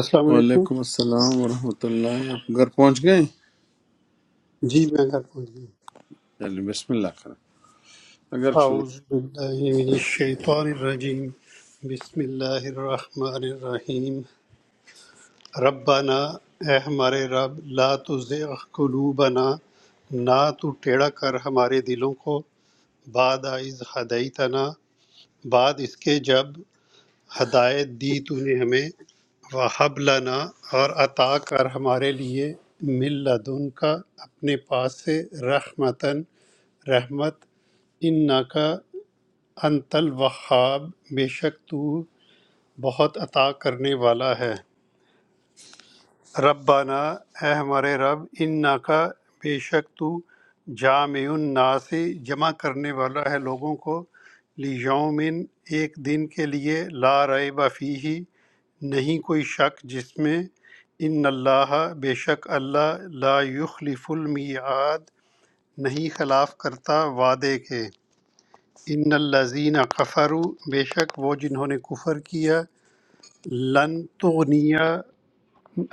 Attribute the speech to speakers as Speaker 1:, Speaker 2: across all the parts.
Speaker 1: السلام علیکم
Speaker 2: وعلیکم السلام ورحمۃ اللہ آپ گھر پہنچ گئے
Speaker 1: جی میں اگر پہنچ گیا
Speaker 2: چلیے بسم اللہ کریں اگر شروع
Speaker 1: اعوذ باللہ من الشیطان الرجیم بسم اللہ الرحمن الرحیم ربنا اے ہمارے رب لا تزغ قلوبنا نہ تو ٹیڑا کر ہمارے دلوں کو بعد از ہدیتنا بعد اس کے جب ہدایت دی تو نے ہمیں وہب لنا اور عطا کر ہمارے لیے مل لدن کا اپنے پاس سے رحمتن رحمت ان ناکا انت الوہاب بے شک تو بہت عطا کرنے والا ہے ربنا اے ہمارے رب ان ناکا بے شک تو جامع الناس جمع کرنے والا ہے لوگوں کو لیومن ایک دن کے لیے لا ریب فیہ نہیں کوئی شک جس میں ان اللہ بے شک اللہ لا یخلف المیعاد نہیں خلاف کرتا وعدے کے ان الذین کفروا بے شک وہ جنہوں نے کفر کیا لن تغنیا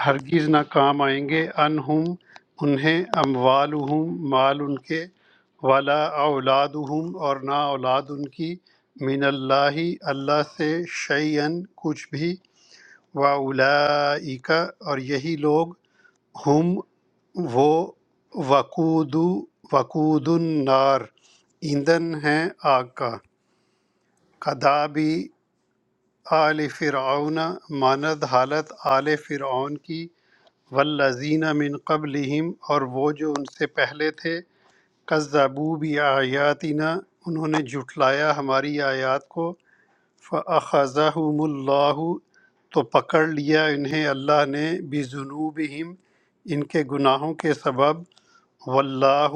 Speaker 1: ہرگز نہ کام آئیں گے انہم انہیں اموالہم مال ان کے ولا اولادہم اور نہ اولاد ان کی من اللہ اللہ سے شیئن کچھ بھی واولائک اور یہی لوگ ہم وہ وقود وقود النار ایندھن ہیں آگ کا کدابی آل فرعون ماند حالت آل فرعون کی والذین من قبلہم اور وہ جو ان سے پہلے تھے کذبوا بآیاتنا انہوں نے جھٹلایا ہماری آیات کو فأخذہم اللہ تو پکڑ لیا انہیں اللہ نے بذنوبہم ان کے گناہوں کے سبب واللہ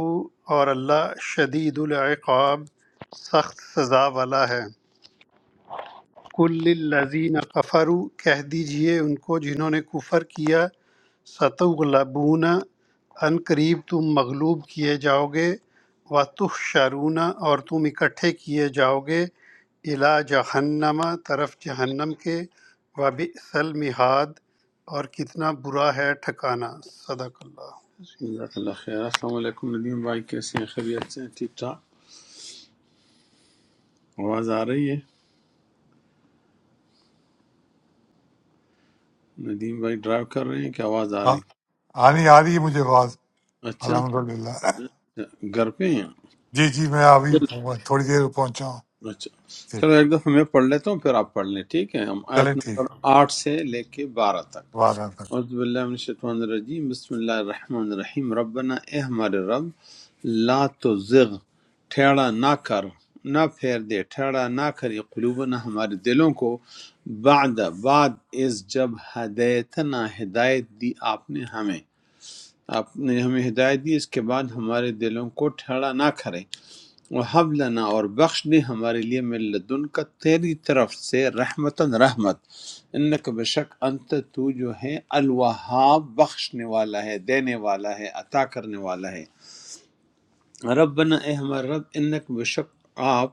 Speaker 1: اور اللہ شدید العقاب سخت سزا والا ہے کل الذین کفروا کہہ دیجئے ان کو جنہوں نے کفر کیا ستغلبون ان قریب تم مغلوب کیے جاؤ گے وتحشرون اور تم اکٹھے کیے جاؤ گے الا جہنم طرف جہنم کے وبئس المہاد اور کتنا برا ہے ٹھکانہ صدق اللہ
Speaker 2: جزاک اللہ خیر السلام علیکم ندیم بھائی کیسے ہیں خیریت سے ہیں ٹھیک ٹھاک آواز آ رہی ہے ندیم بھائی ڈرائیو کر رہے ہیں کہ آواز آ رہی
Speaker 3: آ- آنی آ رہی ہے مجھے آواز
Speaker 2: ہے اچھا
Speaker 3: الحمد للہ
Speaker 2: گھر پہ ہیں
Speaker 3: جی جی میں ابھی تھوڑی دیر میں پہنچا ہوں
Speaker 2: اچھا
Speaker 3: ٹھیک
Speaker 2: چلو ایک دفعہ میں پڑھ لیتا ہوں پھر آپ پڑھ لیں ٹھیک ہے ہم
Speaker 3: چلیں
Speaker 2: آیت
Speaker 3: ٹھیک
Speaker 2: نمبر آٹھ سے لے کے بارہ تک
Speaker 3: وعدہ
Speaker 2: اعوذ باللہ من الشیطان الرجیم بسم اللہ الرحمن الرحیم ربنا اے ہمارے رب لا تزغ ٹھیڑا نہ کر نہ پھیر دے ٹھیڑا نہ کری قلوبنا ہمارے دلوں کو بعد بعد اس جب ہدایتنا ہدایت دی آپ نے ہمیں آپ نے ہمیں ہدایت دی اس کے بعد ہمارے دلوں کو ٹھیڑا نہ کرے وَهَبْ لَنَا اور بخش دے ہمارے لیے من لدن کا تیری طرف سے رحمتن رحمت انک بے شک انت تو جو ہے الوہاب بخشنے والا ہے دینے والا ہے عطا کرنے والا ہے ربنا اے ہمارے رب انک بے شک آپ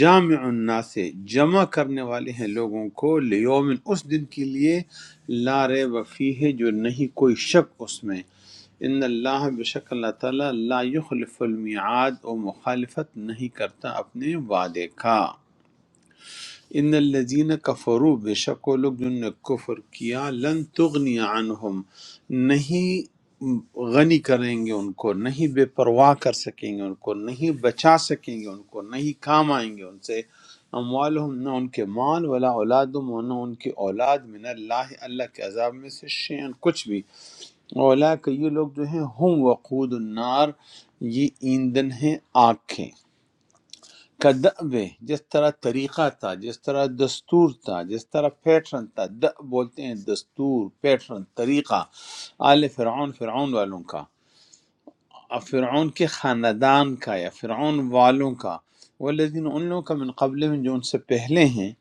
Speaker 2: جامع الناس جمع کرنے والے ہیں لوگوں کو لیوم اس دن کے لیے لا ریب فیہ جو نہیں کوئی شک اس میں ان اللہ بے شک اللہ تعالیٰ لا یخلف المیعاد و مخالفت نہیں کرتا اپنے وعدے کا ان الذین کفروا بے شک وہ لوگ جن نے کفر کیا لن تغنی عنہم نہیں غنی کریں گے ان کو نہیں بے پرواہ کر سکیں گے ان کو نہیں بچا سکیں گے ان کو نہیں کام آئیں گے ان سے اموالہم نہ ان کے مال ولا اولادہم و نہ ان کی اولاد من اللہ اللہ کے عذاب میں سے شیئن کچھ بھی اولا کہ یہ لوگ جو ہیں ہم وقود النار یہ ایندھن ہیں آگ کے کدب جس طرح طریقہ تھا جس طرح دستور تھا جس طرح پیٹرن تھا دأب بولتے ہیں دستور پیٹرن طریقہ آل فرعون فرعون والوں کا فرعون کے خاندان کا یا فرعون والوں کا والذین ان لوگوں کا من قبل جو ان سے پہلے ہیں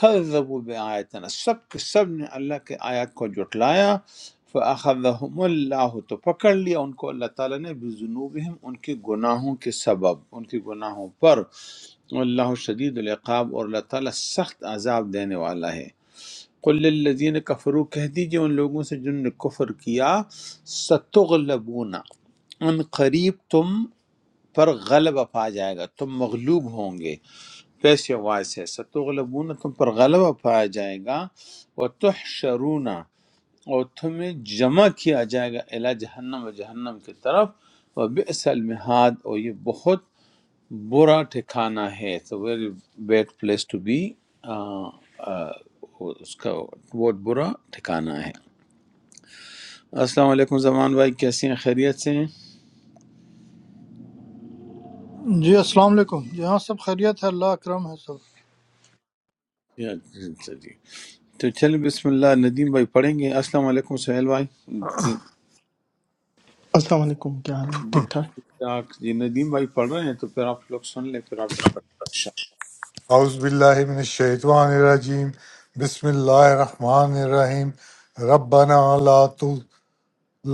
Speaker 2: کذبوا بآیاتنا سب کے سب نے اللہ کے آیات کو جھٹلایا فأخذهم اللہ تو پکڑ لیا ان کو اللہ تعالیٰ نے بذنوبہم ان کے گناہوں کے سبب ان کے گناہوں پر اللہ شدید العقاب اور اللہ تعالیٰ سخت عذاب دینے والا ہے قل للذین کفروا کہہ دیجئے ان لوگوں سے جن نے کفر کیا ستغلبون ان قریب تم پر غلبہ پا جائے گا تم مغلوب ہوں گے پیسے وائس ہے ستغلبون تم پر غلبہ پایا جائے گا وہ تحشرون اور تمہیں جمع کیا جائے گا الا جہنم و جہنم کی طرف وہ بئس المہاد اور یہ بہت برا ٹھکانہ ہے it's a very bad place to be اس کا بہت برا ٹھکانہ ہے السلام علیکم زمان بھائی کیسے ہیں خیریت سے ہیں
Speaker 4: جی السلام علیکم یہاں سب خیریت ہے اللہ اکرم ہے سب
Speaker 2: جی اچھا جی۔ تو چلیں بسم اللہ ندیم بھائی پڑھیں گے السلام علیکم سہیل بھائی جی
Speaker 5: السلام علیکم کیا حال ہے ٹھیک ٹھاک
Speaker 2: آپ- جی ندیم بھائی پڑھ رہے ہیں تو پھر آپ لوگ سن لیں پھر آپ بھی پڑھ لیں۔
Speaker 3: اعوذ باللہ من الشیطان الرجیم بسم اللہ الرحمن الرحیم ربنا لا تو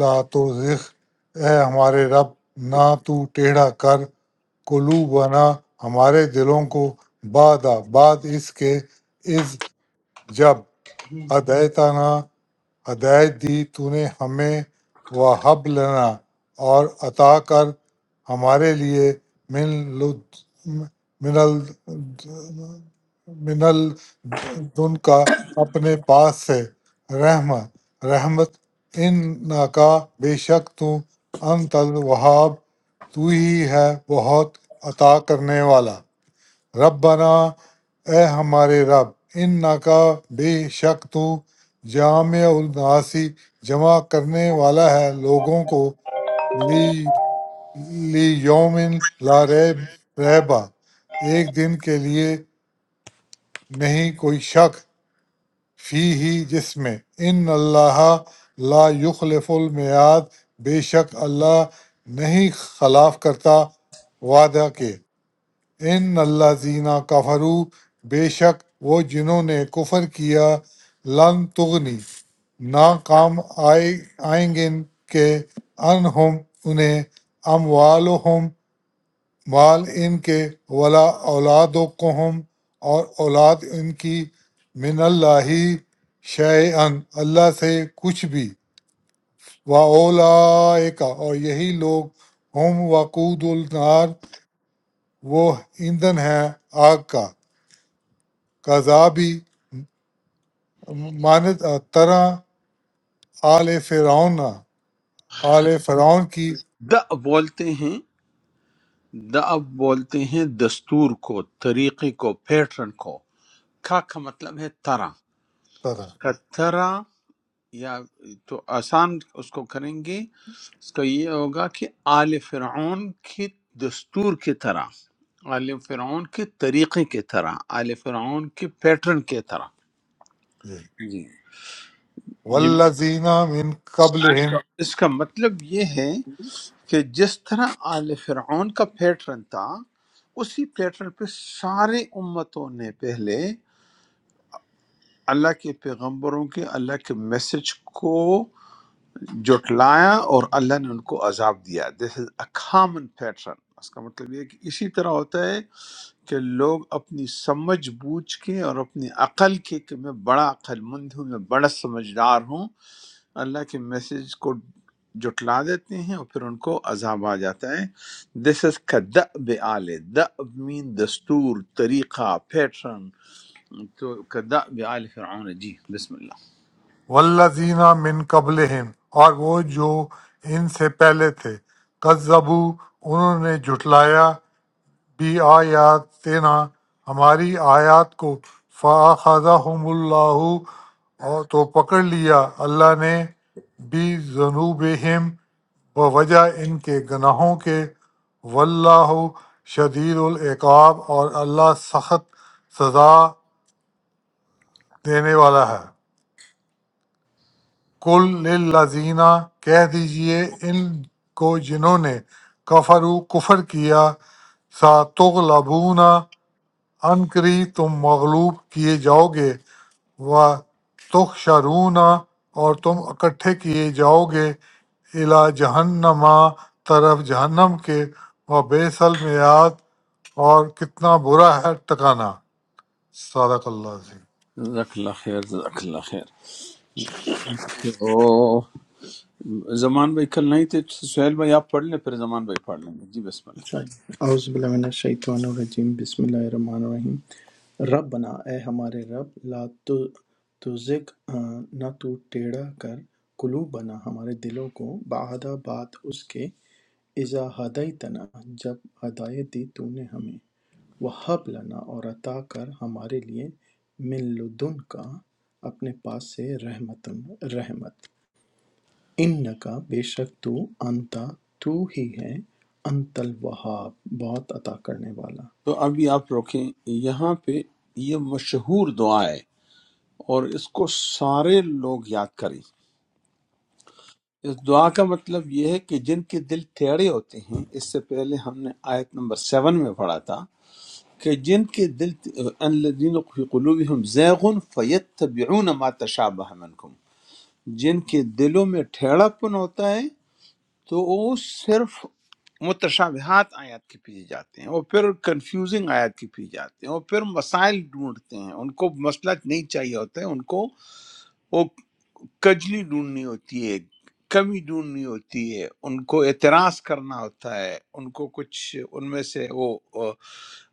Speaker 3: لا تزغ اے ہمارے رب نہ تو ٹیڑھا کر قلوبنا ہمارے دلوں کو بعد بعد اس کے جب
Speaker 5: چلیے۔
Speaker 3: ہدیتنا ہدایت دی تو نے ہمیں وہب لنا اور عطا کر ہمارے لیے من لد من ال- من الدن کا اپنے پاس سے رحمت رحمت ان کا بے شک تو انت الوہاب تو ہی ہے بہت عطا کرنے والا ربنا اے ہمارے رب ان کا بے شک تو جامع الناسی جمع کرنے والا ہے لوگوں کو لی لی یومن لا ریب ریبا ایک دن کے لیے نہیں کوئی شک فی ہی جس میں ان اللہ لا یخلف المیاد بے شک اللہ نہیں خلاف کرتا وعدہ کے ان اللہ زینہ کفرو بے شک وہ جنہوں نے کفر کیا لن تغنی نہ کام آئے آئیں گے ان کے انہم انہیں اموالہم مال ان کے ولا اولادکہم اور اولاد ان کی من اللہ شیئن اللہ سے کچھ بھی و اولائکا اور یہی لوگ ہم وقود النار وہ ایندھن ہیں آگ کا کذابی مانند طرح آل فرعون آل فرعون کی
Speaker 2: دا بولتے ہیں دا بولتے ہیں دستور کو طریقے کو پیٹرن کو کا کا مطلب ہے طرح
Speaker 3: طرح
Speaker 2: کا یا تو آسان اس کو کریں گے اس کا یہ ہوگا کہ آل فرعون کے دستور کی طرح آل فرعون کے طریقے کی طرح آل فرعون کے پیٹرن کی طرح
Speaker 3: جی
Speaker 2: جی جی
Speaker 3: والذین من
Speaker 2: اس
Speaker 3: قبلہم
Speaker 2: کا اس کا مطلب یہ ہے کہ جس طرح آل فرعون کا پیٹرن تھا اسی پیٹرن پہ سارے امتوں نے پہلے اللہ کے پیغمبروں کے اللہ کے میسج کو جٹلایا اور اللہ نے ان کو عذاب دیا دس از اے کامن پیٹرن اس کا مطلب یہ ہے کہ اسی طرح ہوتا ہے کہ لوگ اپنی سمجھ بوجھ کے اور اپنی عقل کے کہ میں بڑا عقل مند ہوں میں بڑا سمجھدار ہوں اللہ کے میسج کو جٹلا دیتے ہیں اور پھر ان کو عذاب آ جاتا ہے دس از کا دب آل دب مین دستور طریقہ پیٹرن تو کا دب آل فرعون جی بسم اللہ
Speaker 3: والذین من قبلہم اور وہ جو ان سے پہلے تھے کذبو انہوں نے جھٹلایا بھی آیاتنا ہماری آیات کو فَأَخَذَهُمُ اللَّهُ اور تو پکڑ لیا اللہ نے بھی ذنوبہم بوجہ ان کے گناہوں کے واللہ شدید العقاب اور اللہ سخت سزا دینے والا ہے کل للذین کہہ دیجئے ان کو جنہوں نے کفرو کفر کیا ساتغلبون عن قریب تم مغلوب کیے جاؤ گے و تحشرون اور تم اکٹھے کیے جاؤ گے الا جہنما طرف جہنم کے و بیس المیاد اور کتنا برا ہے ٹکانا صدق اللہ عظیم
Speaker 2: جزاک اللہ خیر جزاک اللہ خیر تو زمان بھائی کل نہیں تھے سہیل بھائی آپ پڑھ لیں پھر زمان بھائی پڑھ لیں گے جی بسم اللہ
Speaker 5: اعوذ باللہ من الشیطان الرجیم بسم اللہ الرحمن الرحیم رب بنا اے ہمارے رب لا تو تزغ آ، نہ تو ٹیڑھا کر قلوب بنا ہمارے دلوں کو بعد بات اس کے اذا ہدیتنا جب ہدایت دی تو نے ہمیں وہب لنا اور عطا کر ہمارے لیے من لدن کا اپنے پاس سے رحمتن رحمت اِنَّکَ بے شک تو انت تو ہی ہے انت الوہاب بہت عطا کرنے والا
Speaker 2: تو ابھی آپ روکیں یہاں پہ یہ مشہور دعا ہے اور اس کو سارے لوگ یاد کریں اس دعا کا مطلب یہ ہے کہ جن کے دل ٹیڑے ہوتے ہیں اس سے پہلے ہم نے آیت نمبر سیون میں پڑھا تھا کہ جن کے دل الذین فی قلوبہم زیغ فیتبعون ما تشابہ منکم جن کے دلوں میں ٹھیڑا پن ہوتا ہے تو وہ صرف متشابہات آیات کے پیچھے جاتے ہیں اور پھر کنفیوزنگ آیات کے پیچھے جاتے ہیں اور پھر مسائل ڈھونڈتے ہیں ان کو مسئلہ نہیں چاہیے ہوتا ہے ان کو وہ کجلی ڈھونڈنی ہوتی ہے کمی ڈھونڈنی ہوتی ہے ان کو اعتراض کرنا ہوتا ہے ان کو کچھ ان میں سے وہ وہ-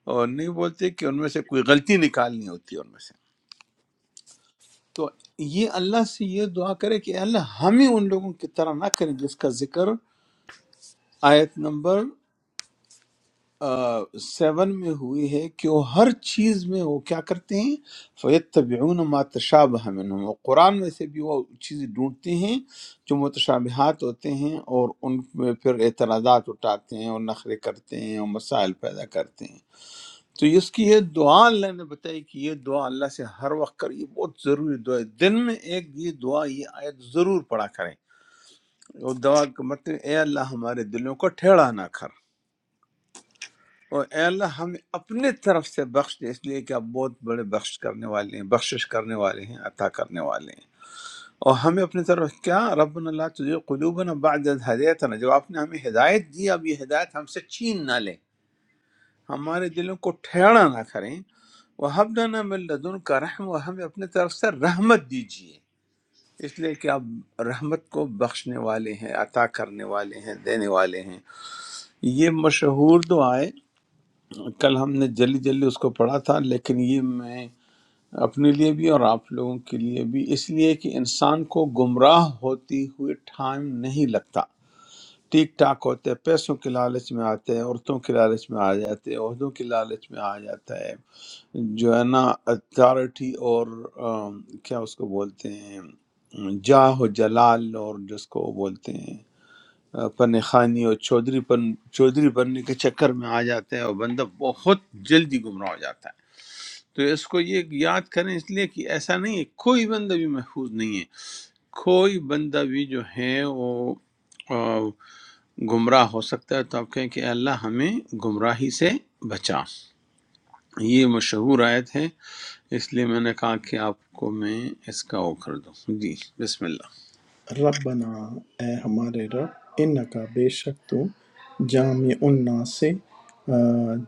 Speaker 2: وہ نہیں بولتے کہ ان میں سے کوئی غلطی نکالنی ہوتی ہے ان میں سے تو یہ اللہ سے یہ دعا کرے کہ اللہ ہمیں ان لوگوں کی طرح نہ کریں جس کا ذکر آیت نمبر آہ، سیون میں ہوئی ہے کہ وہ ہر چیز میں وہ کیا کرتے ہیں فیتبعون ما تشابہ منہم وہ قرآن میں سے بھی وہ چیزیں ڈھونڈتے ہیں جو متشابہات ہوتے ہیں اور ان میں پھر اعتراضات اٹھاتے ہیں اور نخرے کرتے ہیں اور مسائل پیدا کرتے ہیں تو اس کی یہ دعا اللہ نے بتائی کہ یہ دعا اللہ سے ہر وقت کر یہ بہت ضروری دعا ہے دن میں ایک یہ دعا یہ آیت ضرور پڑھا کریں اور دعا کا مطلب اے اللہ ہمارے دلوں کو ٹھیڑا نہ کر اور اے اللہ ہمیں اپنے طرف سے بخش دے اس لیے کہ آپ بہت بڑے بخش کرنے والے ہیں بخشش کرنے والے ہیں عطا کرنے والے ہیں اور ہمیں اپنے طرف کیا رب اللہ تجھے قلوبنا بعد از ہدایتنا جب آپ نے ہمیں ہدایت دی اب یہ ہدایت ہم سے چھین نہ لے ہمارے دلوں کو ٹھیڑا نہ کریں وہ ہم نہ من لدن کا رحم و ہمیں اپنے طرف سے رحمت دیجیے اس لیے کہ آپ رحمت کو بخشنے والے ہیں عطا کرنے والے ہیں دینے والے ہیں یہ مشہور دعائیں کل ہم نے جلدی جلدی اس کو پڑھا تھا لیکن یہ میں اپنے لیے بھی اور آپ لوگوں کے لیے بھی اس لیے کہ انسان کو گمراہ ہوتی ہوئے ٹائم نہیں لگتا ٹیک ٹاک ہوتے ہیں پیسوں کے لالچ میں آتے ہیں عورتوں کے لالچ میں آ جاتے ہیں عہدوں کے لالچ میں آ جاتا ہے جو ہے نا اتھارٹی اور آم، کیا اس کو بولتے ہیں جاہ و جلال اور جس کو بولتے ہیں پن خانی اور چودھری پن چودھری بننے کے چکر میں آ جاتے ہیں اور بندہ بہت جلدی گمراہ ہو جاتا ہے تو اس کو یہ یاد کریں اس لیے کہ ایسا نہیں ہے کوئی بندہ بھی محفوظ نہیں ہے کوئی بندہ بھی جو ہے وہ آ، گمراہ ہو سکتا ہے تو آپ کہیں کہ اے اللہ ہمیں گمراہی سے بچا یہ مشہور آیت ہے اس لیے میں نے کہا کہ آپ کو میں اس کا وہ کر دوں جی بسم اللہ
Speaker 5: ربنا اے ہمارے رب انکا بے شک تو جامع الناس سے آ،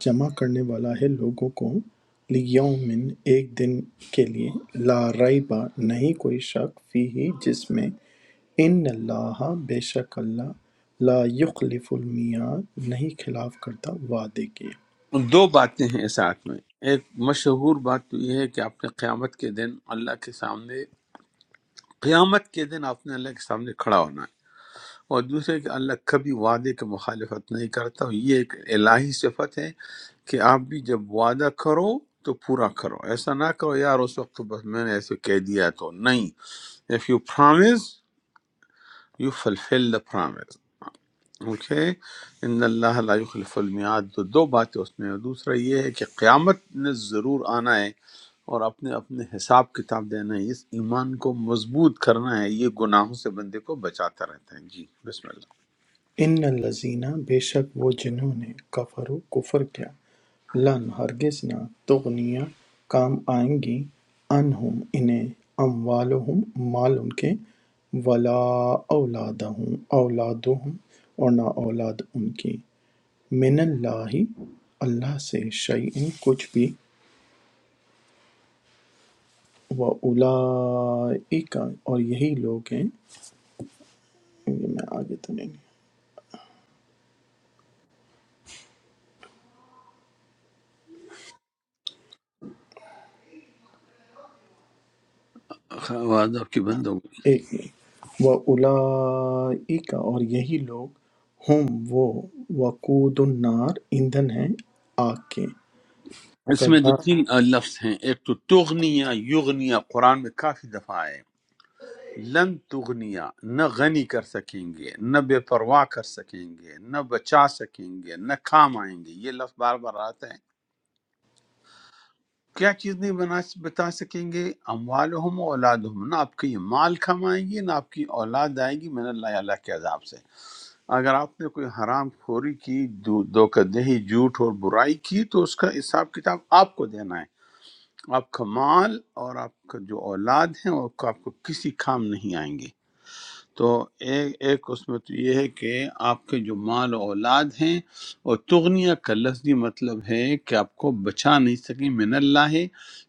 Speaker 5: جمع کرنے والا ہے لوگوں کو لیومن ایک دن کے لیے لا ریبہ نہیں کوئی شک فی ہی جس میں ان اللہ بے شک اللہ لا یخلف المیاد نہیں خلاف کرتا وعدے کے
Speaker 2: دو باتیں ہیں ساتھ میں ایک مشہور بات تو یہ ہے کہ آپ نے قیامت کے دن اللہ کے سامنے قیامت کے دن آپ نے اللہ کے سامنے کھڑا ہونا ہے اور دوسرے کہ اللہ کبھی وعدے کی مخالفت نہیں کرتا اور یہ ایک الہی صفت ہے کہ آپ بھی جب وعدہ کرو تو پورا کرو ایسا نہ کرو یار اس وقت تو بس میں نے ایسے کہہ دیا تو نہیں if you promise you fulfil the promise okay ان اللہ لا یخلف المیعاد تو دو باتیں اس میں ہیں۔ دوسرا یہ ہے کہ قیامت نے ضرور آنا ہے اور اپنے اپنے حساب کتاب دینا ہے اس ایمان کو مضبوط کرنا ہے یہ گناہوں سے بندے کو بچاتا رہتا ہے جی بسم
Speaker 5: ان الذین بے شک وہ جنہوں نے کفروا کفر کیا لن ہرگز نہ تغنی کام آئیں گی عنہم انہیں اموالہم مال ان کے ولا اولادہم اولادہم اور نہ اولاد ان کی من اللہ اللہ سے شیئن کچھ بھی و اولئک اور یہی لوگ ہیں یہ میں آگے تو نہیں
Speaker 2: اللہ آواز آپ کی بند ہو گئی
Speaker 5: ایک وَأُولَئِکَ اور یہی لوگ ہم وہ وقود النار ایندھن ہیں آگ کے
Speaker 2: اس میں دو
Speaker 5: کدا
Speaker 2: تین آ، لفظ ہیں ایک تو تغنیا یغنیا قرآن میں کافی دفعہ آئے لن تغنیا نہ غنی کر سکیں گے نہ بے پرواہ کر سکیں گے نہ بچا سکیں گے نہ کام آئیں گے یہ لفظ بار بار آتا ہے کیا چیز نہیں بنا بتا سکیں گے اموالہم و اولادہم نہ آپ کی مال کمائیں گی نہ آپ کی اولاد آئے گی من اللہ اللہ کے عذاب سے اگر آپ نے کوئی حرام خوری کی دو- دھوکہ دہی جھوٹ اور برائی کی تو اس کا حساب کتاب آپ کو دینا ہے آپ کا مال اور آپ کا جو اولاد ہیں وہ آپ کو کسی کام نہیں آئیں گے تو ایک ایک اس میں تو یہ ہے کہ آپ کے جو مال و اولاد ہیں اور تغنیہ کا لفظی مطلب ہے کہ آپ کو بچا نہیں سکیں من اللہ ہے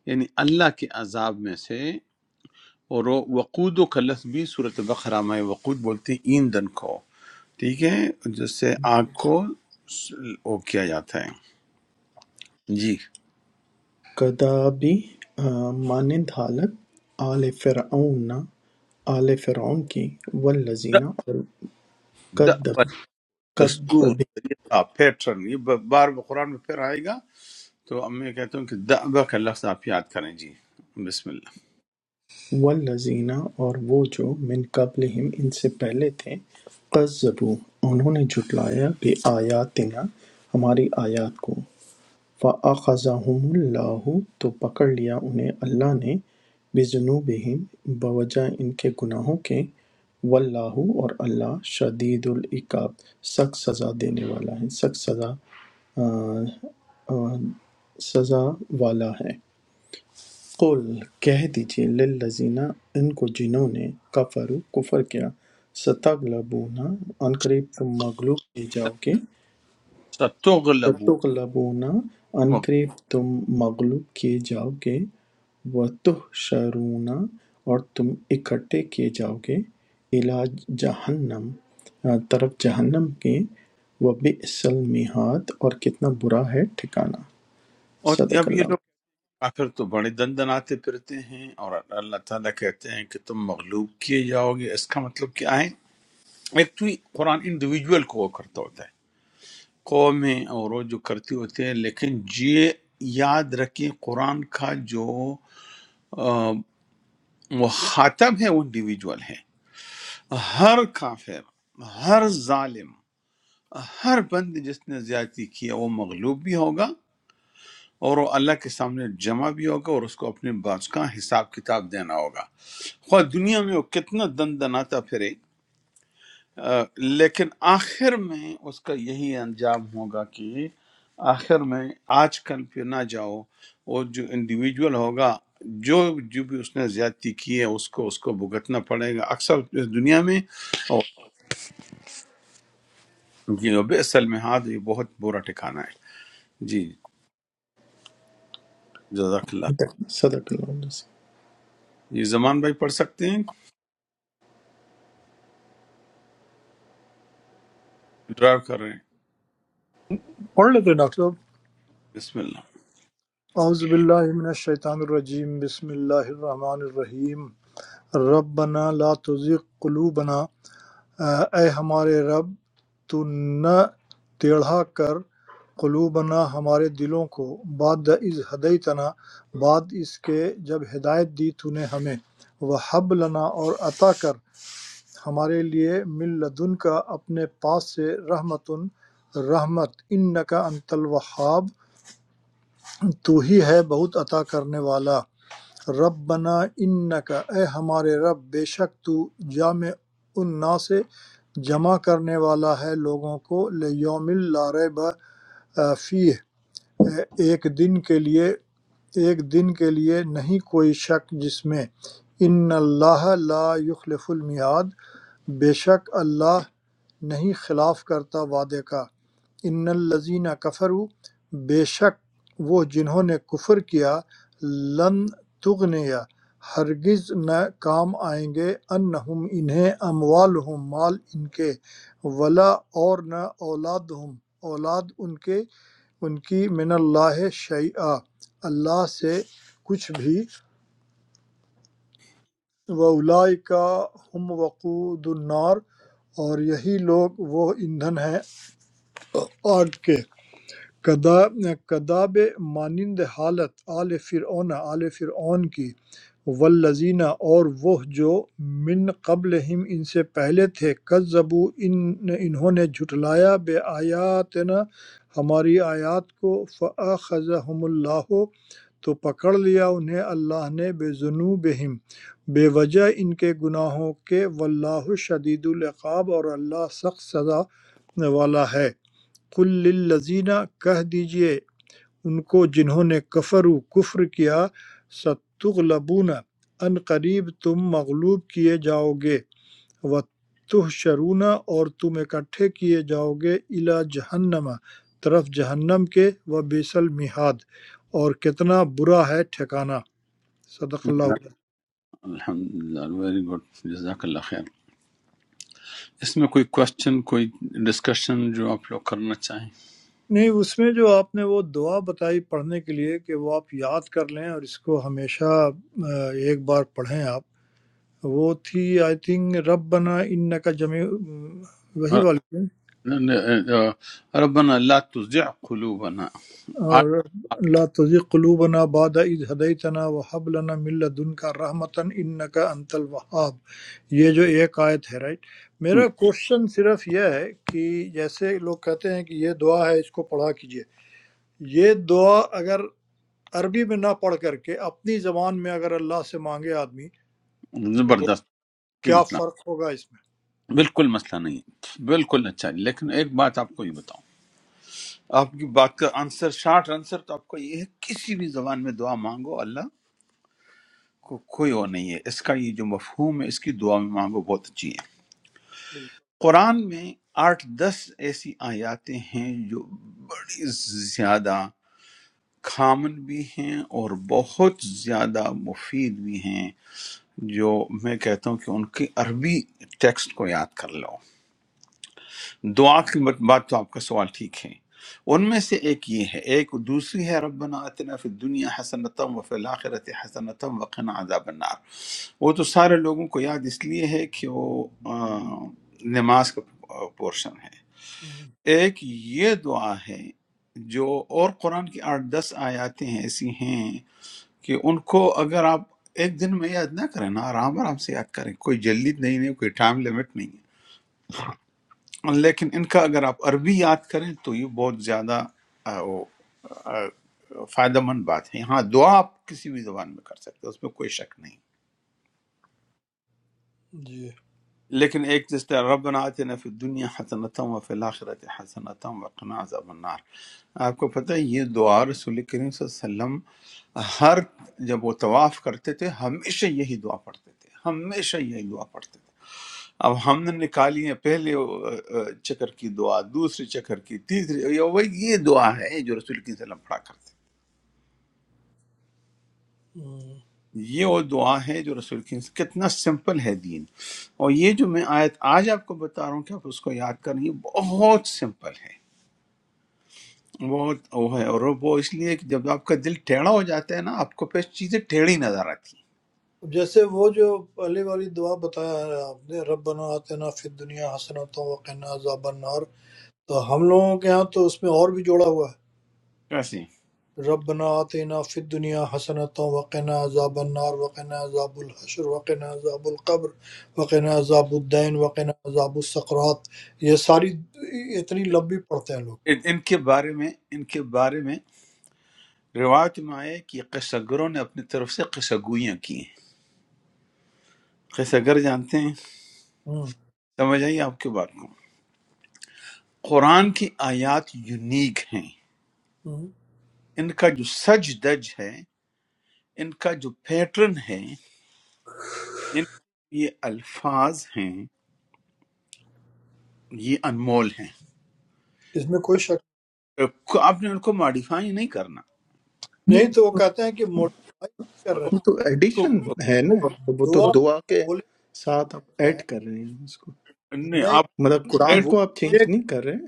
Speaker 2: یعنی اللہ کے عذاب میں سے اور وہ وقود و لفظ بھی صورت بقرہ میں وقود بولتے ہیں ایندھن کو ٹھیک ہے جس سے آگ کو س- وہ کیا جاتا ہے جی
Speaker 5: کدابی مانند حالت آل فرعون آل فرعون کی والذین اور
Speaker 2: د- د-
Speaker 5: کدب
Speaker 2: دستور
Speaker 5: کدب
Speaker 2: آ، پیٹرن یہ ب- بار بار قرآن میں پھر آئے گا تو اب میں کہتا ہوں کہ دعوہ کا لفظ آپ یاد کریں جی بسم اللہ
Speaker 5: والذین اور وہ جو من قبلہم ان سے پہلے تھے قذبو انہوں نے جھٹلایا بھی آیاتنا ہماری آیات کو فَأَخَذَهُمُ اللَّهُ تو پکڑ لیا انہیں اللہ نے بِذُنُوبِهِمْ بوجہ ان کے گناہوں کے واللہ اور اللہ شدید العقاب سخت سزا دینے والا ہے سخت سزا آ، آ، سزا والا ہے قل کہہ دیجئے للذین ان کو جنہوں نے کفرو کفر کیا ستغلبون ان قریب تم مغلوب کیے جاؤ گے
Speaker 2: ستغلب
Speaker 5: ستغلبون
Speaker 2: اور
Speaker 5: عنقریب تم مغلوب کیے جاؤ گے وتحشرون اور تم اکٹھے کیے جاؤ گے الا جہنم آ، طرف جہنم کے وبئس المہاد اور کتنا برا ہے ٹھکانہ صدق
Speaker 2: اب یہ
Speaker 5: اللہ
Speaker 2: لوگ کافر تو بڑے دن دناتے پھرتے ہیں اور اللہ تعالیٰ کہتے ہیں کہ تم مغلوب کیے جاؤ گے اس کا مطلب کیا ہے ایک تو یہ قرآن انڈیویجول کو وہ کرتا ہوتا ہے قومیں اور وہ جو کرتی ہوتے ہیں لیکن یہ یاد رکھیں قرآن کا جو آ، مخاطب ہے وہ انڈیویجول ہے ہر کافر ہر ظالم ہر بند جس نے زیادتی کیا وہ مغلوب بھی ہوگا اور وہ اللہ کے سامنے جمع بھی ہوگا اور اس کو اپنے باز کا حساب کتاب دینا ہوگا خواہ دنیا میں وہ کتنا دن دناتا پھرے آ، لیکن آخر میں اس کا یہی انجام ہوگا کہ آخر میں آج کل پہ نہ جاؤ وہ جو انڈیویجول ہوگا جو جو بھی اس نے زیادتی کی ہے اس کو اس کو بھگتنا پڑے گا اکثر اس دنیا میں اور جی اصل میں ہاتھ یہ بہت برا ٹھکانہ ہے جی جزاک اللہ
Speaker 5: صدق اللہ علیہ وسلم۔
Speaker 2: جی زمان بھائی پڑھ سکتے ہیں ڈرائیو کر رہے ہیں
Speaker 4: پڑھ لیتے ہیں ڈاکٹر صاحب
Speaker 2: بسم اللہ
Speaker 4: اعوذ باللہ من الشیطان الرجیم بسم اللہ الرحمن الرحیم ربنا لا تزغ قلوبنا اے ہمارے رب تو نہ ٹیڑھا کر قلوبنا ہمارے دلوں کو بعد از ہدیتنا بعد اس کے جب ہدایت دی تو نے ہمیں وہ لنا اور عطا کر ہمارے لیے من لدن کا اپنے پاس سے رحمت رحمت انکا انت الوہاب تو ہی ہے بہت عطا کرنے والا ربنا انکا اے ہمارے رب بے شک تو جامع النا سے جمع کرنے والا ہے لوگوں کو لیوم لا ریب فی ایک دن کے لیے ایک دن کے لیے نہیں کوئی شک جس میں ان اللہ لا یخلف المیعاد بے شک اللہ نہیں خلاف کرتا وعدے کا ان الذین کفروا بے شک وہ جنہوں نے کفر کیا لن تغنیا ہرگز نہ کام آئیں گے انہم انہیں اموالہم مال ان کے ولا اور نہ اولادہم اولاد ان کے ان کی من اللہ شیعہ اللہ سے کچھ بھی کا ہم وقود النار اور یہی لوگ وہ ایندھن ہیں آگ کے کداب مانند حالت آل فرعون آل فرعون کی والذین اور وہ جو من قبلہم ان سے پہلے تھے کذبو ان انہوں نے جھٹلایا بے آیاتنا ہماری آیات کو فَأَخَذَهُمُ اللَّهُ تو پکڑ لیا انہیں اللہ نے بے ذنوبہم بے وجہ ان کے گناہوں کے واللہ شدید العقاب اور اللہ سخت سزا والا ہے قل للذین کہہ دیجئے ان کو جنہوں نے کفر و کفر کیا ستغلبون ان قریب تم مغلوب کیے جاؤ گے و تحشرون اور تم اکٹھے کیے جاؤ گے الا جہنم طرف جہنم کے و بیسل مہاد اور کتنا برا ہے ٹھکانہ صدق اللہ علیہ
Speaker 2: الحمد للہ ویری گڈ جزاک اللہ خیر اس میں کوئی کوشچن کوئی ڈسکشن جو آپ لوگ کرنا چاہیں
Speaker 4: نہیں اس میں جو آپ نے وہ دعا بتائی پڑھنے کے لیے کہ وہ آپ یاد کر لیں اور اس کو ہمیشہ آ، ایک بار پڑھیں آپ وہ تھی آئی تھنک رب بنا ان کا جمی وہی والی تھی۔
Speaker 2: ربنا لا تزع قلوبنا
Speaker 4: اور لا تزغ قلوبنا بعد اذ ہدیتنا وہب لنا من لدنک رحمتا انک انت الوہاب یہ جو ایک آیت ہے رائٹ
Speaker 2: آج
Speaker 4: میرا کوشچن صرف یہ ہے کہ جیسے لوگ کہتے ہیں کہ یہ دعا ہے اس کو پڑھا کیجئے یہ دعا اگر عربی میں نہ پڑھ کر کے اپنی زبان میں اگر اللہ سے مانگے آدمی
Speaker 2: زبردست کوئی
Speaker 4: کیا
Speaker 2: مسئلہ
Speaker 4: فرق ہوگا اس میں
Speaker 2: بالکل مسئلہ نہیں ہے۔ بالکل اچھا ہے۔ لیکن ایک بات آپ کو یہ بتاؤں آپ کی بات کا آنسر شارٹ آنسر تو آپ کو یہ ہے کسی بھی زبان میں دعا مانگو اللہ کو کوئی وہ نہیں ہے اس کا یہ جو مفہوم ہے اس کی دعا میں مانگو بہت اچھی ہے
Speaker 4: بالکل۔
Speaker 2: قرآن میں آٹھ دس ایسی آیاتیں ہیں جو بڑی زیادہ کامن بھی ہیں اور بہت زیادہ مفید بھی ہیں جو میں کہتا ہوں کہ ان کی عربی ٹیکسٹ کو یاد کر لو دعا کی بات بات تو آپ کا سوال ٹھیک ہے ان میں سے ایک یہ ہے ایک دوسری ہے ربنا اتنا فی الدنیا حسنتم وفی الاخرت حسنتم وقنا عذاب النار وہ تو سارے لوگوں کو یاد اس لیے ہے کہ وہ آ، نماز کا پورشن ہے
Speaker 4: ہوں۔
Speaker 2: ایک یہ دعا ہے جو اور قرآن کی آٹھ دس آیاتیں ایسی ہیں کہ ان کو اگر آپ ایک دن میں یاد نہ کریں نا آرام آرام سے یاد کریں کوئی جلدی نہیں ہے کوئی ٹائم لمٹ نہیں ہے لیکن ان کا اگر آپ عربی یاد کریں تو یہ بہت زیادہ آ، وہ، آ، فائدہ مند بات ہے ہاں دعا آپ کسی بھی زبان میں کر سکتے ہیں اس میں کوئی شک نہیں
Speaker 4: جی
Speaker 2: لیکن ایک جس طرح ربنا آتنا فی الدنیا حسنتم و فی الاخرت حسنتم و قنا عذاب النار آپ کو پتہ ہے یہ دعا رسول کریم صلی اللہ علیہ وسلم ہر جب وہ طواف کرتے تھے ہمیشہ یہی دعا پڑھتے تھے ہمیشہ یہی دعا پڑھتے تھے اب ہم نے نکالی ہے پہلے اہ، اہ، چکر کی دعا دوسرے چکر کی تیسری یہ وہی- یہ دعا ہے جو رسول کریم صلی اللہ علیہ وسلم پڑھا کرتے تھے
Speaker 4: ہوں۔
Speaker 2: یہ وہ دعا ہے جو رسول کی کتنا سمپل ہے دین اور یہ جو میں آیت آج آپ کو بتا رہا ہوں کہ آپ اس کو یاد کریں یہ بہت سمپل ہے بہت وہ ہے اور وہ اس لیے کہ جب آپ کا دل ٹیڑھا ہو جاتا ہے نا آپ کو پھر چیزیں ٹیڑھی نظر آتی ہیں
Speaker 4: جیسے وہ جو پہلے والی دعا بتایا ہے آپ نے ربنا آتنا فی الدنیا حسنتا وقنا عذاب النار تو ہم لوگوں کے ہاں تو اس میں اور بھی جوڑا ہوا
Speaker 2: کیسے
Speaker 4: ہے ربنا آتنا فی الدنیا حسنتا وقنا عذاب النار وقنا عذاب الحشر وقنا عذاب القبر وقنا عذاب الدین وقنا عذاب السقرات یہ ساری اتنی لمبی پڑھتے ہیں لوگ
Speaker 2: ان ان کے بارے میں ان کے بارے میں روایت میں آیا ہے کہ قصہ گروں نے اپنی طرف سے قصہ گوئیاں کی ہیں قصہ گر جانتے ہیں
Speaker 4: ہم،
Speaker 2: سمجھ آئیے آپ کے بات کو قرآن کی آیات یونیک ہیں
Speaker 4: ہم۔
Speaker 2: ان کا جو سج دج ہے ان کا جو پیٹرن ہے ان یہ الفاظ ہیں یہ انمول ہیں
Speaker 4: اس میں کوئی شک
Speaker 2: آپ نے ان کو ماڈیفائی نہیں کرنا
Speaker 4: نہیں تو وہ
Speaker 5: نہیں
Speaker 4: کہتے ہیں کہ موٹیفائی کر رہے ہیں
Speaker 2: اس
Speaker 5: وہ تو
Speaker 2: کو
Speaker 5: ایڈیشن
Speaker 2: اس-
Speaker 5: ہے
Speaker 4: وہ
Speaker 5: نا تو وہ تو
Speaker 4: دعا
Speaker 5: دعا کے
Speaker 4: بولے
Speaker 5: ساتھ آپ
Speaker 4: ہوئے
Speaker 5: ایڈ کر رہے ہیں اس کو
Speaker 2: نہیں،
Speaker 4: ہیں
Speaker 2: آپ
Speaker 5: مطلب قرآن
Speaker 2: ایڈ
Speaker 4: وہ
Speaker 5: کو آپ چینج
Speaker 4: یہ
Speaker 5: نہیں کر رہے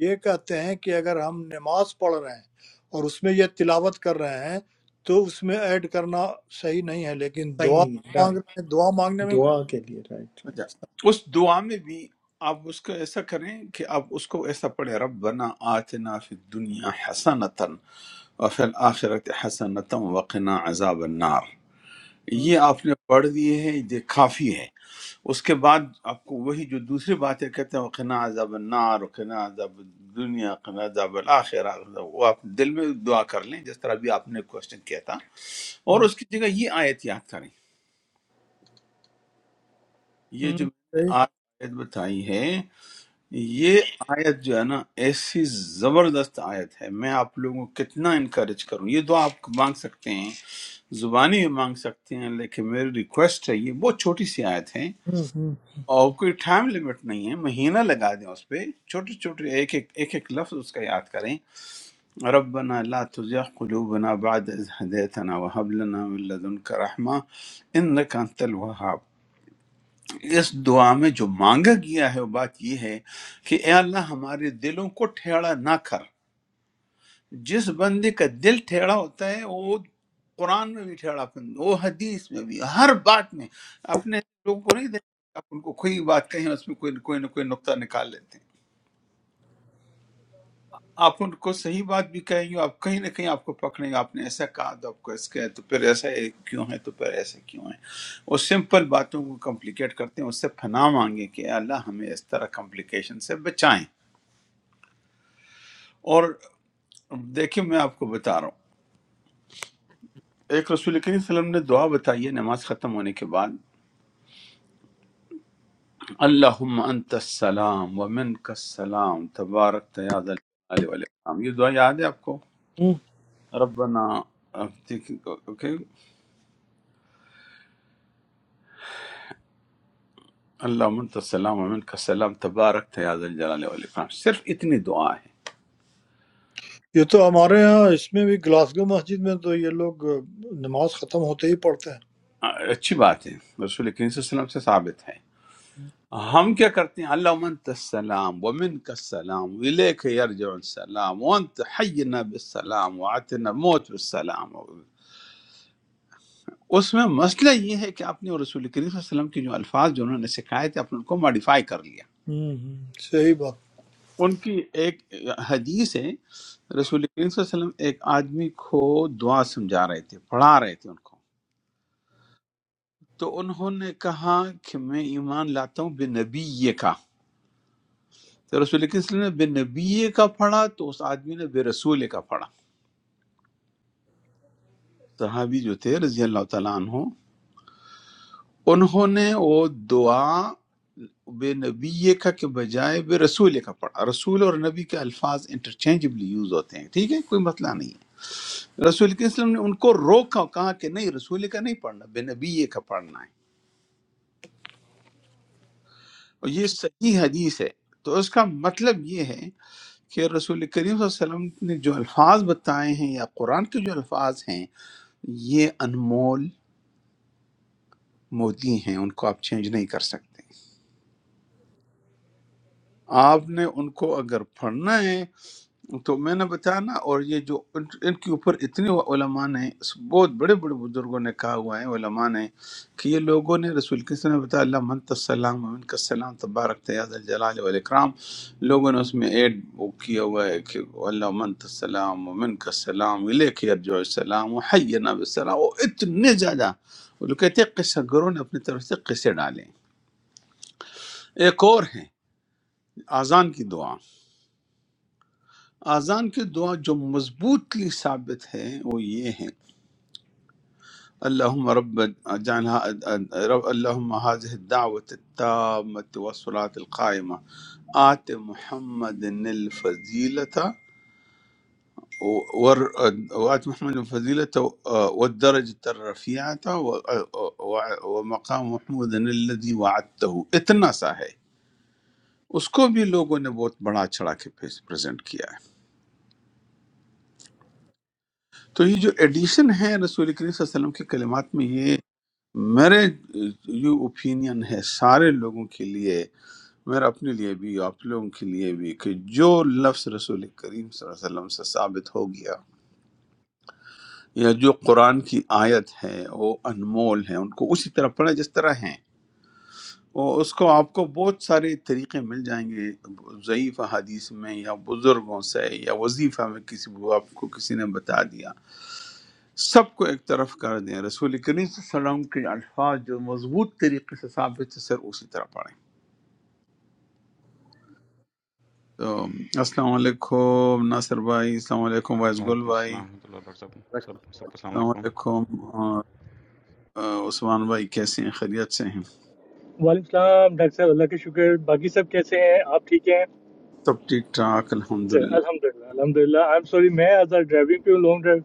Speaker 4: یہ کہتے ہیں کہ اگر ہم نماز پڑھ رہے ہیں اور اس میں یہ تلاوت کر رہے ہیں تو اس میں ایڈ کرنا صحیح نہیں ہے لیکن
Speaker 5: صحیح
Speaker 4: دعا
Speaker 5: نہیں ہے right۔
Speaker 4: مانگ رہے ہیں دعا مانگنے میں کوئی
Speaker 5: دعا کے لیے رائٹ رائٹ
Speaker 2: اس دعا میں بھی آپ اس کو ایسا کریں کہ آپ اس کو ایسا پڑھیں ربنا آتنا فی الدنیا حسنتاً وفی الآخرت حسنتاً وقنا عذاب النار
Speaker 4: ہاں،
Speaker 2: یہ آپ نے پڑھ دیے ہیں یہ کافی ہے اس کے بعد آپ کو وہی جو دوسری باتیں کہتے ہیں وقنا عذاب النار وقنا عذاب دنیا قنا عذاب الآخرہ وہ آپ دل میں دعا کر لیں جس طرح بھی آپ نے کوشچن کیا تھا اور
Speaker 4: ہاں،
Speaker 2: اس کی جگہ یہ آیت یاد کریں یہ جو
Speaker 4: ہم،
Speaker 2: میں نے
Speaker 4: صحیح
Speaker 2: آج آیت بتائی ہے یہ آیت جو ہے نا ایسی زبردست آیت ہے میں آپ لوگوں کو کتنا انکریج کروں یہ دعا آپ مانگ سکتے ہیں زبانی میں مانگ سکتے ہیں لیکن میری ریکویسٹ ہے یہ بہت چھوٹی سی آیت ہے
Speaker 4: ہاں، ہاں،
Speaker 2: اور کوئی ٹائم لمٹ نہیں ہے مہینہ لگا دیں اس پہ چھوٹے چھوٹے ایک ایک ایک ایک لفظ اس کا یاد کریں ربنا لا تزغ قلوبنا بعد إذ هديتنا وهب لنا من لدنك رحمة إنك أنت الوهاب اس دعا میں جو مانگا گیا ہے وہ بات یہ ہے کہ اے اللہ ہمارے دلوں کو ٹھیڑا نہ کر جس بندے کا دل ٹھیڑا ہوتا ہے وہ قرآن میں بھی ٹھیڑا پن وہ حدیث میں بھی ہر بات میں اپنے لوگوں کو نہیں دیکھتے آپ ان کو کوئی بات کہیں اس میں کوئی کوئی نہ کوئی نقطہ نکال لیتے ہیں آپ ان کو صحیح بات بھی کہیں گے آپ کہیں نہ کہیں آپ کو پکڑیں گے آپ نے ایسا کہا تو آپ کو ایسا کہا تو پھر ایسا ہے کیوں ہے تو پھر ایسا کیوں ہے وہ سمپل باتوں کو کمپلیکیٹ کرتے ہیں اس سے پناہ مانگیں کہ اے اللہ ہمیں اس طرح کمپلیکیشن سے بچائیں اور دیکھیں میں آپ کو بتا رہا ہوں ایک رسول کریم صلی اللہ علیہ وسلم نے دعا بتائی ہے نماز ختم ہونے کے بعد اللہم انت السلام ومن السلام تبارک یا ذا الجلال والاکرام یہ دعا یاد ہے آپ کو
Speaker 4: ہاں۔
Speaker 2: ربنا اوکے اللہم انت السلام ومن السلام تبارک یا ذا الجلال والاکرام صرف اتنی دعا ہے
Speaker 4: یہ تو ہمارے ہاں اس میں بھی گلاسگو مسجد میں تو یہ لوگ نماز ختم ہوتے ہی پڑھتے ہیں
Speaker 2: آ، اچھی بات ہے رسول کریم صلی اللہ علیہ وسلم سے ثابت ہے ہم کیا کرتے ہیں اللہم انت السلام ومن السلام الیک یرجع السلام وانت حینا بالسلام وعتنا موت بالسلام اس میں مسئلہ یہ ہے کہ آپ نے اور رسول کریم صلی اللہ علیہ وسلم کے جو الفاظ جو انہوں نے سکھائے تھے آپ نے ان کو ماڈیفائی کر لیا
Speaker 4: ہوں، ہوں۔ صحیح بات
Speaker 2: ان کی ایک حدیث ہے رسول کریم صلی اللہ علیہ وسلم ایک آدمی کو دعا سمجھا رہے تھے پڑھا رہے تھے ان کو تو انہوں نے کہا کہ میں ایمان لاتا ہوں بے نبی کا تو رسول کریم صلی اللہ علیہ وسلم نے بے نبی کا پڑھا تو اس آدمی نے بے رسول کا پڑھا صحابی جو تھے رضی اللہ تعالیٰ عنہ انہوں نے وہ دعا بے نبی کا کے بجائے بے رسول کا پڑھا رسول اور نبی کے الفاظ انٹرچینجبلی یوز ہوتے ہیں ٹھیک ہے کوئی مسئلہ نہیں ہے رسول کے اسلم نے ان کو روکا اور کہا کہ نہیں رسول کا نہیں پڑھنا بے نبی کا پڑھنا ہے اور یہ صحیح حدیث ہے تو اس کا مطلب یہ ہے کہ رسول کریم صلی اللہ علیہ وسلم نے جو الفاظ بتائے ہیں یا قرآن کے جو الفاظ ہیں یہ انمول موتی ہیں ان کو آپ چینج نہیں کر سکتے آپ نے ان کو اگر پڑھنا ہے تو میں نے بتایا نا اور یہ جو ان ان کے اوپر اتنے علماء نے اس بہت بڑے بڑے بزرگوں نے کہا ہوا ہے علماء نے کہ یہ لوگوں نے رسول کے نے بتایا اللہ من السلام و من کا السلام تبارک تیاز الجلال والاکرام لوگوں نے اس میں ایڈ وہ کیا ہوا ہے کہ اللہ من السلام و من کا السلام الے کے ارجو السلام و حینا بالسلام وہ اتنے زیادہ وہ لوگ کہتے ہیں قصہ گروں نے اپنی طرف سے قصے ڈالے ایک اور ہیں آزان کی دعا اذان کی دعا جو مضبوطلی ثابت ہے وہ یہ ہے اللہم رب جانہ رب اللہم حاضح الدعوت التامت والصلاة القائمہ آت محمد الفضیلتا ور وآت محمد الفضيلة والدرجة الرفيعة و- و- ومقام محمود الذي وعدته اتنا سا ہے اس کو بھی لوگوں نے بہت بڑا چڑھا کے پیش پریزنٹ کیا ہے تو یہ جو ایڈیشن ہے رسول کریم صلی اللہ علیہ وسلم کے کلمات میں یہ میرے یہ اوپینین ہے سارے لوگوں کے لیے میرا اپنے لیے بھی آپ لوگوں کے لیے بھی کہ جو لفظ رسول کریم صلی اللہ علیہ وسلم سے ثابت ہو گیا یا جو قرآن کی آیت ہے وہ انمول ہے ان کو اسی طرح پڑھیں جس طرح ہیں وہ اس کو آپ کو بہت سارے طریقے مل جائیں گے ضعیف حدیث میں یا بزرگوں سے یا وظیفہ میں کسی آپ کو کسی نے بتا دیا سب کو ایک طرف کر دیں رسول کریم صلی اللہ علیہ وسلم کے الفاظ جو مضبوط طریقے سے ثابت ہے صرف اسی طرح پڑھیں تو السلام علیکم ناصر بھائی السلام علیکم وائس گل
Speaker 6: Assalamualaikum
Speaker 2: بھائی
Speaker 6: warahmatullahi wabarakatuh. Sab sab sab.
Speaker 2: السلام
Speaker 6: Wassalamualaikum.
Speaker 2: علیکم آ، آ، عثمان بھائی کیسے ہیں خیریت سے ہیں
Speaker 7: وعلیکم السلام ڈاکٹر صاحب اللہ کا شکر باقی سب کیسے ہیں آپ ٹھیک ہیں
Speaker 2: سب ٹھیک ٹھاک
Speaker 7: چل،
Speaker 2: الحمدللہ
Speaker 7: الحمدللہ الحمدللہ آئی ایم سوری میں آج ڈرائیونگ پہ ہوں لانگ ڈرائیو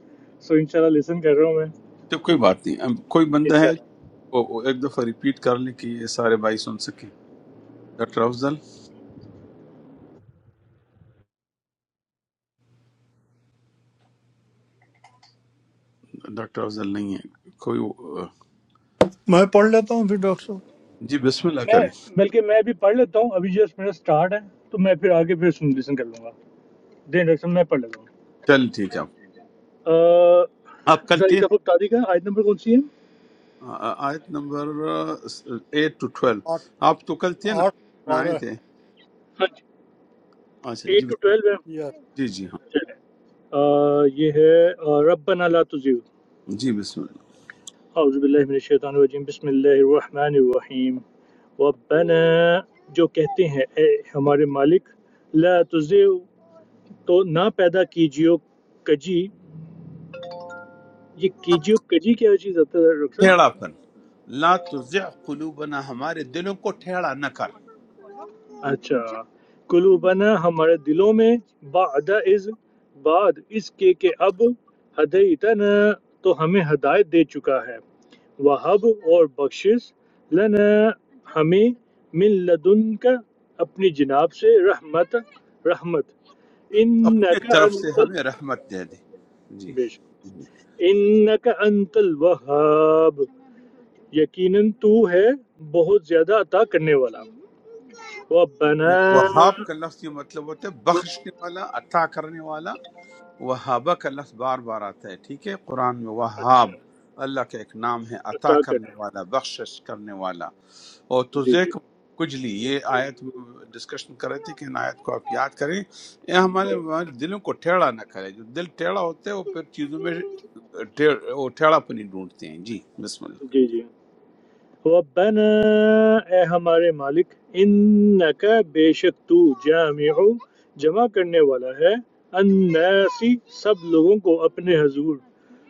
Speaker 7: سو انشاءاللہ لسن کر رہا ہوں میں
Speaker 2: تو کوئی بات نہیں اب کوئی بندہ ہے
Speaker 7: انشاءاللہ
Speaker 2: جو وہ ایک دفعہ ریپیٹ کر لے کہ یہ سارے بھائی سن سکیں ڈاکٹر افضل ڈاکٹر افضل نہیں ہے کوئی آ،
Speaker 4: میں پڑھ لیتا ہوں پھر ڈاکٹر صاحب
Speaker 2: جی بسم اللہ
Speaker 7: میں
Speaker 2: کریں
Speaker 7: بلکہ میں ابھی پڑھ لیتا ہوں ابھی جسٹ میرا سٹارٹ ہے تو میں پھر آگے پھر سن لسن کر لوں گا دین ڈاکٹر صاحب میں پڑھ لیتا ہوں
Speaker 2: چل ٹھیک ہے آپ
Speaker 7: آ،
Speaker 2: آپ کل
Speaker 7: ذرا
Speaker 2: تھے
Speaker 7: ایک
Speaker 2: نا
Speaker 7: دفعہ بتا دیجیے گا آیت نمبر کون سی ہے
Speaker 2: آ، آ، آیت نمبر ایٹ ٹو ٹویلو
Speaker 4: آٹھ
Speaker 2: آپ تو کل تھے نا
Speaker 4: آٹھ
Speaker 2: میں آئے
Speaker 4: بارہ
Speaker 2: تھے
Speaker 7: ہاں جی
Speaker 2: اچھا جی
Speaker 7: ایٹ ٹو
Speaker 2: بس-
Speaker 7: ٹویلو ہے
Speaker 4: یا
Speaker 2: جی جی ہاں
Speaker 7: چلیں آ، یہ ہے آ، ربنا لا تزیغ
Speaker 2: جی بسم اللہ
Speaker 7: اعوذ باللہ من الشیطان الرجیم بسم اللہ الرحمن الرحیم ربنا جو کہتے ہیں اے ہمارے مالک لا تزغ تو نہ پیدا کیجیو کجی یہ کیجیو کجی کیا چیز ہوتا ہے ڈاکٹر صاحب
Speaker 2: ٹھیڑا پن لا تزغ قلوبنا ہمارے دلوں کو ٹھیڑا نہ کر
Speaker 7: اچھا قلوبنا ہمارے دلوں میں بعد از بعد اس کے کہ اب ہدیتنا تو ہمیں ہدایت دے چکا ہے وہب اور بخشش لنا ہمیں من لدن کا اپنی جناب سے رحمت رحمت
Speaker 2: اپنے
Speaker 7: انک
Speaker 2: طرف سے
Speaker 7: انت ال-
Speaker 2: ہمیں رحمت دے دے جی
Speaker 7: بے شک انک انت الوہاب یقیناً تو ہے بہت زیادہ عطا کرنے والا ربنا
Speaker 2: وہاب کا لفظ یہ مطلب ہوتا ہے بخشنے والا عطا کرنے والا وہابہ کا لفظ بار بار آتا ہے ٹھیک ہے قرآن میں
Speaker 7: اچھا
Speaker 2: وہاب اللہ کا ایک نام ہے عطا
Speaker 7: عطا
Speaker 2: کرنے والا
Speaker 7: کرنا
Speaker 2: بخشش کرنے والا اور
Speaker 7: جی
Speaker 2: تجھے
Speaker 7: جی
Speaker 2: کو کجلی یہ آیت ڈسکشن کر رہے تھے کہ ان آیت کو آپ یاد کریں یہ ہمارے ہمارے دلوں کو ٹیڑھا نہ کرے جو دل ٹیڑھا ہوتا ہے وہ پھر چیزوں میں ٹیڑھ- وہ ٹیڑھا پنی ڈھونڈتے ہیں جی بسم اللہ
Speaker 7: جی جی ربنا اے ہمارے مالک انکا بے شک تو جامع جمع کرنے والا ہے الناسی سب لوگوں کو اپنے حضور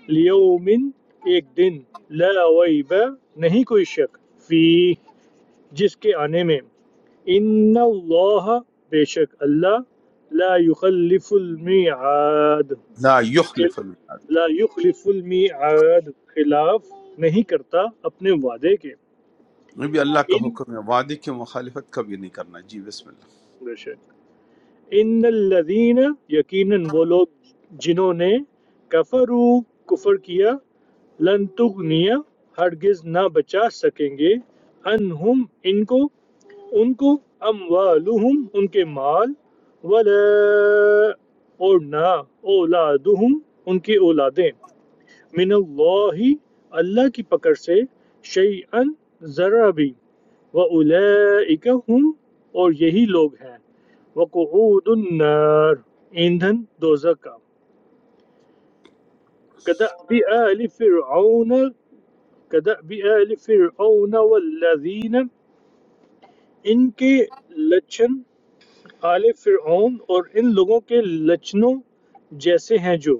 Speaker 7: لیومن ایک دن لا ویب نہیں کوئی شک فی جس کے آنے میں ان اللہ بے شک اللہ لا یخلف المیعاد
Speaker 2: لا یخلف
Speaker 7: خل-
Speaker 2: المعاد
Speaker 7: لا یخلف المیعاد خلاف نہیں کرتا اپنے وعدے کے
Speaker 2: یہ بھی اللہ کا
Speaker 7: ان
Speaker 2: حکم ہے وعدے کی مخالفت کبھی نہیں کرنا جی بسم اللہ
Speaker 7: بے شک ان الذین یقیناً وہ لوگ جنہوں نے کفرو کفر کیا لن تغنیا ہرگز نہ بچا سکیں گے انہم ان کو ان کو اموالہم ان کے مال ولا اور نہ اولادہم ان کی اولادیں من اللہ اللہ کی پکڑ سے شیئن ذرا بھی وَأُولَئِكَ هُمْ اور یہی لوگ ہیں وَقُعُودُ النَّارِ ایندھن دوزک کا كَدَأْبِ آلِ فِرْعَوْنَ كَدَأْبِ آلِ فِرْعَوْنَ وَالَّذِينَ ان کے لچن آل فرعون اور ان لوگوں کے لچنوں جیسے ہیں جو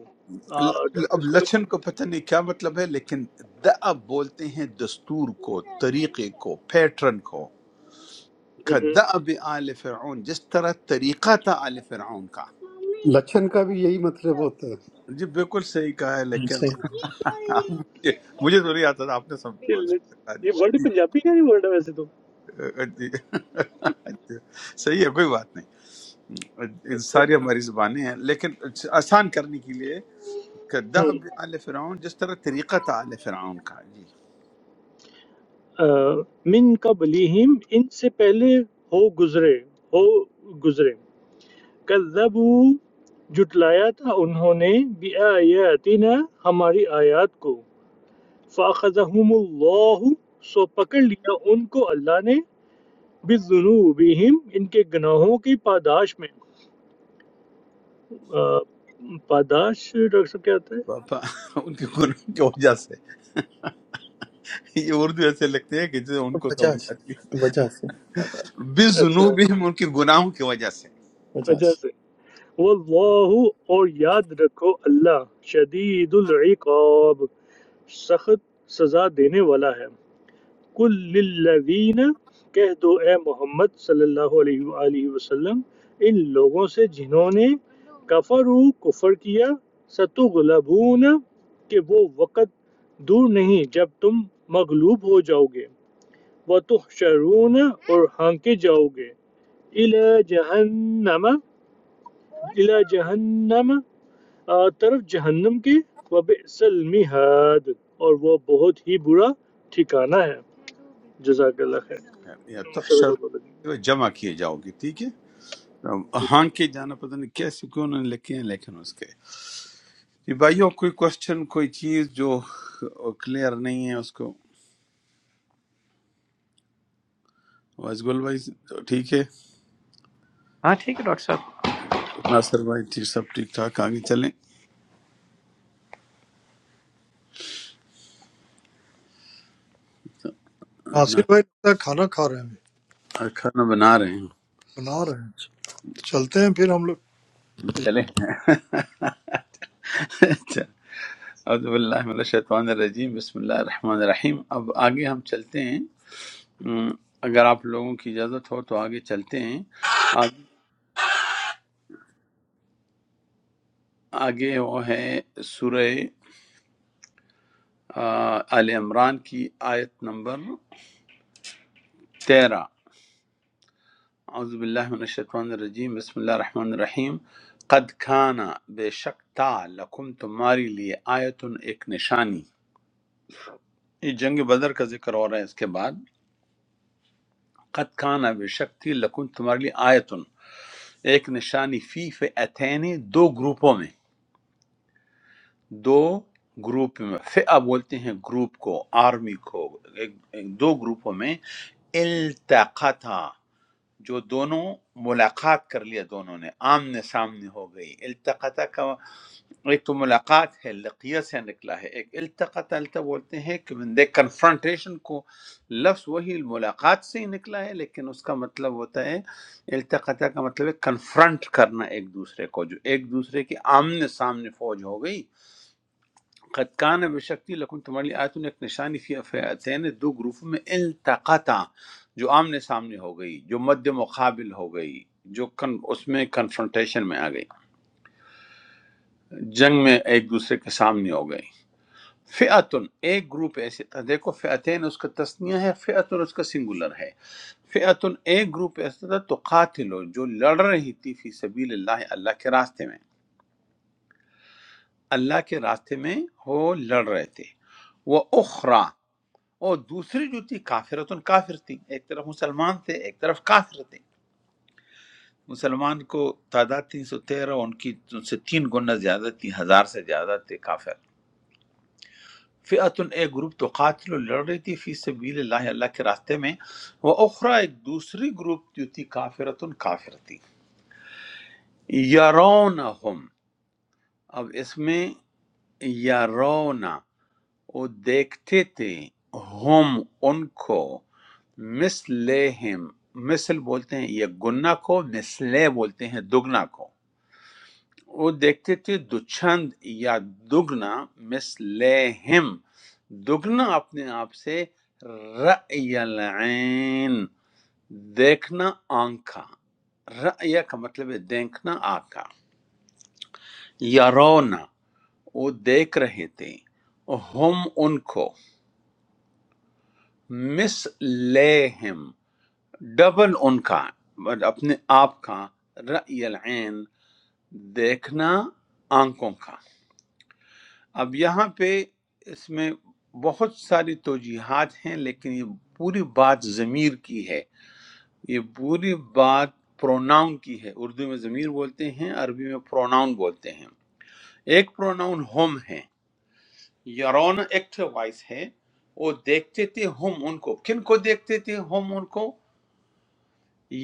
Speaker 7: آ،
Speaker 2: ل-
Speaker 7: ڈاکٹر
Speaker 2: اب
Speaker 7: اس کو
Speaker 2: لچن کو
Speaker 7: تو-
Speaker 2: پتہ نہیں کیا مطلب ہے لیکن دعب بولتے ہیں دستور کو طریقے کو پیٹرن کو دعب آل فرعون جس طرح طریقہ تھا آل فرعون کا
Speaker 1: لچھن کا بھی یہی مطلب ہوتا ہے
Speaker 2: جی بالکل صحیح کہا ہے لیکن
Speaker 5: صحیح
Speaker 2: مجھے مجھے تو نہیں آتا تھا آپ نے سب
Speaker 7: یہ لٹ-
Speaker 2: بتا
Speaker 7: یہ ورڈ
Speaker 2: دیا۔
Speaker 7: پنجابی کا نہیں ورڈ ہے ویسے تو
Speaker 2: جی جی۔ جی، صحیح ہے کوئی بات نہیں
Speaker 7: اچھا
Speaker 2: ساری ہماری زبانیں ہیں لیکن آسان کرنے کے لیے
Speaker 7: ہم،
Speaker 2: دعب آل فرعون جس طرح طریقہ تھا آل فرعون کا جی
Speaker 7: آ، من قبلہم ان سے پہلے ہو گزرے ہو گزرے کذبو جھٹلایا تھا انہوں نے بی آیاتنا ہماری آیات کو فاخذہم اللہ سو پکڑ لیا ان کو اللہ نے بِذُنُوبِهِمْ ان کے گناہوں کی پاداش میں آ، پاداش ڈاکٹر صاحب کیا ہوتا ہے
Speaker 2: پاپا ان کے قرآن کی وجہ سے یہ اردو ایسے لگتی ہے کہ جسے ان کو
Speaker 5: وجہ
Speaker 2: سمجھ
Speaker 5: سے
Speaker 2: آتی ہے
Speaker 5: وجہ سے
Speaker 2: بے
Speaker 7: اچھا
Speaker 2: ان کے گناہوں کی وجہ سے
Speaker 5: وجہ
Speaker 7: وجہ سے
Speaker 5: سے
Speaker 7: واللہ اور یاد رکھو اللہ شدید العقاب سخت سزا دینے والا ہے کل للذین کہہ دو اے محمد صلی اللہ علیہ وآلہ وسلم ان لوگوں سے جنہوں نے کفرو کفر کیا ستغلبون کہ وہ وقت دور نہیں جب تم مغلوب ہو جاؤ گے وَتُحْشَرُونَ اور ہانکے جاؤ گے الى جہنم الى جہنم آ، طرف جہنم کے وبئس المہاد اور وہ بہت ہی برا ٹھکانہ ہے جزاک اللہ خیر
Speaker 2: یا
Speaker 7: صدق اللہ العظیم۔
Speaker 2: تحشر جمع کیے جاؤ گے ٹھیک ہے
Speaker 7: جی
Speaker 2: ہاں
Speaker 7: جی۔
Speaker 2: کے جانا پتہ نہیں کیسے کیوں انہوں نے لکھے ہیں لیکن اس کے جی بھائیوں کوئی کوشچن کوئی چیز جو کلیئر نہیں ہے اس کو وائس گل بھائی تو ٹھیک ہے ناصر بھائی ٹھیک سب ٹھیک ٹھاک آگے چلیں
Speaker 4: ناصر بھائی لگتا ہے کھانا کھا رہے ہیں ابھی،
Speaker 2: نا- کھانا بنا رہے ہیں
Speaker 4: بنا رہے ہیں چلتے ہیں پھر ہم لوگ
Speaker 2: چلیں اعوذ باللہ من الشیطان الرجیم بسم اللہ الرحمن الرحیم اب آگے ہم چلتے ہیں ام، اگر آپ لوگوں کی اجازت ہو تو آگے چلتے ہیں آگ- آگے وہ ہے سورہ آ، آل عمران کی آیت نمبر تیرہ اعوذ باللہ من الشیطان الرجیم بسم اللہ الرحمن الرحیم قد کھانا بے شک تا لکم تمہاری لیے آیتن ایک نشانی یہ جنگ بدر کا ذکر ہو رہا ہے اس کے بعد قد کھانا بے شک تھی لکم تمہاری لیے آیتن ایک نشانی فی فئتین دو گروپوں میں دو گروپ میں فئہ بولتے ہیں گروپ کو آرمی کو ایک ایک- دو گروپوں میں التقطا جو دونوں ملاقات کر لیا دونوں نے آمنے سامنے ہو گئی التقطا کا ایک تو ملاقات ہے لقیہ سے نکلا ہے ایک التقط التا بولتے ہیں کہ بندے کنفرنٹیشن کو لفظ وہی ملاقات سے ہی نکلا ہے لیکن اس کا مطلب ہوتا ہے التقطہ کا مطلب ہے کنفرنٹ کرنا ایک دوسرے کو جو ایک دوسرے کے آمنے سامنے فوج ہو گئی قد کان بشکتی لکن تمہاری آیتوں نے ایک نشانی فی فیعتین دو گروپوں میں التقطا جو آمنے سامنے ہو گئی جو مد مقابل ہو گئی جو کن اس میں کنفرنٹیشن میں آ گئی جنگ میں ایک دوسرے کے سامنے ہو گئی فئتن ایک گروپ ایسے تھا دیکھو فئتین اس کا تسنیہ ہے فئتن اس کا سنگولر ہے فئتن ایک گروپ ایسا تھا تو قاتلو جو لڑ رہی تھی فی سبیل اللہ اللہ کے راستے میں اللہ کے راستے میں وہ لڑ رہے تھے وہ اخرا اور دوسری جو تھی کافرتن کافر تھی ایک طرف مسلمان تھے ایک طرف کافر تھے مسلمان کو تعداد تین سو تیرہ ان کی ان سے تین گنا زیادہ تھی ہزار سے زیادہ تھے کافر فئت ایک گروپ تو قاتل لڑ رہی تھی فی سبیل اللہ اللہ کے راستے میں وہ اخرا ایک دوسری گروپ جو تھی کافرتن کافر تھی یرونہم اب اس میں یرونا وہ دیکھتے تھے ہم ان کو مثلہم مثل بولتے ہیں یہ گنا کو مثلے بولتے ہیں دگنا کو وہ دیکھتے تھے دچند یا دگنا مس لہم دگنا اپنے آپ سے رأی العین دیکھنا آنکھا رأی کا مطلب ہے دیکھنا آنکھا یارونا وہ دیکھ رہے تھے ہم ان کو مس لہم ڈبل ان کا اپنے آپ کا رأی العین دیکھنا آنکھوں کا اب یہاں پہ اس میں بہت ساری توجیحات ہیں لیکن یہ پوری بات ضمیر کی ہے یہ پوری بات پروناؤن کی ہے اردو میں ضمیر بولتے ہیں عربی میں پروناؤن بولتے ہیں ایک پروناؤن ہم ہے یارون ایکٹو وائس ہے وہ دیکھتے تھے ہم ان کو کن کو دیکھتے تھے ہم ان کو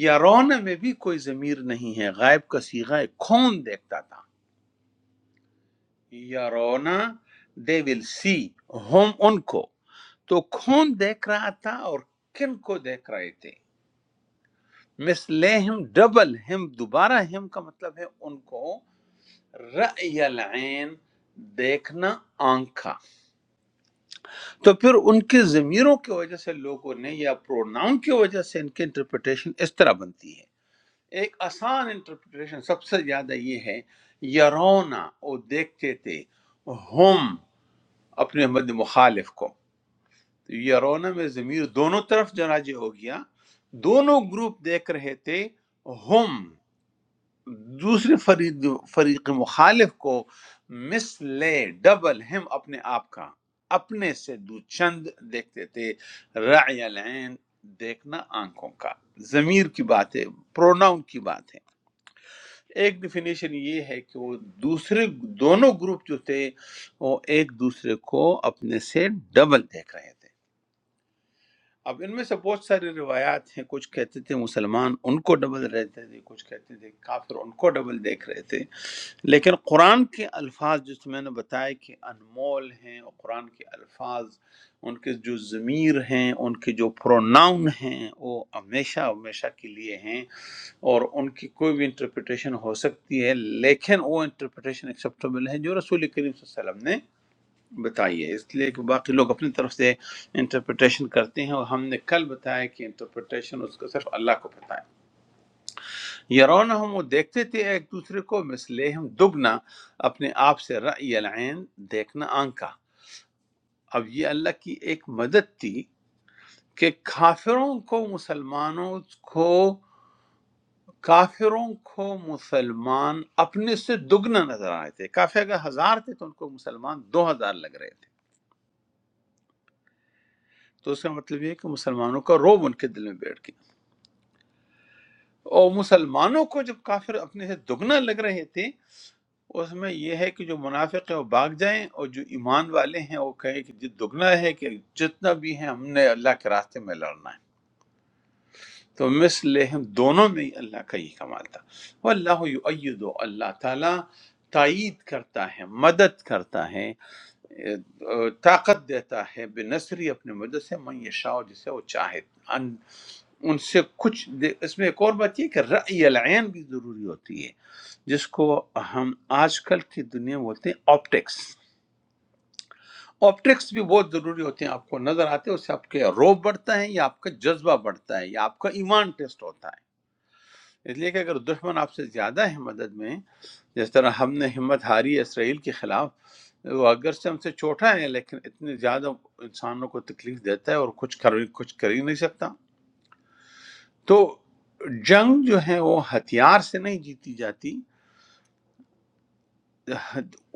Speaker 2: یارون میں بھی کوئی ضمیر نہیں ہے غائب کا سیغہ ہے کون دیکھتا تھا یارونا دے ول سی ہم ان کو تو کون دیکھ رہا تھا اور کن کو دیکھ رہے تھے مثلے ہم ڈبل ہم دوبارہ ہم کا مطلب ہے ان کو رأی العین دیکھنا آنکھ کا تو پھر ان کے ضمیروں کی وجہ سے لوگوں نے یا پروناؤن کی وجہ سے ان کی انٹرپریٹیشن اس طرح بنتی ہے ایک آسان انٹرپریٹیشن سب سے زیادہ یہ ہے یرونا وہ دیکھتے تھے ہم اپنے مد مخالف کو یرونا میں ضمیر دونوں طرف جناجے ہو گیا دونوں گروپ دیکھ رہے تھے ہم دوسرے فریق فریق مخالف کو مس لے ڈبل ہم اپنے آپ کا اپنے سے دو چند دیکھتے تھے رعی العین دیکھنا آنکھوں کا ضمیر کی بات ہے پروناؤن کی بات ہے ایک ڈیفینیشن یہ ہے کہ وہ دوسرے دونوں گروپ جو تھے وہ ایک دوسرے کو اپنے سے ڈبل دیکھ رہے تھے اب ان میں سے بہت ساری روایات ہیں کچھ کہتے تھے مسلمان ان کو ڈبل رہتے تھے کچھ کہتے تھے کافر ان کو ڈبل دیکھ رہے تھے لیکن قرآن کے الفاظ جس میں نے بتایا کہ انمول ہیں اور قرآن کے الفاظ ان کے جو ضمیر ہیں ان کے جو پروناؤن ہیں وہ ہمیشہ ہمیشہ کے لیے ہیں اور ان کی کوئی بھی انٹرپریٹیشن ہو سکتی ہے لیکن وہ انٹرپریٹیشن ایکسیپٹیبل ہے جو رسول کریم صلی اللہ علیہ وسلم نے بتائی ہے اس لیے کہ باقی لوگ اپنی طرف سے انٹرپریٹیشن کرتے ہیں اور ہم نے کل بتایا کہ انٹرپریٹیشن اس کا صرف اللہ کو پتہ ہے یرون ہم وہ دیکھتے تھے ایک دوسرے کو مثلے ہم دگنا اپنے آپ سے رأی العین دیکھنا آنکھ کا اب یہ اللہ کی ایک مدد تھی کہ کافروں کو مسلمانوں کو کافروں کو مسلمان اپنے سے دگنا نظر آئے تھے کافی اگر ہزار تھے تو ان کو مسلمان دو ہزار لگ رہے تھے تو اس کا مطلب یہ ہے کہ مسلمانوں کا روب ان کے دل میں بیٹھ گیا اور مسلمانوں کو جب کافر اپنے سے دگنا لگ رہے تھے اس میں یہ ہے کہ جو منافق ہیں وہ بھاگ جائیں اور جو ایمان والے ہیں وہ کہیں کہ جو دگنا ہے کہ جتنا بھی ہے ہم نے اللہ کے راستے میں لڑنا ہے تو مثلہم دونوں میں اللہ کا یہ کمال تھا واللہ یؤید و اللہ تعالیٰ تائید کرتا ہے مدد کرتا ہے اے، طاقت دیتا ہے بے نصری اپنے مدد سے من یشاء جسے وہ چاہے ان, ان سے کچھ دے اس میں ایک اور بات یہ ہے کہ رأی العین بھی ضروری ہوتی ہے جس کو ہم آج کل کی دنیا میں بولتے ہیں آپٹکس آپٹکس بھی بہت ضروری ہوتے ہیں آپ کو نظر آتے ہیں اس سے آپ کے روب بڑھتا ہے یا آپ کا جذبہ بڑھتا ہے یا آپ کا ایمان ٹیسٹ ہوتا ہے اس لیے کہ اگر دشمن آپ سے زیادہ ہے مدد میں جس طرح ہم نے ہمت ہاری اسرائیل کے خلاف وہ اگر سے ہم سے چھوٹا ہے لیکن اتنے زیادہ انسانوں کو تکلیف دیتا ہے اور کچھ کر کچھ کر ہی نہیں سکتا تو جنگ جو ہے وہ ہتھیار سے نہیں جیتی جاتی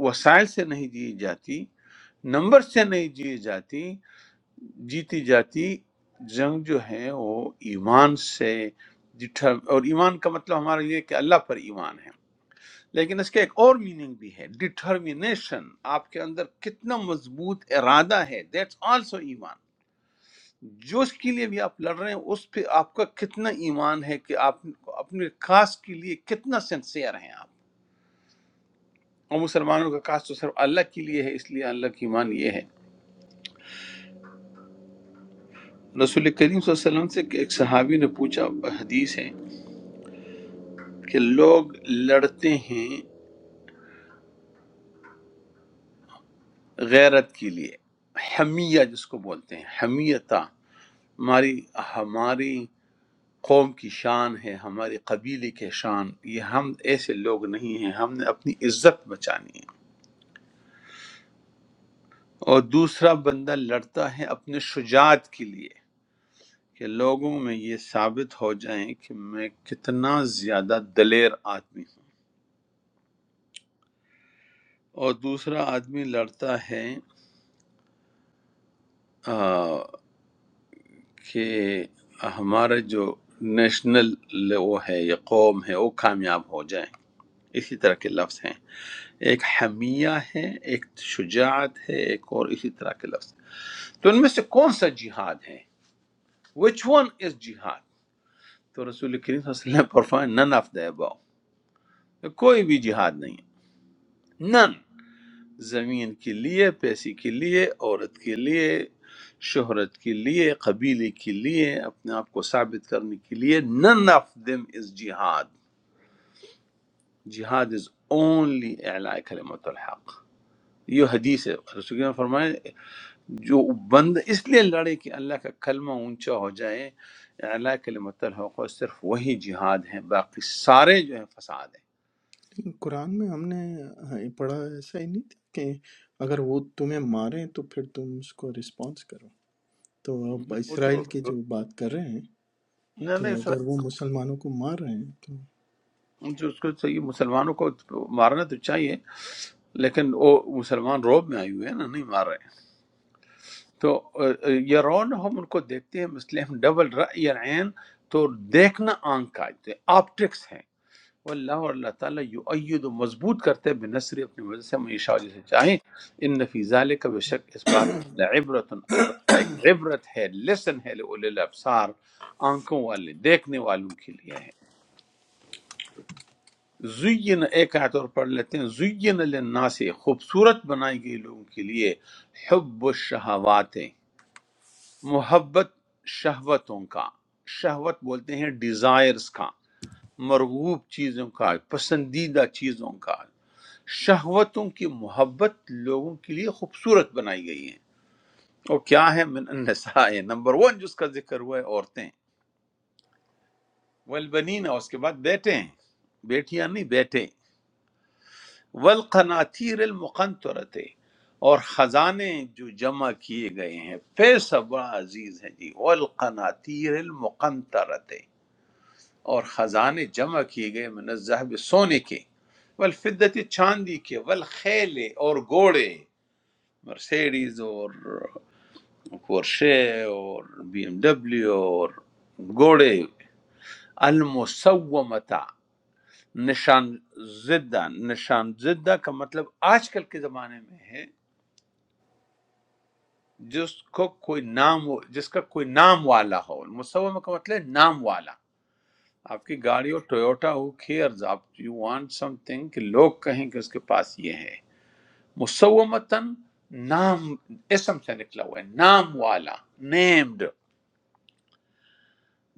Speaker 2: وسائل سے نہیں جیتی جاتی نمبر سے نہیں جیتی جاتی جیتی جاتی جنگ جو ہے وہ ایمان سے جٹھا اور ایمان کا مطلب ہمارا یہ ہے کہ اللہ پر ایمان ہے لیکن اس کا ایک اور میننگ بھی ہے ڈٹرمینیشن آپ کے اندر کتنا مضبوط ارادہ ہے دیٹس آلسو ایمان جو اس کے لیے بھی آپ لڑ رہے ہیں اس پہ آپ کا کتنا ایمان ہے کہ آپ اپنے خاص کے لیے کتنا سنسیئر ہیں آپ اور مسلمانوں کا خاص تو صرف اللہ کے لیے ہے اس لیے اللہ کی ایمان یہ ہے رسول کریم صلی اللہ علیہ وسلم سے کہ ایک صحابی نے پوچھا حدیث ہے کہ لوگ لڑتے ہیں غیرت کے لیے حمیہ جس کو بولتے ہیں حمیتہ ہماری ہماری قوم کی شان ہے ہمارے قبیلے کے شان یہ ہم ایسے لوگ نہیں ہیں ہم نے اپنی عزت بچانی ہے اور دوسرا بندہ لڑتا ہے اپنے شجاعت کے لیے کہ لوگوں میں یہ ثابت ہو جائیں کہ میں کتنا زیادہ دلیر آدمی ہوں اور دوسرا آدمی لڑتا ہے آ، کہ ہمارا جو نیشنل وہ ہے یا قوم ہے وہ کامیاب ہو جائیں اسی طرح کے لفظ ہیں ایک حمیہ ہے ایک شجاعت ہے ایک اور اسی طرح کے لفظ تو ان میں سے کون سا جہاد ہے وچ ون از جہاد تو رسول کریم صلی اللہ علیہ وسلم فرمائے نن آف دا اباؤ کوئی بھی جہاد نہیں ہے نن زمین کے لیے پیسے کے لیے عورت کے لیے شہرت کے لیے قبیلے کے لیے اپنے آپ کو ثابت کرنے کے لیے نن آف دم از جہاد جہاد از اونلی اعلاء کلمت الحق یہ حدیث ہے رسول کریم نے فرمایا جو بند اس لیے لڑے کہ اللہ کا کلمہ اونچا ہو جائے اللہ کلمت الحق اور صرف وہی جہاد ہے باقی سارے جو ہیں فساد ہیں
Speaker 5: قرآن میں ہم نے ہاں، پڑھا ایسا ہی نہیں تھا کہ اگر وہ تمہیں مارے تو پھر تم اس کو رسپانس کرو تو اب
Speaker 2: نہیں، وہ تو
Speaker 5: اسرائیل کی جو بات کر رہے ہیں
Speaker 2: نہ نہ
Speaker 5: تو اگر
Speaker 2: اسرائیل
Speaker 5: وہ مسلمانوں کو مار رہے ہیں تو
Speaker 2: جو اس کو چاہیے مسلمانوں کو مارنا تو چاہیے لیکن وہ مسلمان روب میں آئے ہوئے ہیں نا نہیں مار رہے تو اہ، اہ، یہ رون ہم ان کو دیکھتے ہیں مسلم ڈبل رأی العین تو دیکھنا آنکھ کا آپٹکس ہے واللہ اور اللہ تعالیٰ یؤید و مضبوط کرتے ہیں بنصری اپنی مدد سے میں شاہ جسے چاہیں ان نفی ذالک بے شک اس بات لعبرت البتہ ایک عبرت ہے لیسن ہے لأولی الابصار آنکھوں والے دیکھنے والوں کے لیے ہے زین ایک آیت اور پڑھ لیتے ہیں زین للناس خوبصورت بنائی گئی لوگوں کے لیے حب الشہوات محبت شہوتوں کا شہوت بولتے ہیں ڈیزائرز کا مرغوب چیزوں کا پسندیدہ چیزوں کا شہوتوں کی محبت لوگوں کے لیے خوبصورت بنائی گئی ہے اور کیا ہے من النساء نمبر ون جس کا ذکر ہوا ہے عورتیں والبنین اور اس کے بعد بیٹے ہیں بیٹیاں نہیں بیٹے والقناتیر المقنطرت اور خزانے جو جمع کیے گئے ہیں پیسہ بڑا عزیز ہے جی والقناتیر المقنطرت اور خزانے جمع کیے گئے من الذهب سونے کے والفدت چاندی کے والخیل اور گھوڑے مرسیڈیز اور پورشے اور بی ایم ڈبلیو اور گھوڑے المسومتا نشان زدہ نشان زدہ کا مطلب آج کل کے زمانے میں ہے جس کو کوئی نام ہو- جس کا کوئی نام والا ہو مسومہ کا مطلب ہے نام والا آپ کی گاڑی ہو ٹویوٹا ہو کیئرز آپ یو وانٹ سم تھنگ کہ لوگ کہیں کہ اس کے پاس یہ ہے مسومتاً نام اسم سے نکلا ہوا ہے نام والا نیمڈ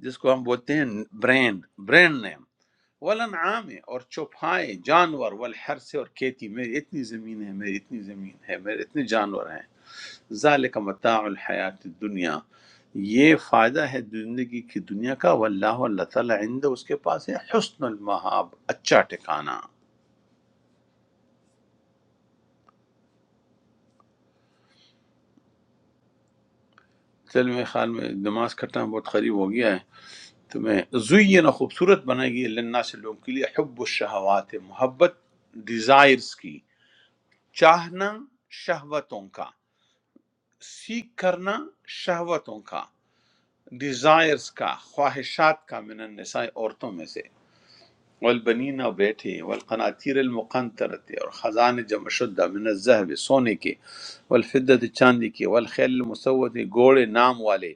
Speaker 2: جس کو ہم بولتے ہیں برینڈ برینڈ نیم ولن عام ہے اور چوپائے جانور والحر سے اور کھیتی میری اتنی زمین ہے میری اتنی زمین ہے میرے اتنے جانور ہیں ذالک متاع الحیات الدنیا یہ فائدہ ہے زندگی کی دنیا کا واللہ اللہ تعالیٰ عند اس کے پاس ہے حسن المحاب اچھا ٹھکانہ چل میرے خیال میں نماز کٹنا بہت قریب ہو گیا ہے تو میں زوینا خوبصورت بنائی گئی لنا سے لوگوں کے لیے حب الشہوات محبت ڈیزائرز کی چاہنا شہوتوں کا سیکھ کرنا شہوتوں کا ڈیزائرز کا خواہشات کا من النساء عورتوں میں سے والبنین اور بیٹے والقناطیر المقنطرت اور خزان جمع شدہ من الزہب سونے کے والفدت چاندی کے والخیل المسوت گوڑے نام والے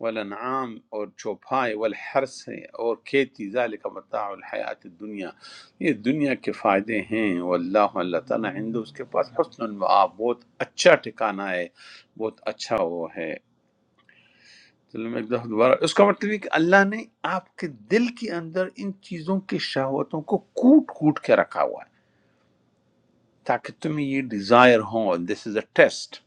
Speaker 2: والانعام اور چوپائے والحرس اور کھیتی ذالک متاع الحیات الدنیا یہ دنیا کے فائدے ہیں واللہ اللہ تعالیٰ ہندو اس کے پاس حسن المعاب بہت اچھا ٹھکانہ ہے بہت اچھا وہ ہے چلو میں ایک دفعہ دوبارہ اس کا مطلب یہ کہ اللہ نے آپ کے دل کے اندر ان چیزوں کی شہوتوں کو کوٹ کوٹ کے رکھا ہوا ہے تاکہ تمہیں یہ ڈیزائر ہو دس از اے ٹیسٹ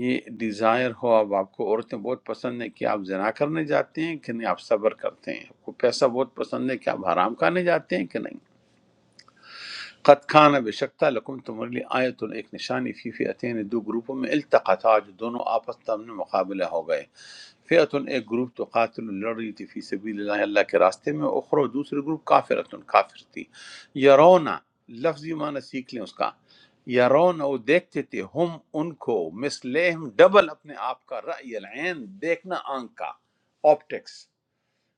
Speaker 2: یہ ڈیزائر ہو اب آپ کو عورتیں بہت پسند ہیں کہ آپ زنا کرنے جاتے ہیں کہ نہیں آپ صبر کرتے ہیں آپ کو پیسہ بہت پسند ہے کہ آپ حرام کھانے جاتے ہیں کہ نہیں قد کھانا بے شکتا لکم تمہارے لیے آیت ایک نشانی فی فئتین دو گروپوں میں التقطا جو دونوں آپس میں مقابلہ ہو گئے فئتن ایک گروپ تو قاتل لڑ رہی تھی فی سبیل اللہ اللہ کے راستے میں اخرو دوسری گروپ کافرتن کافر تھی یرونا لفظ یہ معنی سیکھ لیں اس کا یارون وہ دیکھتے تھے ہم ان کو مثلہم ڈبل اپنے آپ کا رأی العین دیکھنا آنکھ کا آپٹکس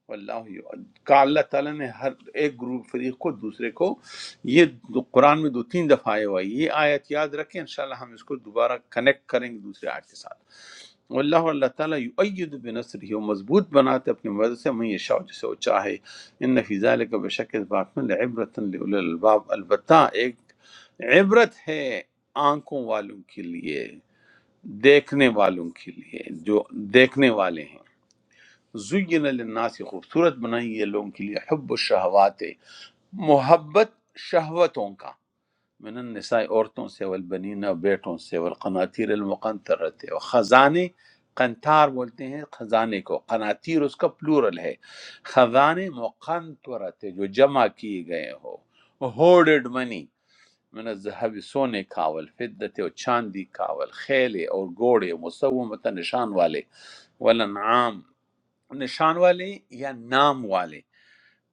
Speaker 2: واللہ کا اللہ تعالیٰ نے ہر ایک گروپ فریق کو دوسرے کو یہ دو- قرآن میں دو تین دفعہ آئے ہوا ہے۔ یہ آیت یاد رکھیں انشاءاللہ ہم اس کو دوبارہ کنیکٹ کریں گے دوسرے آیت کے ساتھ واللہ اور اللہ تعالیٰ یؤید بنصرہ وہ مضبوط بناتے اپنی مدد سے من یشاء جسے وہ چاہے ان فی ذلک بشک اس بات میں لعبرۃ لأولی الالباب البتہ ایک عبرت ہے آنکھوں والوں کے لیے دیکھنے والوں کے لیے جو دیکھنے والے ہیں زین للناس خوبصورت بنائی ہے لوگوں کے لیے حب الشہوات محبت شہوتوں کا من النساء عورتوں سے والبنین بیٹوں سے والقناطیر المقنطرت و خزانے قنتار بولتے ہیں خزانے کو قناطیر اس کا پلورل ہے خزانے مقنطرت جو جمع کیے گئے ہو ہوڈڈ منی من الذهب سونے کا والفدت اور چاندی کا والخیل اور گھوڑے مسومتا نشان والے والانعام نشان والے یا نام والے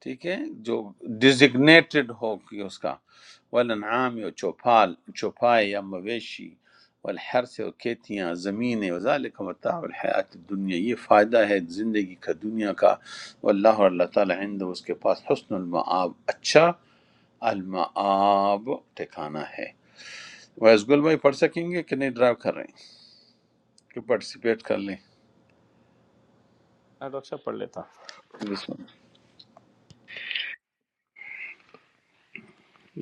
Speaker 2: ٹھیک ہے جو ڈیزگنیٹڈ ہو کہ اس کا والانعام یا چوپال چوپائے یا مویشی والحر سے اور کھیتیاں زمینیں وذالک متاع الحیات الدنیا یہ فائدہ ہے زندگی کا دنیا کا واللہ اور اللہ تعالیٰ عند اس کے پاس حسن المعاب اچھا المعاب ٹھکانہ ہے ویس گل بھائی پڑھ سکیں گے کہ نہیں ڈرائیو کر رہے ہیں کہ پارٹیسپیٹ کر لیں بسم اللہ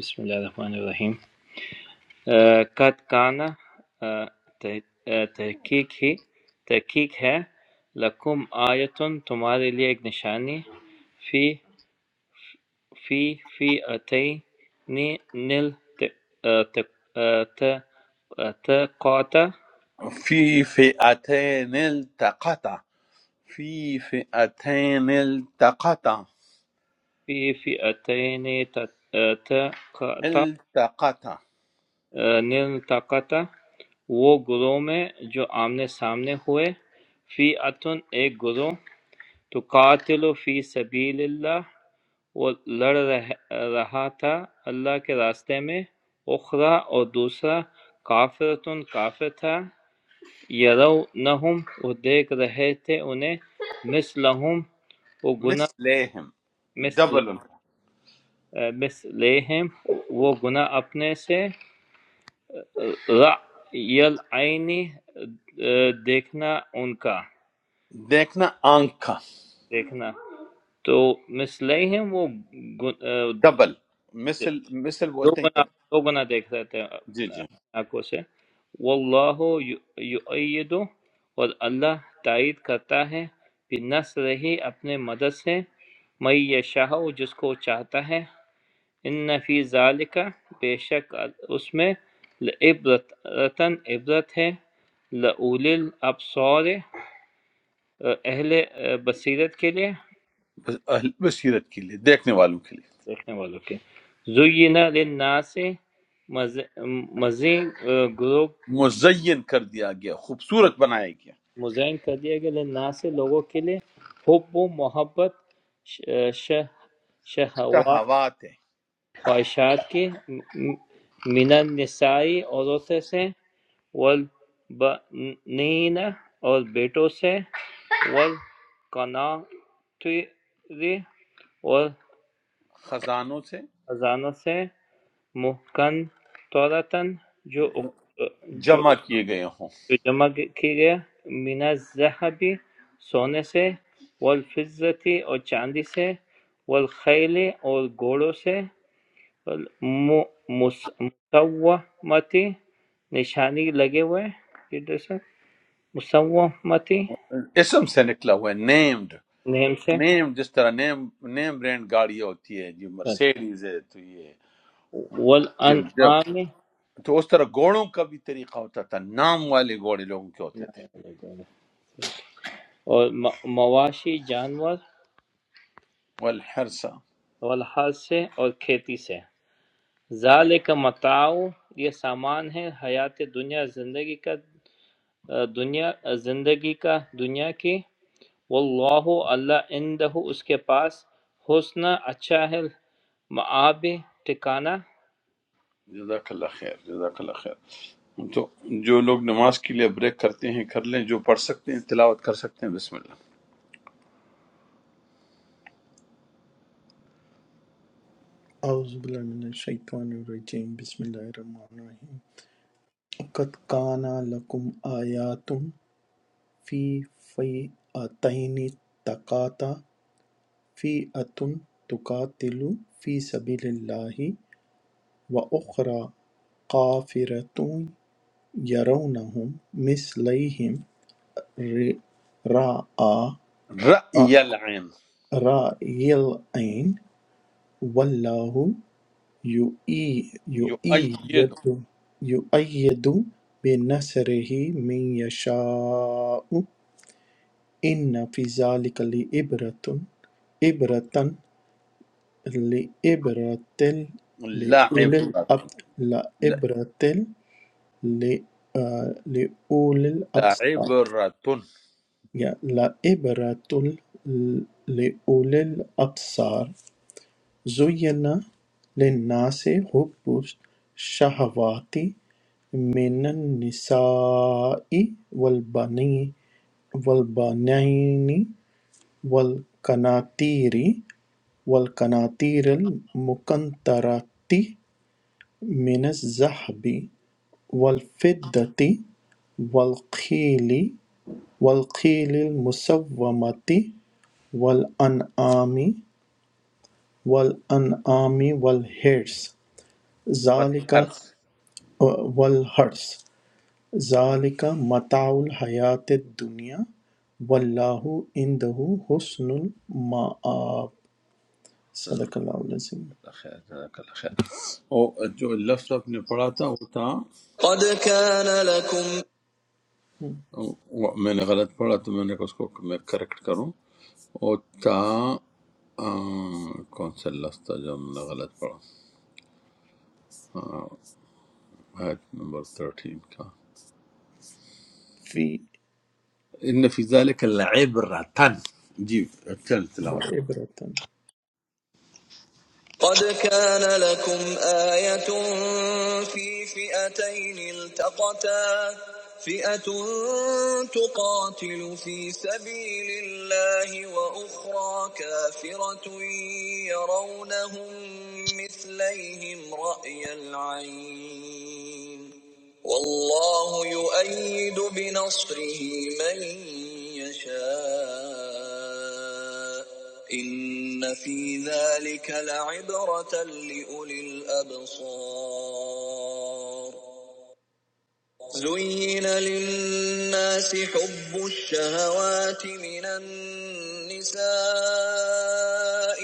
Speaker 8: بسم اللہ الرحمن الرحیم آ، قد کانا آ، تح- آ، تحقیق ہی تحقیق ہے لکم آیتن تمہارے لیے ایک نشانی فی فی فی اتینی نل ت- آ، ت- آ، ت- آ، تقاتا
Speaker 2: فی فئتین التقطا فی فئتین التقتا
Speaker 8: فی فی اتینی ت- آ، تقاتا
Speaker 2: التقتا
Speaker 8: آ، نل تقاتا وہ گروہ میں جو آمنے سامنے ہوئے فی اتن ایک گروہ تقاتل فی سبیل اللہ وہ لڑ رہ- رہا تھا اللہ کے راستے میں اخری اور دوسرا کافرتن کافر تھا یرونہم وہ دیکھ رہے تھے انہیں مثلہم وہ گناہ
Speaker 2: مثلهم
Speaker 8: مثل
Speaker 2: ڈبل
Speaker 8: مثلہم وہ گناہ اپنے سے رأی العینی دیکھنا ان کا
Speaker 2: دیکھنا آنکھ کا
Speaker 8: دیکھنا تو مثلہم وہ
Speaker 2: ڈبل مثل مثل
Speaker 8: دو
Speaker 2: بولتے ہیں
Speaker 8: بنا دو بنا دیکھ رہے تھے
Speaker 2: جی
Speaker 8: اپنے
Speaker 2: جی
Speaker 8: آنکھوں سے واللہ یو- یؤید اور اللہ تائید کرتا ہے بنصر ہی اپنے مدد سے میں یشاء جس کو چاہتا ہے ان فی ذالک بے شک اس میں لعبرت رتن عبرت ہے لعول الابصار اہل بصیرت کے لیے
Speaker 2: بس اہل بصیرت کے لیے دیکھنے والوں کے لیے
Speaker 8: دیکھنے والوں کے زینا للناس مزید گروہ
Speaker 2: مزین کر دیا گیا خوبصورت بنایا گیا
Speaker 8: مزین کر دیا گیا للناس لوگوں کے لیے حب و محبت ش- ش- شہوات
Speaker 2: شہوات ہے
Speaker 8: خواہشات کی من النسائی عورتوں سے والبنین اور بیٹوں سے والقناطر اور
Speaker 2: خزانوں سے
Speaker 8: خزانوں سے محکن طورتن جو جو
Speaker 2: جمع کیے گئے ہوں
Speaker 8: جو جمع کیے من الذھب سونے سے والفضة اور چاندی سے والخیل اور گھوڑوں سے مسومۃ نشانی لگے ہوئے مسومۃ
Speaker 2: اسم سے نکلا ہوا ہے نیمڈ
Speaker 8: نیم سے
Speaker 2: نیم جس طرح نیم نیم برینڈ گاڑیاں ہوتی ہے جی
Speaker 8: اچھا
Speaker 2: مرسیڈیز ہے تو یہ
Speaker 8: والانعام
Speaker 2: تو اس طرح گھوڑوں کا بھی طریقہ ہوتا تھا نام والے گھوڑے لوگوں کے ہوتے تھے
Speaker 8: اور م- مواشی جانور
Speaker 2: والحرسہ
Speaker 8: والحال سے اور کھیتی سے ذالک متاع یہ سامان ہے حیات دنیا زندگی کا دنیا زندگی کا دنیا کی واللہ اللہ عندہ اس کے پاس حسن اچھا ہے معاب ٹھکانہ
Speaker 2: جزاک اللہ خیر جزاک اللہ خیر تو جو لوگ نماز کے لیے بریک کرتے ہیں کر لیں جو پڑھ سکتے ہیں تلاوت کر سکتے ہیں بسم اللہ
Speaker 5: اعوذ باللہ من الشیطان الرجیم بسم اللہ الرحمن الرحیم قد کان لکم آیاتم فی فیعتین تقاتا فِئَةٌ تُقَاتِلُ فِی سَبِیلِ اللّٰهِ وَأُخْرَىٰ کَافِرَةٌ یَرَوْنَہُم مِّثْلَیہِمْ
Speaker 2: رأی
Speaker 5: رَأْیَ
Speaker 2: العین
Speaker 5: الْعَیْنِ ۚ وَاللّٰہُ
Speaker 2: یؤید
Speaker 5: یُؤَیِّدُ بِنَصْرِهِ مَن یَشَاءُ ۚ اِنَّ فِی ذَٰلِکَ لَعِبْرَةً عبرة لعبرة لأولي
Speaker 2: لعبرت
Speaker 5: الأب لعبرة ل- آه، لأولي الأبصار
Speaker 2: لعبرتن
Speaker 5: يا لعبرة ل- لأولي الأبصار زين للناس حب الشهوات من النساء والبنين والبنين والقناطير والقناطير المقنطرة من الذهب والفضة والقيل والقيل المسومة والأنعام والأنعام والحرث ذلك
Speaker 2: والحرس
Speaker 5: والحرث ذلك متاع الحياة الدنيا والله عنده حسن المآب
Speaker 2: صدق
Speaker 5: صدق الله العظيم
Speaker 2: اللہ خیر جزاک اللہ خیر وہ جو لفظ آپ نے پڑھا تھا وہ تھا
Speaker 5: قد كان لكم
Speaker 2: وہ- میں نے غلط پڑھا تو میں نے کہا اس کو میں کریکٹ کروں اوتا آ، کون سا لفظ تھا جو ہم نے غلط پڑھا ہاں، آیت نمبر 13 کا
Speaker 5: في
Speaker 2: ان فی ذلک لعبرتن جی چل تلاوت
Speaker 5: وعبرة قد كان لكم آية في فئتين التقتا فئة تقاتل في سبيل الله وأخرى كافرة يرونهم مثليهم رأي العين والله يؤيد بنصره من يشاء إن في ذلك لعبرة لأولي الأبصار زين للناس حب الشهوات من النساء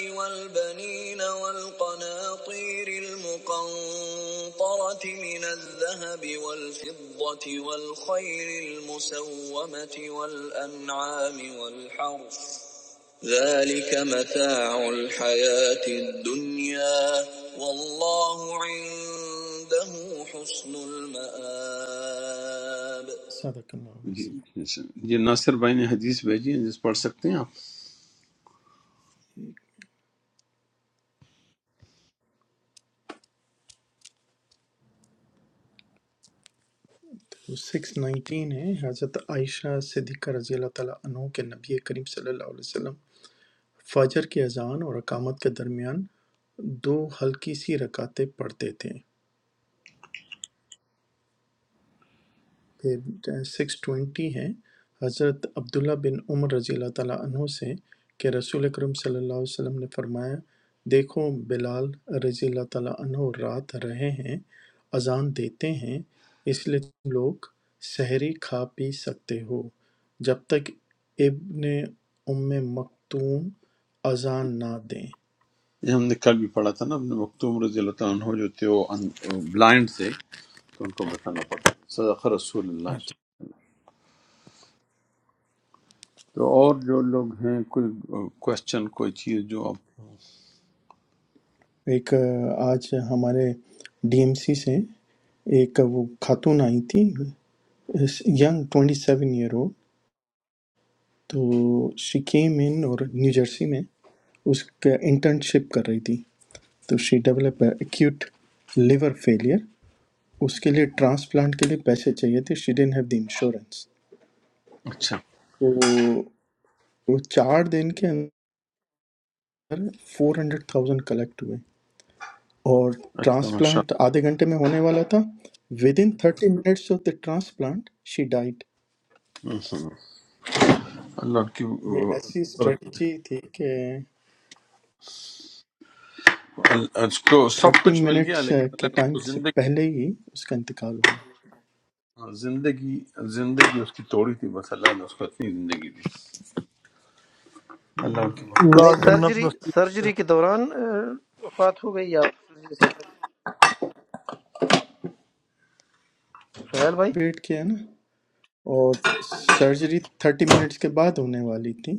Speaker 5: والبنين والقناطير المقنطرة من الذهب والفضة والخيل المسومة والأنعام والحرث ذلك متاع الحياة الدنيا والله عنده حسن المآب صدق اللہ علیہ
Speaker 2: جی اچھا۔ جی ناصر بھائی نے حدیث بھیجی ہے جس پڑھ سکتے ہیں آپ
Speaker 5: سکس نائنٹین ہے حضرت عائشہ صدیقہ رضی اللہ تعالیٰ عنہ کے نبی کریم صلی اللہ علیہ وسلم فجر کی اذان اور اقامت کے درمیان دو ہلکی سی رکعتیں پڑھتے تھے پھر سکس ٹوینٹی ہے حضرت عبداللہ بن عمر رضی اللہ تعالیٰ عنہ سے کہ رسول اکرم صلی اللہ علیہ وسلم نے فرمایا دیکھو بلال رضی اللہ تعالیٰ عنہ رات رہے ہیں اذان دیتے ہیں اس لیے تم لوگ سحری کھا پی سکتے ہو جب تک ابن ام مکتوم اذان نہ دیں
Speaker 2: یہ ہم نے کل بھی پڑھا تھا نا اپنے مکتوم رضی اللہ تعالیٰ عنہ جو تھے وہ بلائنڈ تھے تو ان کو بتانا پڑتا صدق رسول اللہ صلی اللہ علیہ
Speaker 5: اچھا
Speaker 2: وسلم۔ تو اور جو لوگ ہیں کوئی کوشچن کوئی چیز جو آپ
Speaker 5: ایک آ، آج ہمارے ڈی ایم سی سے ایک وہ خاتون آئی تھی ینگ ٹوئنٹی سیون ایئر ہو تو شی کیم ان اور نیو جرسی میں اس کا انٹرنشپ کر رہی تھی تو she develop acute liver failure اس کے لیے ٹرانسپلانٹ کے لیے پیسے چاہیے تھے شی ڈین ہیو دی انشورنس
Speaker 2: اچھا
Speaker 5: تو وہ چار دن کے اندر فور ہنڈریڈ تھاؤزینڈ کلیکٹ ہوئے اور
Speaker 2: اچھا ماشاء
Speaker 5: ٹرانسپلانٹ آدھے گھنٹے میں ہونے والا تھا within thirty minutes of the transplant she died
Speaker 2: اللہ اللہ ان کی
Speaker 5: یہ ایسی اسٹریٹجی تھی کہ
Speaker 2: اس کو سب
Speaker 5: تھرٹی
Speaker 2: کچھ مل گیا
Speaker 5: منٹس
Speaker 2: لیکن
Speaker 5: کے
Speaker 2: اللہ نے اس
Speaker 5: ٹائم
Speaker 2: کو
Speaker 5: سے
Speaker 2: زندگی
Speaker 5: پہلے ہی اس کا انتقال ہو گیا
Speaker 2: ہاں، زندگی زندگی اس کی توڑی تھی بس اللہ نے اس کو اتنی زندگی دی اللہ ان کی مغفرت
Speaker 9: نہیں
Speaker 4: اللہ
Speaker 5: بس یار
Speaker 4: جنت
Speaker 9: سرجری
Speaker 4: نصیب
Speaker 9: سرجری کے دوران آ، وفات ہو گئی یا سرجری سے پہلے؟ سہیل بھائی
Speaker 5: ویٹ کیا نا اور سرجری تھرٹی منٹس کے بعد ہونے والی تھی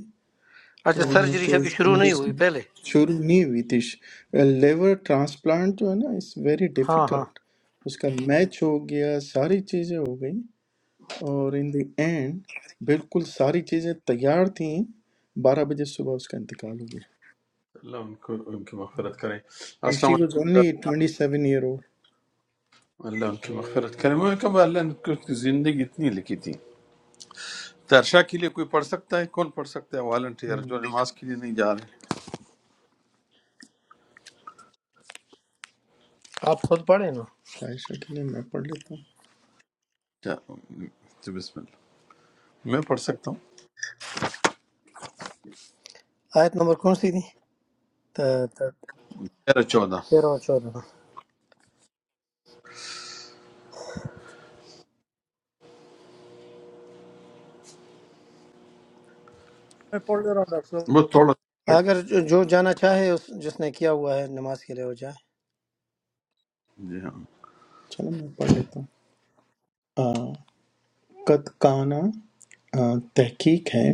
Speaker 9: اچھا
Speaker 5: تو انہوں نے
Speaker 9: سرجری
Speaker 5: کہ
Speaker 9: ابھی
Speaker 5: اس
Speaker 9: شروع نہیں ہوئی
Speaker 5: کنڈیشن
Speaker 9: پہلے
Speaker 5: شروع نہیں ہوئی تھی لیور ٹرانسپلانٹ جو ہے نا اس ویری
Speaker 9: ہاں ہاں
Speaker 5: ڈیفیکلٹ اس کا میچ ہو گیا ساری چیزیں ہو گئیں اور ان دی اینڈ بالکل ساری چیزیں تیار تھیں بارہ بجے صبح اس کا انتقال ہو گیا
Speaker 2: اللہ ان کو ان کی مغفرت کرے
Speaker 5: اینڈ
Speaker 2: السلام
Speaker 5: شی واز
Speaker 2: علیکم
Speaker 5: اونلی
Speaker 2: درشاہ
Speaker 5: ٹوینٹی سیون ایئر اولڈ
Speaker 2: اللہ ان کی مغفرت کرے میں نے کہا بھائی اللہ نے اس کو اس کی زندگی اتنی لکھی تھی درشا کے لیے کوئی پڑھ سکتا ہے کون پڑھ سکتا ہے والنٹیئر جو نماز کے لیے نہیں جا رہے
Speaker 9: آپ خود پڑھیں نا
Speaker 5: عائشہ کے لیے میں پڑھ لیتا ہوں
Speaker 2: جا- تو بسم اللہ میں پڑھ سکتا ہوں
Speaker 9: آیت نمبر کون سی تھی تا- تا-
Speaker 2: تیرہ چودہ
Speaker 9: تیرہ اور چودہ
Speaker 4: میں پڑھ لے رہا ہوں ڈاکٹر
Speaker 2: وہ
Speaker 4: صاحب
Speaker 2: تھوڑا
Speaker 5: پڑھ
Speaker 9: اگر جو جو جانا چاہے اس- جس نے کیا ہوا ہے نماز کے لیے وہ جائے
Speaker 2: جی ہاں
Speaker 5: چلو میں پڑھ لیتا ہوں آ، قد کانا آ، تحقیق ہے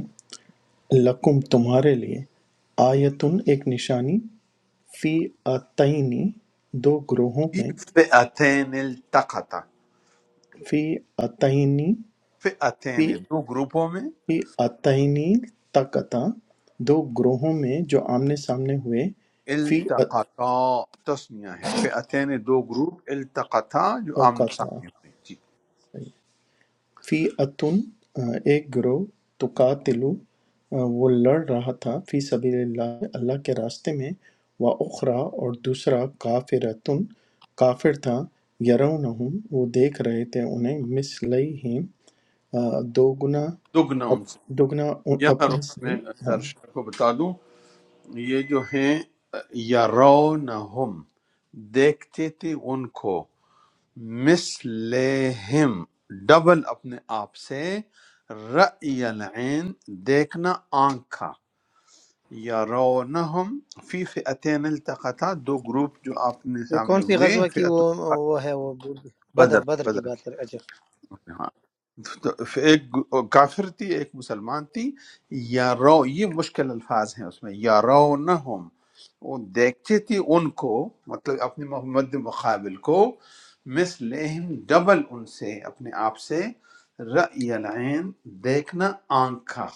Speaker 5: لکم تمہارے لیے آیتن ایک نشانی فی اتینی دو گروہوں
Speaker 2: فی
Speaker 5: میں
Speaker 2: فئتین التقتا
Speaker 5: فی اتینی
Speaker 2: فئتین
Speaker 5: فی
Speaker 2: دو گروپوں میں
Speaker 5: فی اتینی تکتا دو گروہوں میں جو آمنے سامنے ہوئے فی
Speaker 2: التقطا تسنیہ ہے فئتین دو گروپ التقطا جو آمنے
Speaker 5: اتکتا
Speaker 2: سامنے ہوئے جی
Speaker 5: فِي أَتٌ ایک گروہ تُقَاتِلُ وہ لڑ رہا تھا فِي سَبِيلِ اللَّهِ اللہ کے راستے میں وَأُخْرَى اور دوسرا کافرتن کافر تھا یرونہم وہ دیکھ رہے تھے انہیں مثلیہم آ، دوگنا
Speaker 2: دگنا ان سے
Speaker 5: اپ- دوگنا ان-
Speaker 2: یہاں
Speaker 5: اپنے
Speaker 2: رو-
Speaker 5: سے
Speaker 2: میں
Speaker 5: ہاں
Speaker 2: ترشا کو بتا دوں یہ جو ہیں یرونہم دیکھتے تھے ان کو مثلہم ڈبل اپنے آپ سے رأی العین دیکھنا آنکھ کا یارونہم فی فئتین التقطا دو گروپ جو آپ نے
Speaker 9: یہ
Speaker 2: سامنے
Speaker 9: کون سی
Speaker 2: ہوئے
Speaker 9: غزوہ کی
Speaker 2: فئت
Speaker 9: وہ وہ ہے وہ بھول گئی۔ بدر
Speaker 2: بدر
Speaker 9: بدر کی
Speaker 2: بدر
Speaker 9: بات
Speaker 2: کی
Speaker 9: کر اچھا
Speaker 2: ہاں تو ایک کافر تھی ایک مسلمان تھی یارو یہ مشکل الفاظ ہیں اس میں یارونہم وہ دیکھتے تھے ان کو مطلب اپنے محمد مقابل کو مثلہم ڈبل ان سے اپنے آپ سے رأی العین دیکھنا آنکھ کا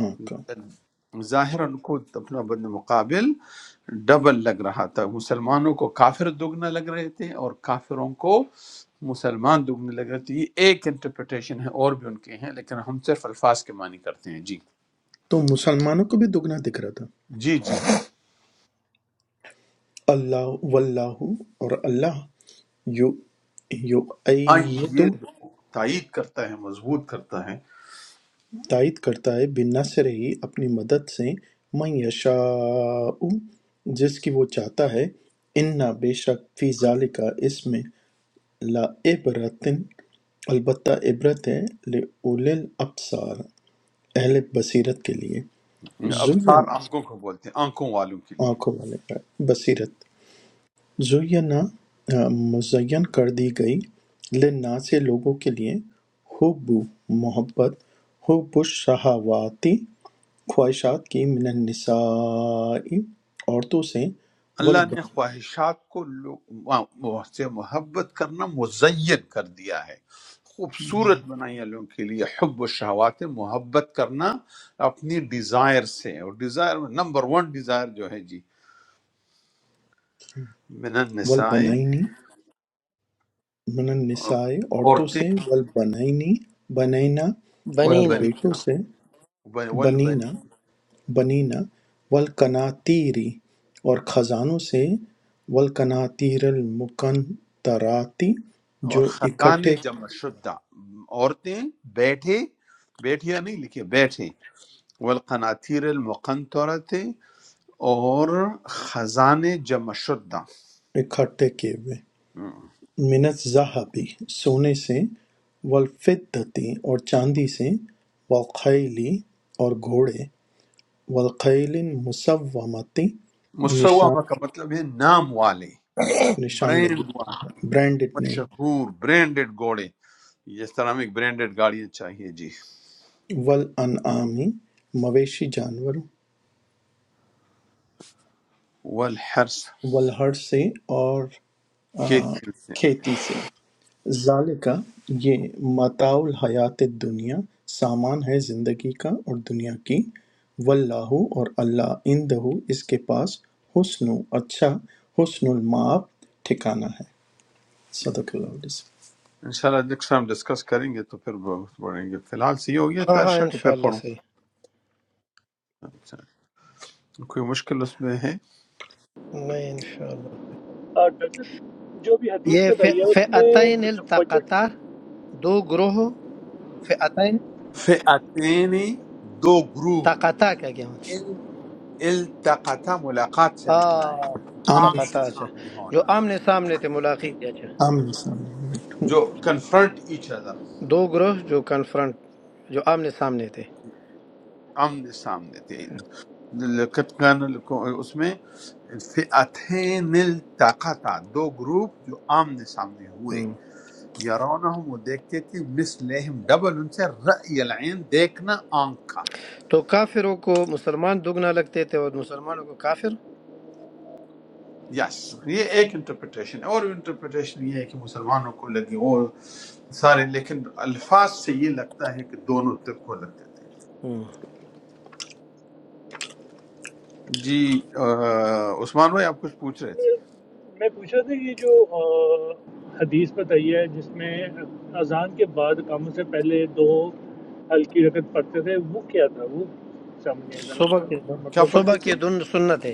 Speaker 5: ہاں کا-
Speaker 2: ظاہر ان کو اپنا بد مقابل ڈبل لگ رہا تھا مسلمانوں کو کافر دگنا لگ رہے تھے اور کافروں کو مسلمان دگنے لگ رہے تھے یہ ایک انٹرپریٹیشن ہے اور بھی ان کے ہیں لیکن ہم صرف الفاظ کے معنی کرتے ہیں جی
Speaker 5: تو مسلمانوں کو بھی دوگنا دکھ رہا تھا
Speaker 2: جی جی
Speaker 5: اللہ واللہ اور اللہ یو
Speaker 2: ہاں یہ
Speaker 5: یو
Speaker 2: دو تائید کرتا ہے مضبوط کرتا ہے
Speaker 5: تائید کرتا ہے بِنَّصْرِهِ اپنی مدد سے مَن یشاء جس کی وہ چاہتا ہے اِنَّا بے شک فی ذالکا اس میں لا عبرتن البتہ عبرت ہے لِأُولِي الْأَبْصَارِ اہل بصیرت کے لیے
Speaker 2: ابصار
Speaker 5: زُیَّن
Speaker 2: آنکھوں کو بولتے ہیں آنکھوں والوں کے لیے
Speaker 5: آنکھوں والے کا بصیرت زُیَّنَا آ، مزین کر دی گئی لِلنَّا سے لوگوں کے لیے حب محبت حب الشہواتی خواہشات کی من النساء عورتوں سے
Speaker 2: اللہ
Speaker 5: والب-
Speaker 2: نے خواہشات کو لو- وا- وا- سے محبت کرنا مزین کر دیا ہے خوبصورت بنائی ہے لوگوں کے لیے حب و شہوات محبت کرنا اپنی ڈیزائر سے اور ڈیزائر نمبر ون ڈیزائر جو ہے جی من النساء
Speaker 5: والبنائنی من النساء عورتوں
Speaker 2: عورتیں
Speaker 5: سے والبنائنی بنینا اور
Speaker 9: بنینا
Speaker 2: والبنی
Speaker 5: بیٹوں سے
Speaker 2: والبنی
Speaker 5: بنینا بنینا والقناتیری اور خزانوں سے والقناتیر المقنطراتی
Speaker 2: اور
Speaker 5: جو
Speaker 2: خزانے
Speaker 5: اکٹھے
Speaker 2: جمع شدہ عورتیں بیٹھے بیٹھیا نہیں لکھے بیٹھے والقناطیر المقنطرت اور خزانے جمع شدہ
Speaker 5: اکٹھے کیے ہوئے من الذَّهَبِ سونے سے والفِدَّةِ اور چاندی سے والخیل اور گھوڑے والخیل المسومۃ نشان
Speaker 2: مسومہ کا مطلب ہے نام والے
Speaker 5: نشان لگی
Speaker 2: برینڈ والے
Speaker 5: برانڈڈ نیم
Speaker 2: مشہور برینڈڈ گھوڑے جس طرح ہمیں برینڈڈ گاڑیاں چاہیے جی
Speaker 5: والانعام مویشی جانور
Speaker 2: والحرس
Speaker 5: والحر سے اور آ،
Speaker 2: کیتیل
Speaker 5: کھیتی سے ذَلِکَ یہ متاع الحیات الدنیا سامان ہے زندگی کا اور دنیا کی واللہ اور اللہ عندہ اس کے پاس حسن اچھا حسن المآب ٹھکانہ ہے صدق اللہ علیہ وسلم
Speaker 2: انشاءاللہ نیکسٹ ٹائم ڈسکس کریں گے تو پھر بہت بڑھیں گے فی الحال سے یہ ہو گیا
Speaker 9: ہاں ہاں
Speaker 2: ترشا کہ پھر
Speaker 9: انشاءاللہ
Speaker 2: پڑھوں
Speaker 9: صحیح
Speaker 2: اچھا کوئی مشکل اس میں ہے
Speaker 9: نہیں انشاءاللہ
Speaker 7: آ، ڈاکٹر صاحب، جو بھی حدیث
Speaker 9: یہ
Speaker 7: بتائی ہے اس میں
Speaker 9: فئتین
Speaker 7: فجر
Speaker 9: التقطا دو گروہ
Speaker 2: فئتین دو گروہ
Speaker 9: تاقتا کیا کیا ہوتا
Speaker 2: ال- التقطا ملاقات سے
Speaker 9: آ
Speaker 2: نکلا ہے آمنے
Speaker 9: تاقتا
Speaker 5: آمین
Speaker 9: اچھا
Speaker 2: سامنے
Speaker 9: جو
Speaker 2: ہونا
Speaker 9: آمنے سامنے تھے ملاقات تھے، اچھا
Speaker 5: آمین السلام علیکم۔
Speaker 2: جو کنفرنٹ ایچ ادر
Speaker 9: دو گروہ جو کنفرنٹ جو آمنے سامنے تھے
Speaker 2: آمنے سامنے تھے لقد کان لکو- اس میں فئتین التقطا دو گروپ جو آمنے سامنے ہوئے
Speaker 9: ہم۔
Speaker 2: یرونہم وہ دیکھتے تھے مثلہم ڈبل ان سے رأی العین دیکھنا آنکھ کا
Speaker 9: تو کافروں کو مسلمان دگنا لگتے تھے اور مسلمانوں کو کافر
Speaker 2: یس یہ ایک انٹرپریٹیشن ہے اور انٹرپریٹیشن یہ ہے کہ مسلمانوں کو لگی اور سارے لیکن الفاظ سے یہ لگتا ہے کہ دونوں طب کو لگتے تھے
Speaker 9: ہم۔
Speaker 2: جی آ، عثمان بھائی آپ کچھ پوچھ رہے تھے
Speaker 7: میں پوچھ رہا تھا یہ جو آ، حدیث بتائی ہے جس میں اذان کے بعد اقامت سے پہلے دو ہلکی رکعت پڑھتے تھے وہ کیا تھا وہ سمجھ نہیں آیا ذرا اس
Speaker 9: صبح
Speaker 7: کا
Speaker 9: کے دن
Speaker 2: کیا
Speaker 7: مطلب کیا
Speaker 9: صبح
Speaker 2: پڑھتے
Speaker 9: کے
Speaker 2: تھے
Speaker 9: دن سنت ہے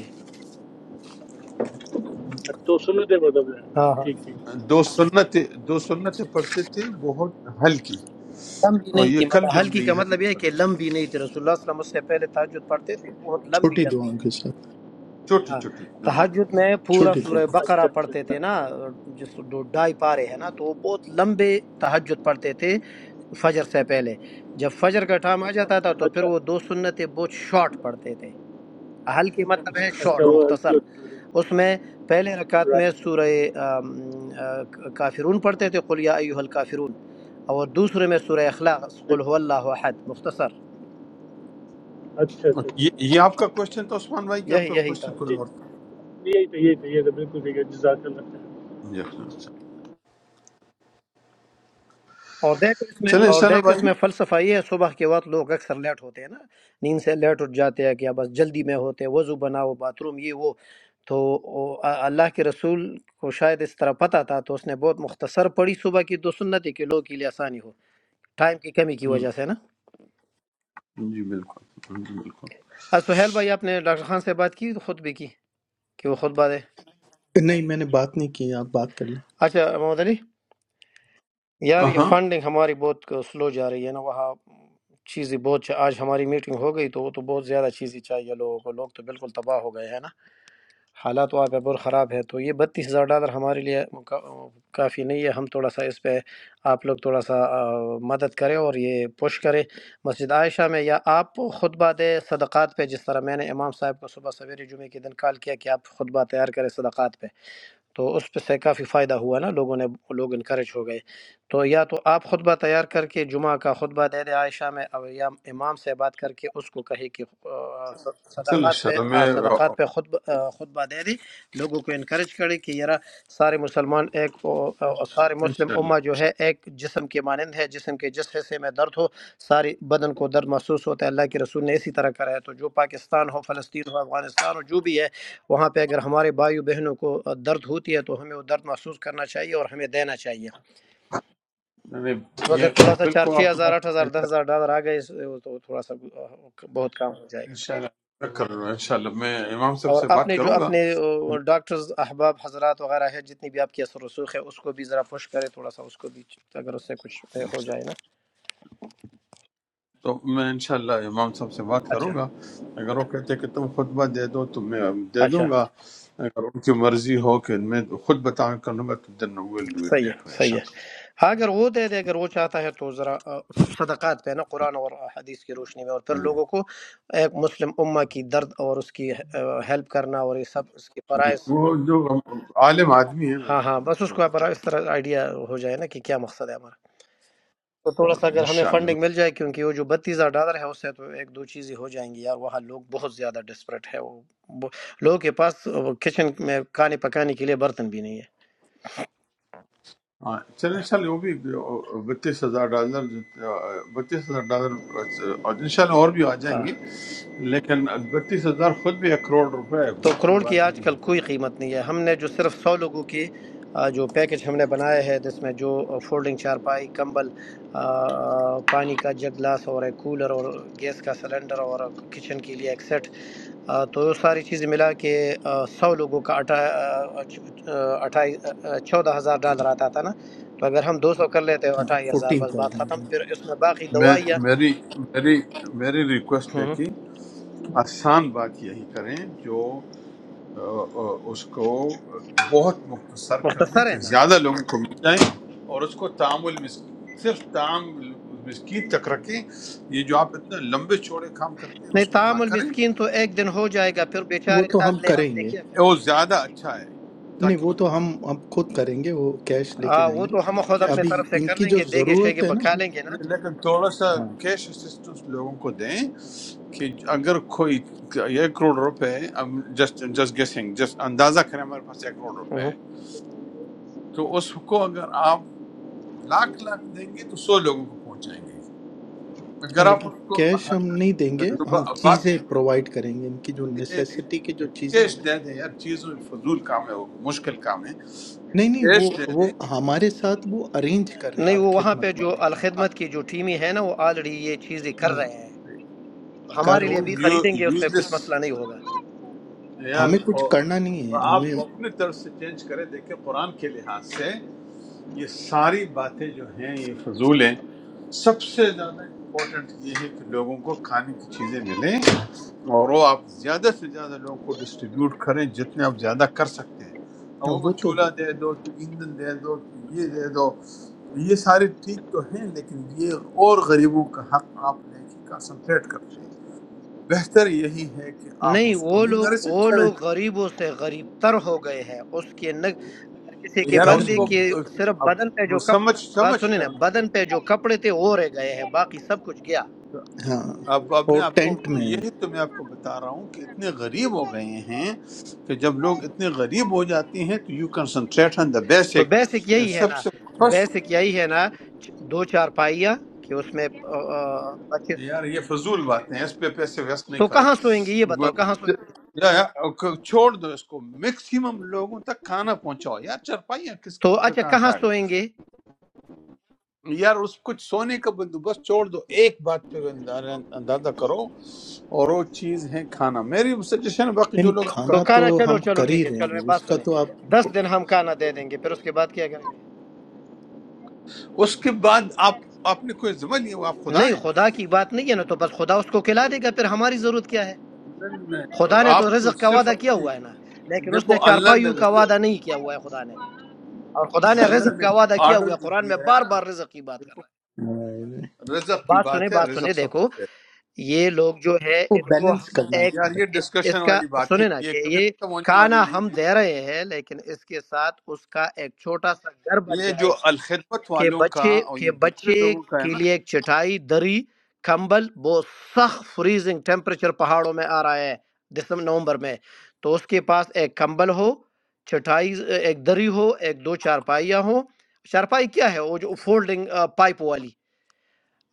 Speaker 7: اچھا تو سنت ہے مطلب ہے
Speaker 9: ہاں ہاں
Speaker 7: ٹھیک ٹھیک
Speaker 2: دو سنتیں دو سنتیں پڑھتے تھے بہت ہلکی
Speaker 9: لمبی
Speaker 2: اور
Speaker 9: نہیں
Speaker 2: یہ
Speaker 9: تھی
Speaker 2: کل
Speaker 9: مطلب
Speaker 2: بھی ہم
Speaker 9: ہلکی
Speaker 2: نے
Speaker 9: کا
Speaker 2: یہ حدیث
Speaker 9: مطلب یہ ہے
Speaker 2: پڑھی
Speaker 9: کہ لمبی نہیں تھی رسول اللہ صلی اللہ علیہ وسلم اس سے پہلے تاجد پڑھتے تھے بہت لمبی
Speaker 5: چھوٹی
Speaker 9: لمبی
Speaker 5: دعاؤں کے ساتھ
Speaker 2: چھوٹی
Speaker 9: ہاں
Speaker 2: چھوٹی نماز
Speaker 9: تہجد میں پورا
Speaker 5: چھوٹی دعا
Speaker 9: سورہ بقرہ
Speaker 7: اچھا
Speaker 9: پڑھتے
Speaker 7: اچھا
Speaker 9: تھے نا
Speaker 7: اچھا
Speaker 9: جس دو ڈھائی پارے ہیں نا تو وہ بہت لمبے تہجد پڑھتے تھے فجر سے پہلے جب فجر کا ٹائم آ جاتا تھا تو پھر
Speaker 7: اچھا
Speaker 9: وہ دو سنتیں بہت شارٹ پڑھتے تھے ہلکی مطلب ہے
Speaker 7: اچھا
Speaker 9: شارٹ
Speaker 2: تو
Speaker 7: وہ ہلکی
Speaker 9: مختصر
Speaker 7: ہوتی ہے
Speaker 9: اس میں پہلے رکعت میں
Speaker 7: رائٹ
Speaker 9: سورہ آم، آ، کافرون پڑھتے تھے قل یا ایہا الکافرون اور دوسرے میں سورہ اخلاص قل هو اللہ احد مختصر
Speaker 7: اچھا اچھا
Speaker 2: یہ
Speaker 7: اچھا
Speaker 2: یہ آپ کا کوشچن تھا عثمان بھائی کہ آپ
Speaker 9: یہی
Speaker 2: کا
Speaker 9: یہی تھا
Speaker 2: کوشچن
Speaker 7: جی
Speaker 2: کوئی اور تھا
Speaker 7: یہی تھا یہی تھا یہ تھا بالکل ٹھیک ہے جزاک اللہ خیر۔
Speaker 2: جی ہاں، اچھا۔
Speaker 9: اور دیکھو اس میں
Speaker 2: چلیں ان
Speaker 9: اور
Speaker 2: شاء اللہ
Speaker 9: دیکھو
Speaker 2: بھائی
Speaker 9: اس میں فلسفہ یہ ہے صبح کے وقت لوگ اکثر لیٹ ہوتے ہیں نا نیند سے لیٹ اٹھ جاتے ہیں کہ اب بس جلدی میں ہوتے ہیں وضو بناؤ باتھ روم یہ وہ تو او- آ- اللہ کے رسول کو شاید اس طرح پتہ تھا تو اس نے بہت مختصر پڑھی صبح کی دو سنتیں کہ لوگوں کے لیے آسانی ہو ٹائم کی کمی کی وجہ سے نا
Speaker 2: ہم، جی بالکل جی بالکل
Speaker 9: آج سہیل بھائی آپ نے ڈاکٹر خان سے بات کی خطبے کی کہ وہ خطبہ دے
Speaker 5: نہیں میں نے بات نہیں کی آپ بات کر لیں
Speaker 9: اچھا محمد علی یار یہ
Speaker 2: ہاں
Speaker 9: فنڈنگ ہماری بہت سلو جا رہی ہے نا وہاں چیزیں بہت چا- آج ہماری میٹنگ ہو گئی تو وہ تو بہت زیادہ چیزیں چاہیے لوگوں کو لوگ تو بالکل تباہ ہو گئے ہیں نا حالات وہاں پہ بہت خراب ہے تو یہ بتیس ہزار ڈالر ہمارے لیے کا- کافی نہیں ہے ہم تھوڑا سا اس پہ آپ لوگ تھوڑا سا آ، مدد کریں اور یہ پوش کریں مسجد عائشہ میں یا آپ خطبہ دے صدقات پہ جس طرح میں نے امام صاحب کو صبح سویرے جمعے کے دن کال کیا کہ آپ خطبہ تیار کریں صدقات پہ تو اس پہ سے کافی فائدہ ہوا نا لوگوں نے لوگ انکریج ہو گئے تو یا تو آپ خطبہ تیار کر کے جمعہ کا خطبہ دے دے عائشہ میں اور یا امام سے بات کر کے اس کو کہے کہ آ،
Speaker 2: چلو ان
Speaker 9: صدقات
Speaker 2: شاء
Speaker 9: پہ
Speaker 2: اللہ
Speaker 9: ہاں
Speaker 2: میں
Speaker 9: صدقات پہ
Speaker 2: ان
Speaker 9: خطبہ آ، خطبہ دے دے لوگوں کو انکریج کرے کہ یار سارے مسلمان ایک او- او- سارے مسلم
Speaker 2: شاء اللہ
Speaker 9: امہ جو
Speaker 2: ان شاء
Speaker 9: ہے
Speaker 2: اللہ
Speaker 9: ایک جسم کے مانند ہے جسم کے جس حصے میں درد ہو ساری بدن کو درد محسوس ہوتا ہے اللہ کے رسول نے اسی طرح کرا ہے تو جو پاکستان ہو فلسطین ہو افغانستان ہو جو بھی ہے وہاں پہ اگر ہمارے بھائیوں بہنوں کو درد ہوتی ہے تو ہمیں وہ درد محسوس کرنا چاہیے اور ہمیں دینا چاہیے
Speaker 2: نہیں،
Speaker 9: تو اگر تھوڑا
Speaker 2: یہ
Speaker 9: سا چار
Speaker 2: بالکل
Speaker 9: چھ
Speaker 2: آپ کی
Speaker 9: ہزار
Speaker 2: بات
Speaker 9: آٹھ
Speaker 2: سے
Speaker 9: ہزار دس ہزار ڈالر آ گئے تو تھوڑا سا بہت کام ہو جائے
Speaker 2: ان
Speaker 9: گا
Speaker 2: شاء اللہ ان شاء اللہ میں کر رہا ہوں ان شاء اللہ میں امام صاحب
Speaker 9: اور
Speaker 2: سے بات
Speaker 9: اپنے جو
Speaker 2: کروں گا
Speaker 9: اپنے ڈاکٹرز احباب حضرات وغیرہ ہے جتنی بھی آپ کی اثر رسوخ ہے اس کو بھی ذرا پش کرے تھوڑا سا اس کو بھی اگر اس سے کچھ ہو جائے نا
Speaker 2: تو میں انشاءاللہ امام صاحب سے بات کروں
Speaker 9: اچھا
Speaker 2: گا اگر وہ کہتے کہ تم خطبہ دے دو تو میں دے
Speaker 9: اچھا
Speaker 2: دوں گا اگر ان کی مرضی ہو کہ میں خود بتا کروں گا تو دین ویل ڈو اٹ
Speaker 9: صحیح ہے
Speaker 2: دیٹ وے
Speaker 9: صحیح ہے
Speaker 2: انشاءاللہ
Speaker 9: ہاں اگر وہ دے دے اگر وہ چاہتا ہے تو ذرا آ، صدقات پہ نا قرآن اور حدیث کی روشنی میں اور پھر
Speaker 2: ہوں۔
Speaker 9: لوگوں کو ایک مسلم امہ کی درد اور اس کی ہیلپ کرنا اور یہ سب اس کی فرائض
Speaker 2: وہ جو عالم آدمی ہے وہ
Speaker 9: ہاں ہاں بس اس
Speaker 2: پتہ
Speaker 9: کو آپ
Speaker 2: پتہ
Speaker 9: اس طرح آئیڈیا ہو جائے نا کہ کیا مقصد ہے ہمارا تو تھوڑا
Speaker 2: ہے
Speaker 9: سا اگر ہمیں
Speaker 2: انشاءاللہ
Speaker 9: فنڈنگ مل جائے کیونکہ وہ جو بتیس ہزار ڈالر ہے اس سے تو ایک دو چیزیں ہو جائیں گی یار وہاں لوگ بہت زیادہ ڈسپریٹ ہے وہ ب- لوگوں کے پاس وہ کچن میں کھانے پکانے کے لیے برتن بھی نہیں ہے
Speaker 2: ہاں، چلیں چلیں وہ بھی بتیس ہزار ڈالر بتیس ہزار ڈالر اور انشاءاللہ اور بھی آ جائیں
Speaker 9: ہاں۔
Speaker 2: گے لیکن بتیس ہزار خود بھی ایک کروڑ روپے ہے
Speaker 9: تو
Speaker 2: کچھ میں
Speaker 9: کروڑ کی
Speaker 2: بات
Speaker 9: آج
Speaker 2: نہیں
Speaker 9: کل
Speaker 2: ہے
Speaker 9: کوئی قیمت نہیں ہے ہم نے جو صرف سو لوگوں کی آ، جو پیکج ہم نے بنایا ہے جس میں جو فولڈنگ چارپائی کمبل آ، پانی کا جگ گلاس اور ایک کولر اور گیس کا سلنڈر اور کچن کے لیے ایک سیٹ آ، تو وہ ساری چیزیں ملا کے آ، سو لوگوں کا اٹھا اٹھائیس چودہ ہزار ڈالر آتا تھا نا تو اگر ہم دو سو کر لیتے اور
Speaker 5: ہاں
Speaker 9: اٹھائیس ہزار
Speaker 5: فورٹین
Speaker 9: بس بات ختم
Speaker 5: تھاؤزینڈ
Speaker 9: پھر اس میں باقی
Speaker 2: میں-
Speaker 9: دوائیاں
Speaker 2: میری میری میری ریکویسٹ ہے
Speaker 9: ہوں،
Speaker 2: کہ آسان بات یہی کریں جو آ، آ، اس کو بہت مختصر کر دیں
Speaker 9: مختصر
Speaker 2: کہ
Speaker 9: ہے نا
Speaker 2: زیادہ لوگوں کو مل جائے اور اس کو تعامل مس صرف تعامل مسکین تک رکھیں یہ جو آپ اتنے لمبے چوڑے کام کرتے ہیں
Speaker 9: نہیں
Speaker 2: اس کو نہ
Speaker 9: تعام
Speaker 2: کریں
Speaker 9: المسکین تو ایک دن ہو جائے گا پھر
Speaker 5: وہ
Speaker 9: بیچارے
Speaker 5: تو ہم
Speaker 9: اگلے
Speaker 5: کریں
Speaker 9: ہفتے
Speaker 5: گے
Speaker 9: کیا کریں
Speaker 2: وہ
Speaker 9: گے
Speaker 2: زیادہ اچھا ہے
Speaker 5: نہیں
Speaker 2: تاکہ
Speaker 5: وہ
Speaker 2: وہ
Speaker 5: تو ہم اب خود کریں گے وہ کیش لے کے
Speaker 9: آ,
Speaker 5: جائیں
Speaker 9: وہ
Speaker 5: گے
Speaker 2: نہیں-
Speaker 9: تو ہم
Speaker 2: نہیں،
Speaker 9: خود
Speaker 2: کیش
Speaker 9: اپنے
Speaker 5: ابھی
Speaker 9: طرف سے
Speaker 5: ان
Speaker 9: کر
Speaker 5: کی
Speaker 9: لیں
Speaker 5: جو
Speaker 9: گے دیگے
Speaker 5: ضرورت
Speaker 9: شیگے
Speaker 5: ہے
Speaker 9: بکھا
Speaker 5: نا
Speaker 9: لیں گے نا
Speaker 2: لیکن تھوڑا سا
Speaker 5: ہاں
Speaker 2: کیش اسسٹنس لوگوں کو دیں کہ اگر کوئی ایک کروڑ روپے اب جسٹ جسٹ گیسنگ جسٹ اندازہ کریں ہمارے پاس ایک کروڑ روپے
Speaker 9: ہوں۔
Speaker 2: ہیں تو اس کو اگر آپ لاکھ لاکھ دیں گے تو سو لوگوں کو پہنچائیں گے
Speaker 5: ہاں،
Speaker 2: اگر آپ
Speaker 5: لیکن
Speaker 2: اس کو
Speaker 5: کیش ہم نہیں دیں گے ہم
Speaker 2: بات
Speaker 5: چیزیں پرووائڈ کریں گے ان کی جو نیسیسٹی کی جو چیزیں ہیں
Speaker 2: کیش
Speaker 5: نا
Speaker 2: دے دیں یار چیز میں فضول کام ہے وہ مشکل کام ہے
Speaker 5: نہیں نہیں وہ
Speaker 2: کیش دے دیں
Speaker 5: وہ ہمارے ساتھ وہ ارینج کر رہے ہیں
Speaker 9: نہیں وہ وہاں پہ
Speaker 5: الخدمت
Speaker 9: جو
Speaker 5: والے
Speaker 9: الخدمت کی جو ٹیمی ہے نا وہ آلریڈی یہ چیزیں کر
Speaker 5: ہاں،
Speaker 9: رہے ہیں
Speaker 5: کر
Speaker 2: نہیں،
Speaker 9: ہمارے
Speaker 2: وہ
Speaker 9: لیے
Speaker 5: رہے
Speaker 9: بھی
Speaker 5: ہیں
Speaker 9: خریدیں گے اس میں
Speaker 2: یوزلیس
Speaker 9: کچھ مسئلہ نہیں ہوگا
Speaker 2: یار
Speaker 5: ہمیں کچھ
Speaker 2: وہ
Speaker 5: کرنا نہیں ہے ہمیں
Speaker 2: آپ
Speaker 5: ہاں،
Speaker 2: اپنے طرف سے چینج کریں دیکھیں قرآن کے لحاظ سے یہ ساری باتیں جو ہیں یہ فضول ہیں سب سے زیادہ امپورٹنٹ یہ ہے کہ لوگوں کو کھانے کی چیزیں ملیں اور وہ آپ زیادہ سے زیادہ لوگوں کو ڈسٹریبیوٹ کریں جتنے آپ زیادہ کر سکتے ہیں لوگوں کو
Speaker 5: وہ تو
Speaker 2: چولہا دے دو تو ایندھن دے دو تو یہ دے دو یہ سارے ٹھیک تو ہیں لیکن یہ اور غریبوں کا حق آپ لے کے کنسنٹریٹ کرتے ہیں بہتر یہی ہے کہ آپ
Speaker 9: نہیں
Speaker 2: اس کو
Speaker 9: وہ
Speaker 2: یہ
Speaker 9: لوگ
Speaker 2: میرے سے
Speaker 9: وہ
Speaker 2: اچھا ہے۔
Speaker 9: لوگ غریبوں سے غریب تر ہو گئے ہیں اس کے نگ اگر کسی کے
Speaker 2: یار
Speaker 5: گھر
Speaker 2: اس
Speaker 9: بندے
Speaker 2: کو
Speaker 5: میں
Speaker 9: کے
Speaker 5: ہے
Speaker 9: صرف بدن پہ
Speaker 2: اب
Speaker 9: جو کپ
Speaker 2: سمجھ
Speaker 9: بات سنیں
Speaker 2: سمجھتا
Speaker 9: نا
Speaker 2: ہوں
Speaker 9: بدن پہ جو کپڑے تھے وہ رہ گئے ہیں باقی سب کچھ گیا
Speaker 5: ہاں
Speaker 2: اب اب میں
Speaker 5: اور
Speaker 2: آپ کو
Speaker 5: ٹینٹ میں ہے
Speaker 2: یہی تو میں آپ کو بتا رہا ہوں کہ اتنے غریب ہو گئے ہیں کہ جب لوگ اتنے غریب ہو جاتے ہیں تو یو کنسنٹریٹ آن دا
Speaker 9: تو
Speaker 2: بیسک
Speaker 9: بیسک یہی ہے
Speaker 2: سب
Speaker 9: نا
Speaker 2: سے فرسٹ
Speaker 9: بیسک یہی ہے نا چ- دو چار پائیاں کہ اس میں آ، آ، بچے سوئیں۔
Speaker 2: یار یہ فضول باتیں ہیں اس پہ پیسے ویسٹ نہیں
Speaker 9: تو
Speaker 2: کرو
Speaker 9: کہاں سوئیں گے یہ
Speaker 2: ب-
Speaker 9: بتاؤ کہاں سوئیں گے
Speaker 2: یا- یا- چھوڑ دو اس کو میکسیمم لوگوں تک کھانا پہنچاؤ یار چرپائیاں کس
Speaker 9: تو اچھا
Speaker 2: کہاں سے
Speaker 9: کہاں
Speaker 2: آ
Speaker 9: سوئیں گے
Speaker 2: گئی یار اس کچھ سونے کا بندوبست چھوڑ دو ایک بات پہ اندازہ اندازہ کرو اور وہ چیز ہے کھانا میری سجیشن ہے باقی
Speaker 5: یعنی
Speaker 2: جو لوگ آپ
Speaker 9: تو
Speaker 5: کھانا
Speaker 2: کرتے
Speaker 5: تو
Speaker 9: کھانا
Speaker 2: ہو
Speaker 9: چلو
Speaker 5: ہم
Speaker 9: چلو
Speaker 5: کر
Speaker 9: ٹھیک
Speaker 5: ہی
Speaker 9: ہے
Speaker 5: رہے
Speaker 9: چلو میں
Speaker 5: ہیں اس
Speaker 9: بات
Speaker 5: کا
Speaker 9: سنیں
Speaker 5: تو آپ
Speaker 9: دس دن ہم کھانا دے دیں گے پھر اس کے بعد کیا کریں گے
Speaker 2: اس کے بعد آپ آپ نے کوئی ذمہ لیا ہوا آپ خدا
Speaker 9: نہیں
Speaker 2: ہیں
Speaker 9: خدا کی بات نہیں ہے نا تو بس خدا اس کو کھلا دے گا پھر ہماری ضرورت کیا ہے
Speaker 2: نہیں،
Speaker 9: خدا
Speaker 2: نہیں،
Speaker 9: نے تو
Speaker 2: آپ کو
Speaker 9: رزق کا
Speaker 2: صرف
Speaker 9: وعدہ کیا
Speaker 2: اپنی
Speaker 9: ہوا ہے نا لیکن اس
Speaker 2: دیکھو
Speaker 9: نے
Speaker 2: اللہ نے
Speaker 9: چارپائیوں کا
Speaker 2: رزق
Speaker 9: وعدہ نہیں کیا ہوا ہے خدا نے اور خدا نے
Speaker 2: اللہ
Speaker 9: رزق
Speaker 2: نے
Speaker 9: کا وعدہ کیا ہوا
Speaker 2: آرڈر
Speaker 9: ہے
Speaker 2: جو
Speaker 9: قرآن میں
Speaker 2: دیا ہے
Speaker 9: بار
Speaker 2: نا
Speaker 9: بار رزق کی بات کر
Speaker 2: دیکھو
Speaker 9: رہا ہے
Speaker 2: رزق کی
Speaker 9: بات سنے
Speaker 2: بات ہے
Speaker 9: بات سنے
Speaker 2: رزق سب سے
Speaker 9: دیکھو
Speaker 2: پہلے
Speaker 9: یہ لوگ جو ہے
Speaker 5: وہ
Speaker 9: ان کو
Speaker 5: بیلنس
Speaker 9: ہم
Speaker 5: کرنا ہے
Speaker 9: ایک
Speaker 2: یار
Speaker 5: سارا
Speaker 2: یہ ڈسکشن
Speaker 9: اس کا
Speaker 2: والی باتیں
Speaker 9: سنیں نا
Speaker 2: یہ
Speaker 9: کہ
Speaker 2: کبھی
Speaker 9: یہ
Speaker 2: ختم ہونے والی
Speaker 9: کانا
Speaker 2: نہیں
Speaker 9: ہم
Speaker 2: ہے
Speaker 9: دے رہے ہیں لیکن اس کے ساتھ اس کا ایک چھوٹا سا گھر بن
Speaker 2: یہ
Speaker 9: جائے
Speaker 2: جو الخدمت
Speaker 9: کہ
Speaker 2: والوں کا
Speaker 9: بچے
Speaker 2: اور یہ
Speaker 9: کہ
Speaker 2: دوسرے
Speaker 9: بچے
Speaker 2: لوگوں کا ہے
Speaker 9: کے لیے ایک چٹائی دری کمبل وہ سخت فریزنگ ٹیمپریچر پہاڑوں میں آ رہا ہے دسمبر نومبر میں تو اس کے پاس ایک کمبل ہو چٹائی ایک دری ہو ایک دو چارپائیاں ہوں چارپائی کیا ہے وہ جو فولڈنگ پائپ والی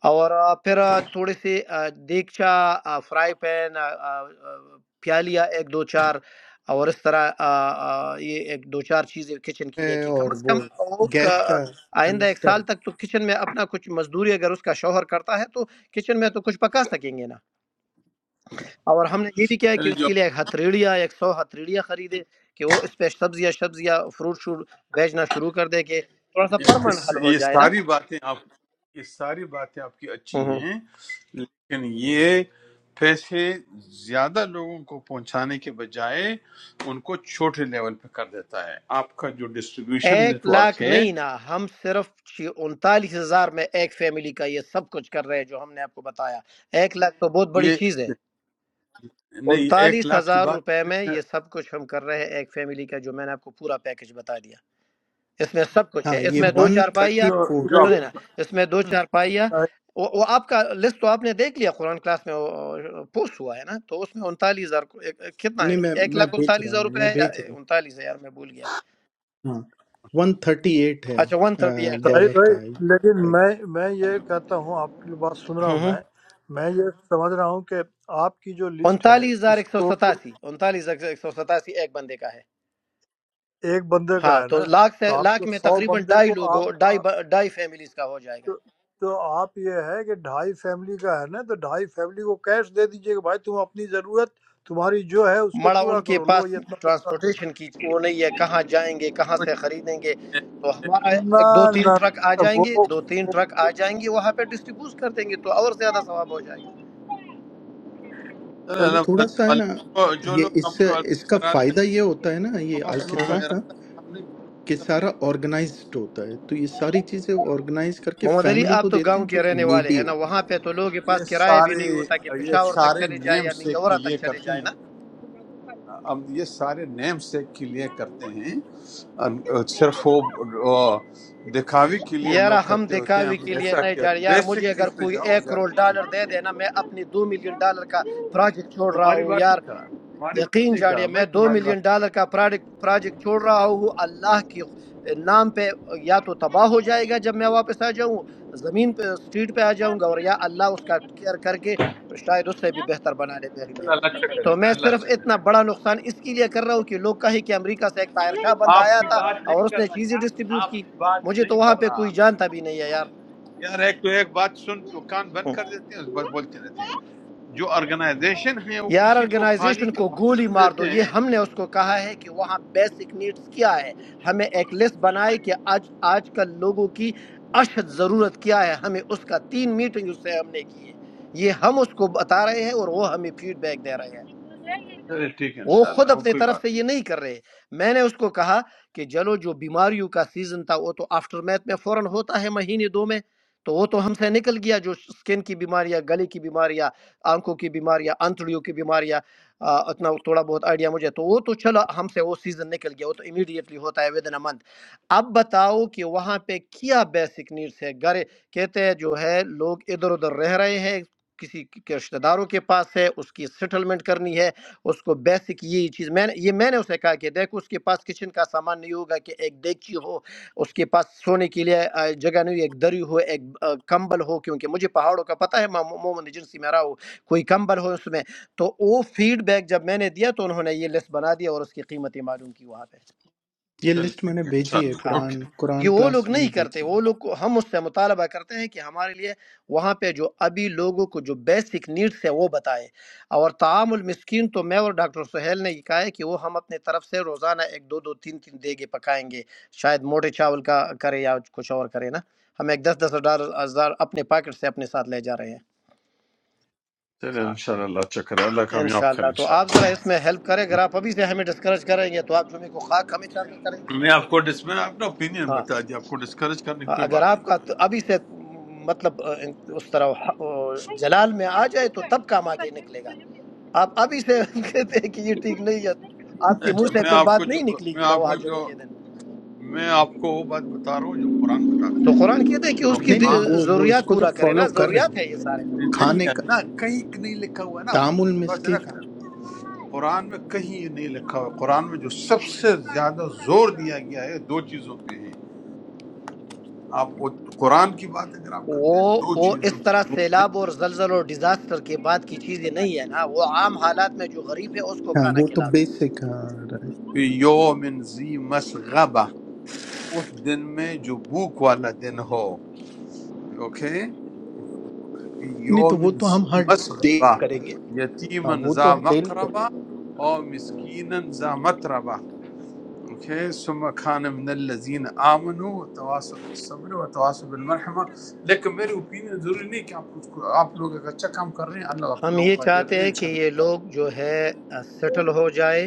Speaker 9: اور آ، پھر آ، تھوڑے سے آ، دیگچا آ، فرائی پین آ، آ، آ، پیالیا ایک دو چار اور اس طرح آ، آ، یہ ایک دو چار چیزیں کچن کی لے
Speaker 5: ہے
Speaker 9: کے
Speaker 5: اور
Speaker 9: کم از
Speaker 5: وہ
Speaker 9: کم وہ
Speaker 5: گیس
Speaker 9: ک-
Speaker 5: کا
Speaker 9: آئندہ ایک سال تک تو کچن میں اپنا کچھ مزدوری اگر اس کا شوہر کرتا ہے تو کچن میں تو کچھ پکا سکیں گے نا اور ہم نے یہ بھی کیا ہے کہ اس
Speaker 2: نا
Speaker 9: کے لیے ایک ہتھیڑیا ایک سو ہتھیڑیا خریدے کہ وہ اس پہ سبزیاں سبزیاں فروٹ شروٹ بیچنا شروع کر دے کہ تھوڑا سا
Speaker 2: یہ
Speaker 9: پرمنٹ
Speaker 2: اس-
Speaker 9: حل ہو
Speaker 2: یہ
Speaker 9: جائے
Speaker 2: ساری باتیں آپ یہ ساری باتیں آپ کی اچھی
Speaker 9: نا
Speaker 2: ہیں لیکن یہ پیسے زیادہ لوگوں کو پہنچانے کے بجائے ان کو چھوٹے لیول پہ کر دیتا ہے آپ کا جو ڈسٹریبیوشن
Speaker 9: ایک
Speaker 2: نیٹ ورک
Speaker 9: لاکھ
Speaker 2: ہے
Speaker 9: نہیں نا ہم صرف چھ- انتالیس ہزار میں ایک فیملی کا یہ سب کچھ کر رہے ہیں جو ہم نے آپ کو بتایا ایک لاکھ تو بہت بڑی
Speaker 2: یہ
Speaker 9: چیز ہے
Speaker 2: نہیں ایک
Speaker 9: انتالیس
Speaker 2: لاکھ کی
Speaker 9: ہزار
Speaker 2: بات
Speaker 9: روپے میں یہ سب کچھ ہم کر رہے ہیں ایک فیملی کا جو میں نے آپ کو پورا پیکج بتا دیا اس میں سب کچھ
Speaker 5: ہاں
Speaker 9: ہے اس
Speaker 5: یہ
Speaker 9: میں
Speaker 4: نہیں،
Speaker 9: دو
Speaker 5: ون
Speaker 9: چار پائیا
Speaker 5: تھرٹی
Speaker 2: جو
Speaker 5: فور
Speaker 2: جو آپ
Speaker 9: سنیں نا
Speaker 4: نہیں،
Speaker 9: اس میں دو چار پائیا وہ وہ آپ کا لسٹ تو آپ نے دیکھ لیا قرآن کلاس میں پوسٹ ہوا ہے نا تو اس میں انتالیس ہزار کو- ایک- ایک- کتنا
Speaker 5: نہیں
Speaker 9: ہے
Speaker 5: میں
Speaker 9: ایک
Speaker 5: میں
Speaker 9: لاکھ
Speaker 5: بھیج
Speaker 9: انتالیس
Speaker 5: رہا
Speaker 9: ہزار
Speaker 5: ہوں
Speaker 9: روپے
Speaker 5: میں
Speaker 9: ہے یا-
Speaker 5: بھیج رہا ہوں
Speaker 9: انتالیس ہے یار میں بھول گیا
Speaker 5: ہاں ون تھرٹی ایٹ ہے
Speaker 9: اچھا ون
Speaker 5: آ،
Speaker 9: تھرٹی ایٹ ہے
Speaker 4: طاہر
Speaker 5: ڈالر
Speaker 4: بھائی
Speaker 5: کا ہے
Speaker 4: لیکن
Speaker 5: لائک
Speaker 4: میں میں یہ کہتا ہوں آپ کی بات سن رہا ہوں
Speaker 9: ہوں ہوں۔
Speaker 4: میں میں یہ سمجھ رہا ہوں کہ آپ کی جو لسٹ ہے
Speaker 9: انتالیس ہزار
Speaker 4: اس
Speaker 9: ایک سو
Speaker 4: کو
Speaker 9: ستاسی انتالیس ہزار ایک سو ستاسی ایک بندے کا ہے
Speaker 4: ایک بندے
Speaker 9: ہاں
Speaker 4: کا ہے
Speaker 9: تو
Speaker 4: نا
Speaker 9: لاکھ
Speaker 4: تو
Speaker 9: سے
Speaker 4: آپ
Speaker 9: لاکھ
Speaker 4: کو
Speaker 9: میں
Speaker 4: سو
Speaker 9: تقریباً
Speaker 4: بندے
Speaker 9: ڈھائی
Speaker 4: کو
Speaker 9: لوگوں
Speaker 4: آپ
Speaker 9: ڈھائی
Speaker 4: تو
Speaker 9: ب- ڈھائی فیملیز کا ہو جائے گا
Speaker 4: تو آپ یہ ہے کہ ڈھائی فیملی کا ہے نا تو ڈھائی فیملی کو کیش دے دیجئے کہ بھائی تم اپنی ضرورت تمہاری جو ہے اس کو
Speaker 9: مڑا
Speaker 4: پورا
Speaker 9: ان کے
Speaker 4: کرو لو
Speaker 9: پاس
Speaker 4: یہ اتنا پیسہ دو
Speaker 9: ٹرانسپورٹیشن کی وہ نہیں ہے کہاں جائیں گے کہاں
Speaker 2: کو
Speaker 9: سے خریدیں گے تو ہمارا ایک دو
Speaker 4: نہ
Speaker 9: تین ٹرک آ
Speaker 4: نہ،
Speaker 9: جائیں
Speaker 4: وہ
Speaker 9: گے
Speaker 4: وہ
Speaker 9: دو تین ٹرک آ جائیں گے وہاں پہ ڈسٹریبیوٹ کر دیں گے تو اور زیادہ ثواب ہو جائے گا
Speaker 4: چلی
Speaker 2: اللہ-
Speaker 5: تھوڑا سا
Speaker 2: اللہ
Speaker 5: ہے
Speaker 2: والے-
Speaker 5: نا
Speaker 2: جو جو
Speaker 5: یہ
Speaker 2: لوگ
Speaker 5: اس
Speaker 2: آپ
Speaker 5: سے
Speaker 2: کو اللہ
Speaker 5: اس کا
Speaker 2: کا ارادہ
Speaker 5: فائدہ یہ ہوتا ہے نا یہ
Speaker 2: ہم آپ لوگوں
Speaker 9: ہوں
Speaker 2: کا
Speaker 9: ہوں۔
Speaker 5: الخدمت کا
Speaker 2: ارادہ ہم نے
Speaker 5: کہ سارا آرگنائزڈ ہوتا ہے تو یہ ساری چیزیں آرگنائز کر کے
Speaker 9: محمد علی
Speaker 5: فیملی کو
Speaker 9: آپ تو
Speaker 5: دیتے
Speaker 9: گاؤں
Speaker 5: ہیں جو
Speaker 9: کے
Speaker 5: کہ
Speaker 9: رہنے والے
Speaker 5: نیڈی
Speaker 9: ہیں نا
Speaker 5: ہوتے ہیں
Speaker 9: وہاں پہ تو لوگوں کے
Speaker 2: یہ
Speaker 9: پاس کرایہ بھی
Speaker 2: سارے
Speaker 9: نہیں ہوتا کہ
Speaker 2: یہ
Speaker 9: پشاور تک
Speaker 2: سارے
Speaker 9: چلے جائے
Speaker 2: نیم
Speaker 9: یا
Speaker 2: سے
Speaker 9: منگورا
Speaker 2: کے
Speaker 9: تک
Speaker 2: لیے
Speaker 9: چلے
Speaker 2: کرتے
Speaker 9: جائے
Speaker 2: ہیں
Speaker 9: نا
Speaker 2: اب یہ سارے نیم سیک کے لیے کرتے ہیں اور صرف وہ وہ دکھاوی کے لیے
Speaker 9: یار
Speaker 2: لوگ
Speaker 9: ہم
Speaker 2: کرتے ہوتے ہیں
Speaker 9: دکھاوے
Speaker 2: ہم
Speaker 9: کے لیے
Speaker 2: ایسا
Speaker 9: نہیں
Speaker 2: کیا
Speaker 9: جا رہے یار مجھے
Speaker 2: بیسک
Speaker 9: اگر
Speaker 2: چیز پہ
Speaker 9: کوئی
Speaker 2: جاؤ
Speaker 9: ایک کروڑ
Speaker 2: زیادہ
Speaker 9: ڈالر دے دے نا میں اپنی دو ملین ڈالر کا پروجیکٹ چھوڑ رہا
Speaker 2: تمہاری
Speaker 9: ہوں
Speaker 2: بات
Speaker 9: یار
Speaker 2: نہیں کہا تمہاری بات
Speaker 9: یقین
Speaker 2: نہیں کہا
Speaker 9: جاڑیے میں
Speaker 2: بھائی
Speaker 9: دو
Speaker 2: تمہاری بات
Speaker 9: ملین ڈالر کا پروڈکٹ پروجیکٹ چھوڑ رہا ہوں اللہ کی نام پہ یا تو تباہ ہو جائے گا جب میں واپس آ جاؤں زمین پہ اسٹریٹ پہ آ جاؤں گا اور یا اللہ اس کا کیئر کر کے شاید اس سے بھی بہتر بنا لے میرے
Speaker 2: نہیں
Speaker 9: لیے
Speaker 2: کہا۔ اللہ اچھا کرے
Speaker 9: تو
Speaker 2: گا
Speaker 9: میں
Speaker 2: اللہ
Speaker 9: صرف
Speaker 2: اچھا
Speaker 9: اتنا
Speaker 2: کرے گا
Speaker 9: بڑا نقصان اس کے لیے کر رہا ہوں کہ لوگ کہیں کہ امریکہ سے ایک طاہر شاہ بند
Speaker 2: آپ
Speaker 9: آیا
Speaker 2: کی
Speaker 9: تھا
Speaker 2: بات نہیں
Speaker 9: اور اس
Speaker 2: کر
Speaker 9: نے چیزیں
Speaker 2: رہا یار
Speaker 9: ڈسٹریبیوٹ
Speaker 2: آپ
Speaker 9: کی
Speaker 2: کی بات
Speaker 9: مجھے تو
Speaker 2: نہیں
Speaker 9: وہاں
Speaker 2: کر
Speaker 9: پہ
Speaker 2: رہا
Speaker 9: کوئی جانتا بھی نہیں ہے یار
Speaker 2: یار ایک تو ایک بات سن تو کان بند کر دیتے ہیں اس پر بولتے رہتے ہیں جو آرگنائزیشن ہیں وہ
Speaker 9: یار
Speaker 2: کسی کو پانی
Speaker 9: آرگنائزیشن
Speaker 2: کا
Speaker 9: کو
Speaker 2: باطل
Speaker 9: گولی
Speaker 2: بھی
Speaker 9: مار دو
Speaker 2: دیتے
Speaker 9: یہ
Speaker 2: ہیں
Speaker 9: ہم نے اس کو کہا ہے کہ وہاں بیسک نیڈز کیا ہے ہمیں ایک لسٹ بنائے کہ آج آج کل لوگوں کی اشد ضرورت کیا ہے ہمیں اس کا تین میٹنگ اس سے ہم نے کی ہے یہ ہم اس کو بتا رہے ہیں اور وہ ہمیں فیڈ بیک دے رہے ہیں
Speaker 2: چلے ٹھیک ہے
Speaker 9: وہ
Speaker 2: انشاءاللہ
Speaker 9: خود
Speaker 2: وہ
Speaker 9: اپنے
Speaker 2: کوئی
Speaker 9: طرف سے
Speaker 2: بات نہیں
Speaker 9: یہ نہیں کر رہے میں نے اس کو کہا کہ چلو جو بیماریوں کا سیزن تھا وہ تو آفٹر میتھ میں فوراً ہوتا ہے مہینے دو میں تو وہ تو ہم سے نکل گیا جو سکن کی بیماریاں گلے کی بیماریاں آنکھوں کی بیماریاں آنتڑیوں کی بیماریاں آ، اتنا تھوڑا بہت آئیڈیا مجھے تو وہ تو چلا ہم سے وہ سیزن نکل گیا وہ تو امیڈیٹلی ہوتا ہے ود ان منتھ اب بتاؤ کہ وہاں پہ کیا بیسک نیڈس ہے گھر کہتے ہیں جو ہے لوگ ادھر ادھر رہ رہے ہیں کسی کے رشتہ داروں کے پاس ہے اس کی سیٹلمنٹ کرنی ہے اس کو بیسک یہی چیز میں نے یہ میں نے اسے کہا کہ دیکھ اس کے پاس کچن کا سامان نہیں ہوگا کہ ایک دیگچی ہو اس کے پاس سونے کے لیے آ، جگہ نہیں ہو ایک دری ہو ایک آ، کمبل ہو کیونکہ مجھے پہاڑوں کا پتہ ہے میں عموماً ایجنسی میں رہا ہوں کوئی کمبل ہو اس میں تو وہ فیڈ بیک جب میں نے دیا تو انہوں نے یہ لسٹ بنا دیا اور اس کی قیمتیں معلوم کی وہاں پہ
Speaker 5: یہ
Speaker 2: چلے
Speaker 5: لسٹ میں نے
Speaker 2: ٹھیک ہے
Speaker 5: بھیجی ہے
Speaker 2: انشاءاللہ
Speaker 9: ہاں
Speaker 2: اوکے
Speaker 5: قرآن
Speaker 9: یہ
Speaker 5: قرآن
Speaker 9: وہ لوگ
Speaker 5: کلاس میں
Speaker 9: نہیں کرتے
Speaker 5: بھیجی ہے
Speaker 9: وہ لوگ کو ہم اس سے مطالبہ کرتے ہیں کہ ہمارے لیے وہاں پہ جو ابھی لوگوں کو جو بیسک نیڈس ہے وہ بتائے اور تعام المسکین تو میں اور ڈاکٹر سہیل نے یہ کہا ہے کہ وہ ہم اپنے طرف سے روزانہ ایک دو دو تین تین دیگے پکائیں گے شاید موٹے چاول کا کرے یا کچھ اور کرے نا ہم ایک دس دس ہزار ہزار اپنے پاکٹ سے اپنے ساتھ لے جا رہے ہیں
Speaker 2: چلیں
Speaker 9: ہاں
Speaker 2: انشاءاللہ اللہ اچھا کرے اللہ کامیاب کرے
Speaker 9: انشاءاللہ تو آپ
Speaker 2: انشاءاللہ
Speaker 9: ذرا اس میں ہیلپ کریں اگر آپ ابھی سے ہمیں ڈسکرج کریں گے تو آپ جمعے کو خاک ہمیں چاندہ کریں گے
Speaker 2: میں آپ کو ڈس میں نے اپنا اوپینین
Speaker 9: ہاں
Speaker 2: بتا دیا آپ کو ڈسکریج کرنے کی
Speaker 9: ہاں،
Speaker 2: کوئی
Speaker 9: اگر
Speaker 2: بات نہیں
Speaker 9: آپ
Speaker 2: کہ
Speaker 9: کا تو ابھی سے مطلب آ، اس طرح آ، جلال میں آ جائے تو تب کام آگے نکلے گا آپ ابھی سے کہتے ہیں کہ یہ ٹھیک نہیں ہے تو آپ کے
Speaker 2: میں
Speaker 9: منہ
Speaker 2: میں
Speaker 9: سے
Speaker 2: میں
Speaker 9: پھر
Speaker 2: آپ کو
Speaker 9: بات
Speaker 2: جو
Speaker 9: نہیں نکلے
Speaker 2: میں
Speaker 9: گی نہ
Speaker 2: آپ
Speaker 9: وہاں
Speaker 2: کو جو
Speaker 9: جمعے کے دن
Speaker 2: میں آپ کو وہ بات بتا رہا ہوں جو قرآن بتاتا
Speaker 9: تو
Speaker 2: ہے
Speaker 9: قرآن کہتے ہیں کہ اس
Speaker 2: اور
Speaker 9: کی
Speaker 5: نہیں نہیں
Speaker 2: قرآن
Speaker 9: ض-
Speaker 5: وہ
Speaker 2: میں
Speaker 5: وہ اس
Speaker 9: ضروریات
Speaker 5: کو تو
Speaker 9: پورا کرے
Speaker 5: فالو
Speaker 9: نا
Speaker 5: کر رہے ہیں
Speaker 9: ضروریات ہے یہ سارے نا
Speaker 2: نہیں
Speaker 5: کھانے
Speaker 2: ہے
Speaker 5: کا
Speaker 2: نا کہیں نہیں لکھا ہوا ہے نا اپنی
Speaker 5: تعام
Speaker 2: طرف سے بات نہ
Speaker 5: المسکت
Speaker 2: کریں قرآن میں کہیں یہ نہیں لکھا ہوا ہے قرآن میں جو سب سے زیادہ زور دیا گیا ہے دو چیزوں پہ ہیں آپ وہ قرآن کی بات اگر آپ کرتے ہیں
Speaker 9: وہ
Speaker 2: دو
Speaker 9: وہ
Speaker 2: چیزوں
Speaker 9: اس طرح سیلاب اور زلزل اور ڈیزاسٹر کے بعد کی چیزیں نہیں ہے نا وہ عام حالات میں جو غریب ہے اس کو
Speaker 5: ہاں
Speaker 9: کھانا
Speaker 5: وہ تو
Speaker 9: کھلا دو
Speaker 5: بیسک ہاں right.
Speaker 2: پہ یوم زی مسغبہ اس دن میں جو بھوک والا دن ہو اوکے فی
Speaker 5: نہیں تو
Speaker 2: یوم
Speaker 5: وہ تو
Speaker 2: ذی
Speaker 5: ہم ہر ڈے
Speaker 2: مسغبہ
Speaker 5: کریں گے ہاں
Speaker 2: یتیما
Speaker 5: وہ تو
Speaker 2: ذا
Speaker 5: ہم ڈیل کریں
Speaker 2: مقربہ او مسکینا ذا متربہ اوکے ثم کان من الذین آمنوا وتواصوا بالصبر وتواصوا بالمرحمہ لیکن میرے اوپینین ضروری نہیں کہ آپ اس کو آپ لوگ اگر اچھا کام کر رہے ہیں اللہ آپ
Speaker 9: ہم
Speaker 2: لوگوں
Speaker 9: یہ
Speaker 2: کو اجر
Speaker 9: چاہتے
Speaker 2: دے
Speaker 9: ہیں کہ
Speaker 2: انشاءاللہ
Speaker 9: یہ لوگ جو ہے سیٹل ہو جائے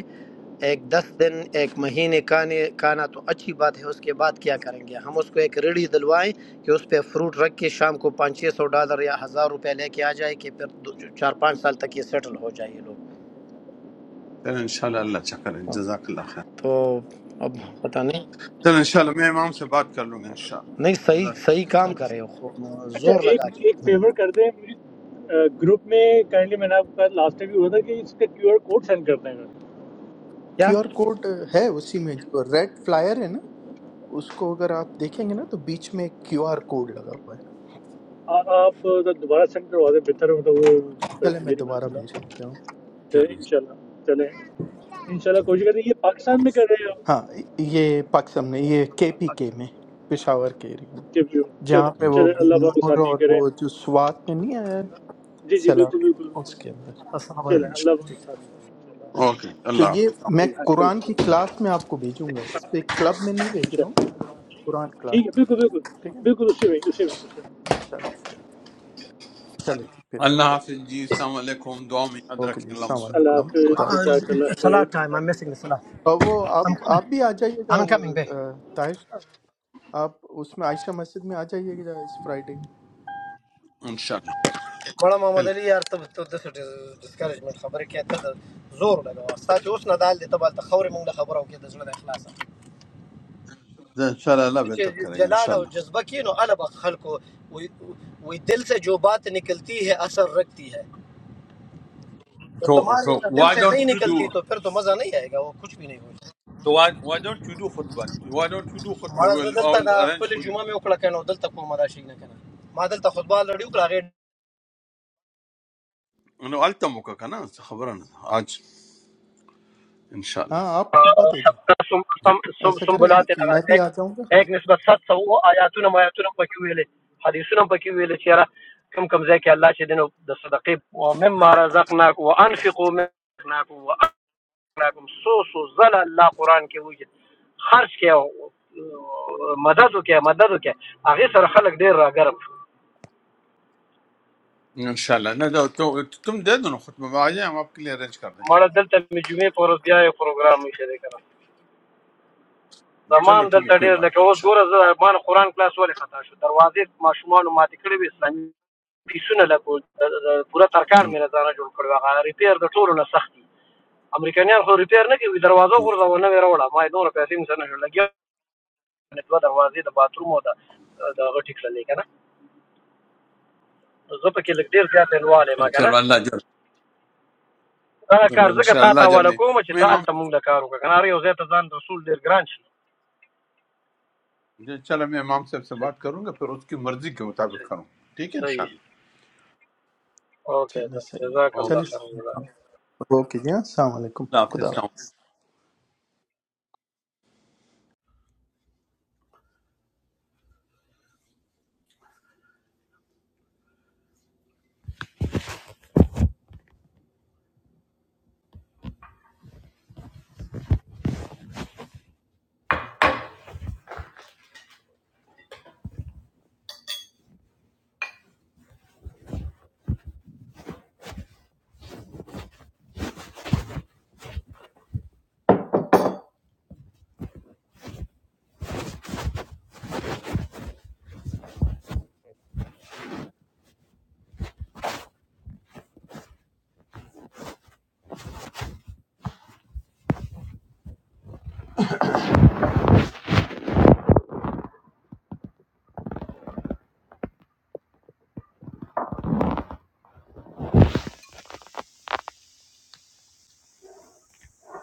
Speaker 9: ایک دس دن ایک مہینے کا نے- کا نا تو اچھی بات ہے اس کے بعد کیا کریں گے ہم اس کو ایک ریڑھی دلوائیں کہ اس پہ فروٹ رکھ کے شام کو پانچ چھ سو ڈالر یا ہزار روپے لے کے آ جائے کہ پھر دو- چار پانچ سال تک یہ سیٹل ہو جائے یہ لوگ
Speaker 2: چلیں انشاءاللہ اللہ اچھا کرے
Speaker 9: ہاں۔
Speaker 2: جزاک اللہ خیر
Speaker 9: تو اب پتہ نہیں
Speaker 2: چلیں انشاءاللہ میں امام سے بات کر لوں گا
Speaker 9: نہیں
Speaker 2: انشاءاللہ
Speaker 9: صحیح
Speaker 2: جزاک
Speaker 9: صحیح
Speaker 2: اللہ
Speaker 9: کام کرے
Speaker 5: گے
Speaker 9: وہ،
Speaker 7: اچھا
Speaker 9: زور
Speaker 7: ایک
Speaker 9: لگا کے
Speaker 7: ایک فیور کر دیں گروپ میں کائنڈلی میں نے آپ کا لاسٹ ٹائم بھی ہوا تھا کہ اس کا کیو آر کوڈ سینڈ کر دیں گا
Speaker 9: کیا
Speaker 5: کیو آر کوڈ ہے اسی میں جو ریڈ فلائر ہے نا اس کو اگر آپ دیکھیں گے نا تو بیچ میں کیو آر کوڈ لگا ہوا ہے
Speaker 7: آ- آپ ذرا دوبارہ سینڈ کروا دیں بہتر ہوتا وہ پھر
Speaker 5: چلے میں
Speaker 7: مجھے نہیں پتا
Speaker 5: دوبارہ
Speaker 7: چلا
Speaker 5: بھیج دیتا ہوں
Speaker 7: تو
Speaker 2: چلیں
Speaker 7: انشاءاللہ چلیں انشاءاللہ کوشش کریں یہ پاکستان میں
Speaker 2: اوکے۔
Speaker 7: کر رہے ہیں
Speaker 5: ہاں
Speaker 7: آپ
Speaker 5: یہ پاکستان میں یہ کے پی کے
Speaker 7: پاکستان
Speaker 5: میں پشاور کے ایریا میں
Speaker 7: کے بھی
Speaker 5: جہاں
Speaker 7: چلیں
Speaker 5: پہ وہ
Speaker 7: چلیں اللہ پاک کے
Speaker 5: بنور
Speaker 7: ساتھ نہیں
Speaker 5: اور
Speaker 7: کریں
Speaker 5: وہ
Speaker 2: اوکے۔
Speaker 5: جو سوات میں نہیں آیا ہے،
Speaker 7: جی جی بالکل بالکل
Speaker 5: سیلاب اس کے اندر ہے۔
Speaker 9: السلام
Speaker 7: بالکل
Speaker 2: چلیں
Speaker 7: چلیں
Speaker 9: علیکم
Speaker 2: انشاءاللہ۔
Speaker 7: اللہ پاک کے ساتھ نہیں کریں انشاءاللہ
Speaker 2: أوكي
Speaker 5: تو
Speaker 2: الله
Speaker 5: یہ
Speaker 2: عافيك
Speaker 5: میں
Speaker 7: جزاک
Speaker 5: قرآن
Speaker 7: اللہ
Speaker 5: کی
Speaker 7: خیر۔
Speaker 5: کلاس میں آپ کو بھیجوں گا اس پہ کلب میں نہیں بھیج رہا ہوں
Speaker 7: انشاءاللہ
Speaker 5: قرآن کلاس
Speaker 7: ٹھیک ہے
Speaker 5: میں
Speaker 7: بالکل
Speaker 5: بھیجوں
Speaker 7: بالکل
Speaker 5: گا ٹھیک ہے نا
Speaker 7: بالکل اسی میں اسی میں اسی میں
Speaker 5: چلے صحیح ہے۔ چلے جی پھر
Speaker 2: الله
Speaker 5: انشاءاللہ
Speaker 2: عافيك جيس توالكم دعوة
Speaker 5: اوکے جی
Speaker 2: مقدراك إن الله
Speaker 5: السلام
Speaker 2: مصطفى
Speaker 7: আল্লাহ
Speaker 5: علیکم
Speaker 2: الله
Speaker 5: ہاں،
Speaker 7: হাফিজ
Speaker 5: خدا
Speaker 2: محمد وإن
Speaker 5: حافظ
Speaker 7: জাজাকাল্লাহ
Speaker 9: سلاد
Speaker 7: খের
Speaker 9: ٹائم آئی ایم مسنگ
Speaker 7: জাজাকাল্লাহ
Speaker 9: سلاد
Speaker 5: اور وہ آپ آپ بھی آ جائیے گا
Speaker 9: آئی
Speaker 5: وہ
Speaker 9: کمنگ
Speaker 5: آ، طاہر صاحب آپ اس میں عائشہ مسجد میں آ جائیے گا اس فرائیڈے
Speaker 2: إن شاء الله
Speaker 9: مړه محمد
Speaker 2: ذلك
Speaker 9: علي یار ته ته داسې ډسکرېجمنټ خبرې کوې ته د زور لګوه ستا چې اوس ندال دی ته به هلته خاورې موږ له خبره وکړې د زړه نه اخلاصه
Speaker 2: إذا إن شاء الله لا
Speaker 9: ته
Speaker 2: بتركه
Speaker 9: چې
Speaker 2: إن
Speaker 9: جلال
Speaker 2: شاء
Speaker 9: او
Speaker 2: الله
Speaker 9: جذبه کې نو اله به خلکو وی وی دل سے جو بات نکلتی ہے اثر رکھتی ہے تو
Speaker 2: تو
Speaker 9: تمہاری
Speaker 2: تو
Speaker 9: اگر دل
Speaker 2: why
Speaker 9: سے
Speaker 2: don't
Speaker 9: نہیں
Speaker 2: you
Speaker 9: نکلتی
Speaker 2: do
Speaker 9: تو پھر تو مزہ نہیں آئے گا وہ کچھ بھی نہیں ہوگا
Speaker 2: so why why don't you do خطبة why don't you do خطبة
Speaker 9: مړه
Speaker 2: أول
Speaker 9: زه
Speaker 2: أول
Speaker 9: دلته د
Speaker 2: arrange
Speaker 9: خپل
Speaker 2: for you
Speaker 9: جمعه مې وکړه کنه او دلته کومه راشي نه کنه ما دلته خطبه لړی وکړه هغې
Speaker 2: إنه ألت موقعك أنا تخبرناه أجد إن شاء
Speaker 5: ہاں
Speaker 2: الله
Speaker 5: آپ خطبہ دے دیں
Speaker 9: سم سم سم
Speaker 5: ایسا کریں
Speaker 9: سنبلات هغه
Speaker 5: میں بھی
Speaker 9: یک
Speaker 5: آ جاؤں گا
Speaker 9: یک نسبت 700 او آیاتونه آیاتونه پکې ویلي حدیثونه پکې ویلي چې را کم کم ځای کې الله چې دینو د صدقې او مما رزقناک وانفقوا مما رزقناک وانفقناکم سو سو زل الله قران کې وجه خرج کې او مدد وکې مدد وکې هغه سره خلک ډیر راګرم شو
Speaker 2: إن شاء الله ند توم توم ده ده نو خطبة بعاجي هم أبوكلي arrange كاردنج
Speaker 9: مړه دلته مې جمعې پر ورځ بیا یو پروګرام یې شری کړ
Speaker 2: جلوا
Speaker 9: زمان
Speaker 2: طيب يا
Speaker 9: دلته
Speaker 2: كويه
Speaker 9: ډیر
Speaker 2: بارتي
Speaker 9: لکه
Speaker 2: إن
Speaker 9: اوس
Speaker 2: شاء
Speaker 9: ګوره زه ما قران کلاس ولې خطا شو دروازې ماشومان ماتې کړې وې اسلامي پیسونه لګول پوره ترکاڼ
Speaker 2: الله
Speaker 9: مې نه ځانه جوړ کړو هغه ریپیر د ټولو نه سخت دي امریکایان خو ریپیر نه کوي دروازه غورځوه نه وې راوړه ما یې دومره پیسې مې سره لګیا نه دوه دروازې د باتروم او د د غټی کړلې کنه زه پکې لګ ډیر زیات انواله ما کنه
Speaker 2: جلوا الله جل
Speaker 9: دا کار
Speaker 2: إن
Speaker 9: زګه
Speaker 2: شاء
Speaker 9: تا
Speaker 2: الله
Speaker 9: ته ول
Speaker 2: جردي
Speaker 9: کوم چې
Speaker 2: مي
Speaker 9: تا
Speaker 2: مام
Speaker 9: الته مونږ له کار وکړه کنه هر یو ځای ته ځان رسول ډیر ګران شي
Speaker 2: جی چلو میں امام صاحب سے
Speaker 9: صحیح
Speaker 2: بات کروں گا پھر اس کی مرضی کے مطابق کروں ٹھیک ہے انشاءاللہ
Speaker 9: صحیح
Speaker 5: چلے
Speaker 9: اوکې
Speaker 5: صحیح ہے
Speaker 9: جزاک
Speaker 5: چلے
Speaker 2: اوکے
Speaker 9: الله خیر
Speaker 5: صحیح
Speaker 9: جزاک
Speaker 5: ہے اوکے جی ہاں السلام علیکم
Speaker 2: اللہ حافظ
Speaker 5: خدا
Speaker 9: الله
Speaker 5: حافظ
Speaker 2: السلام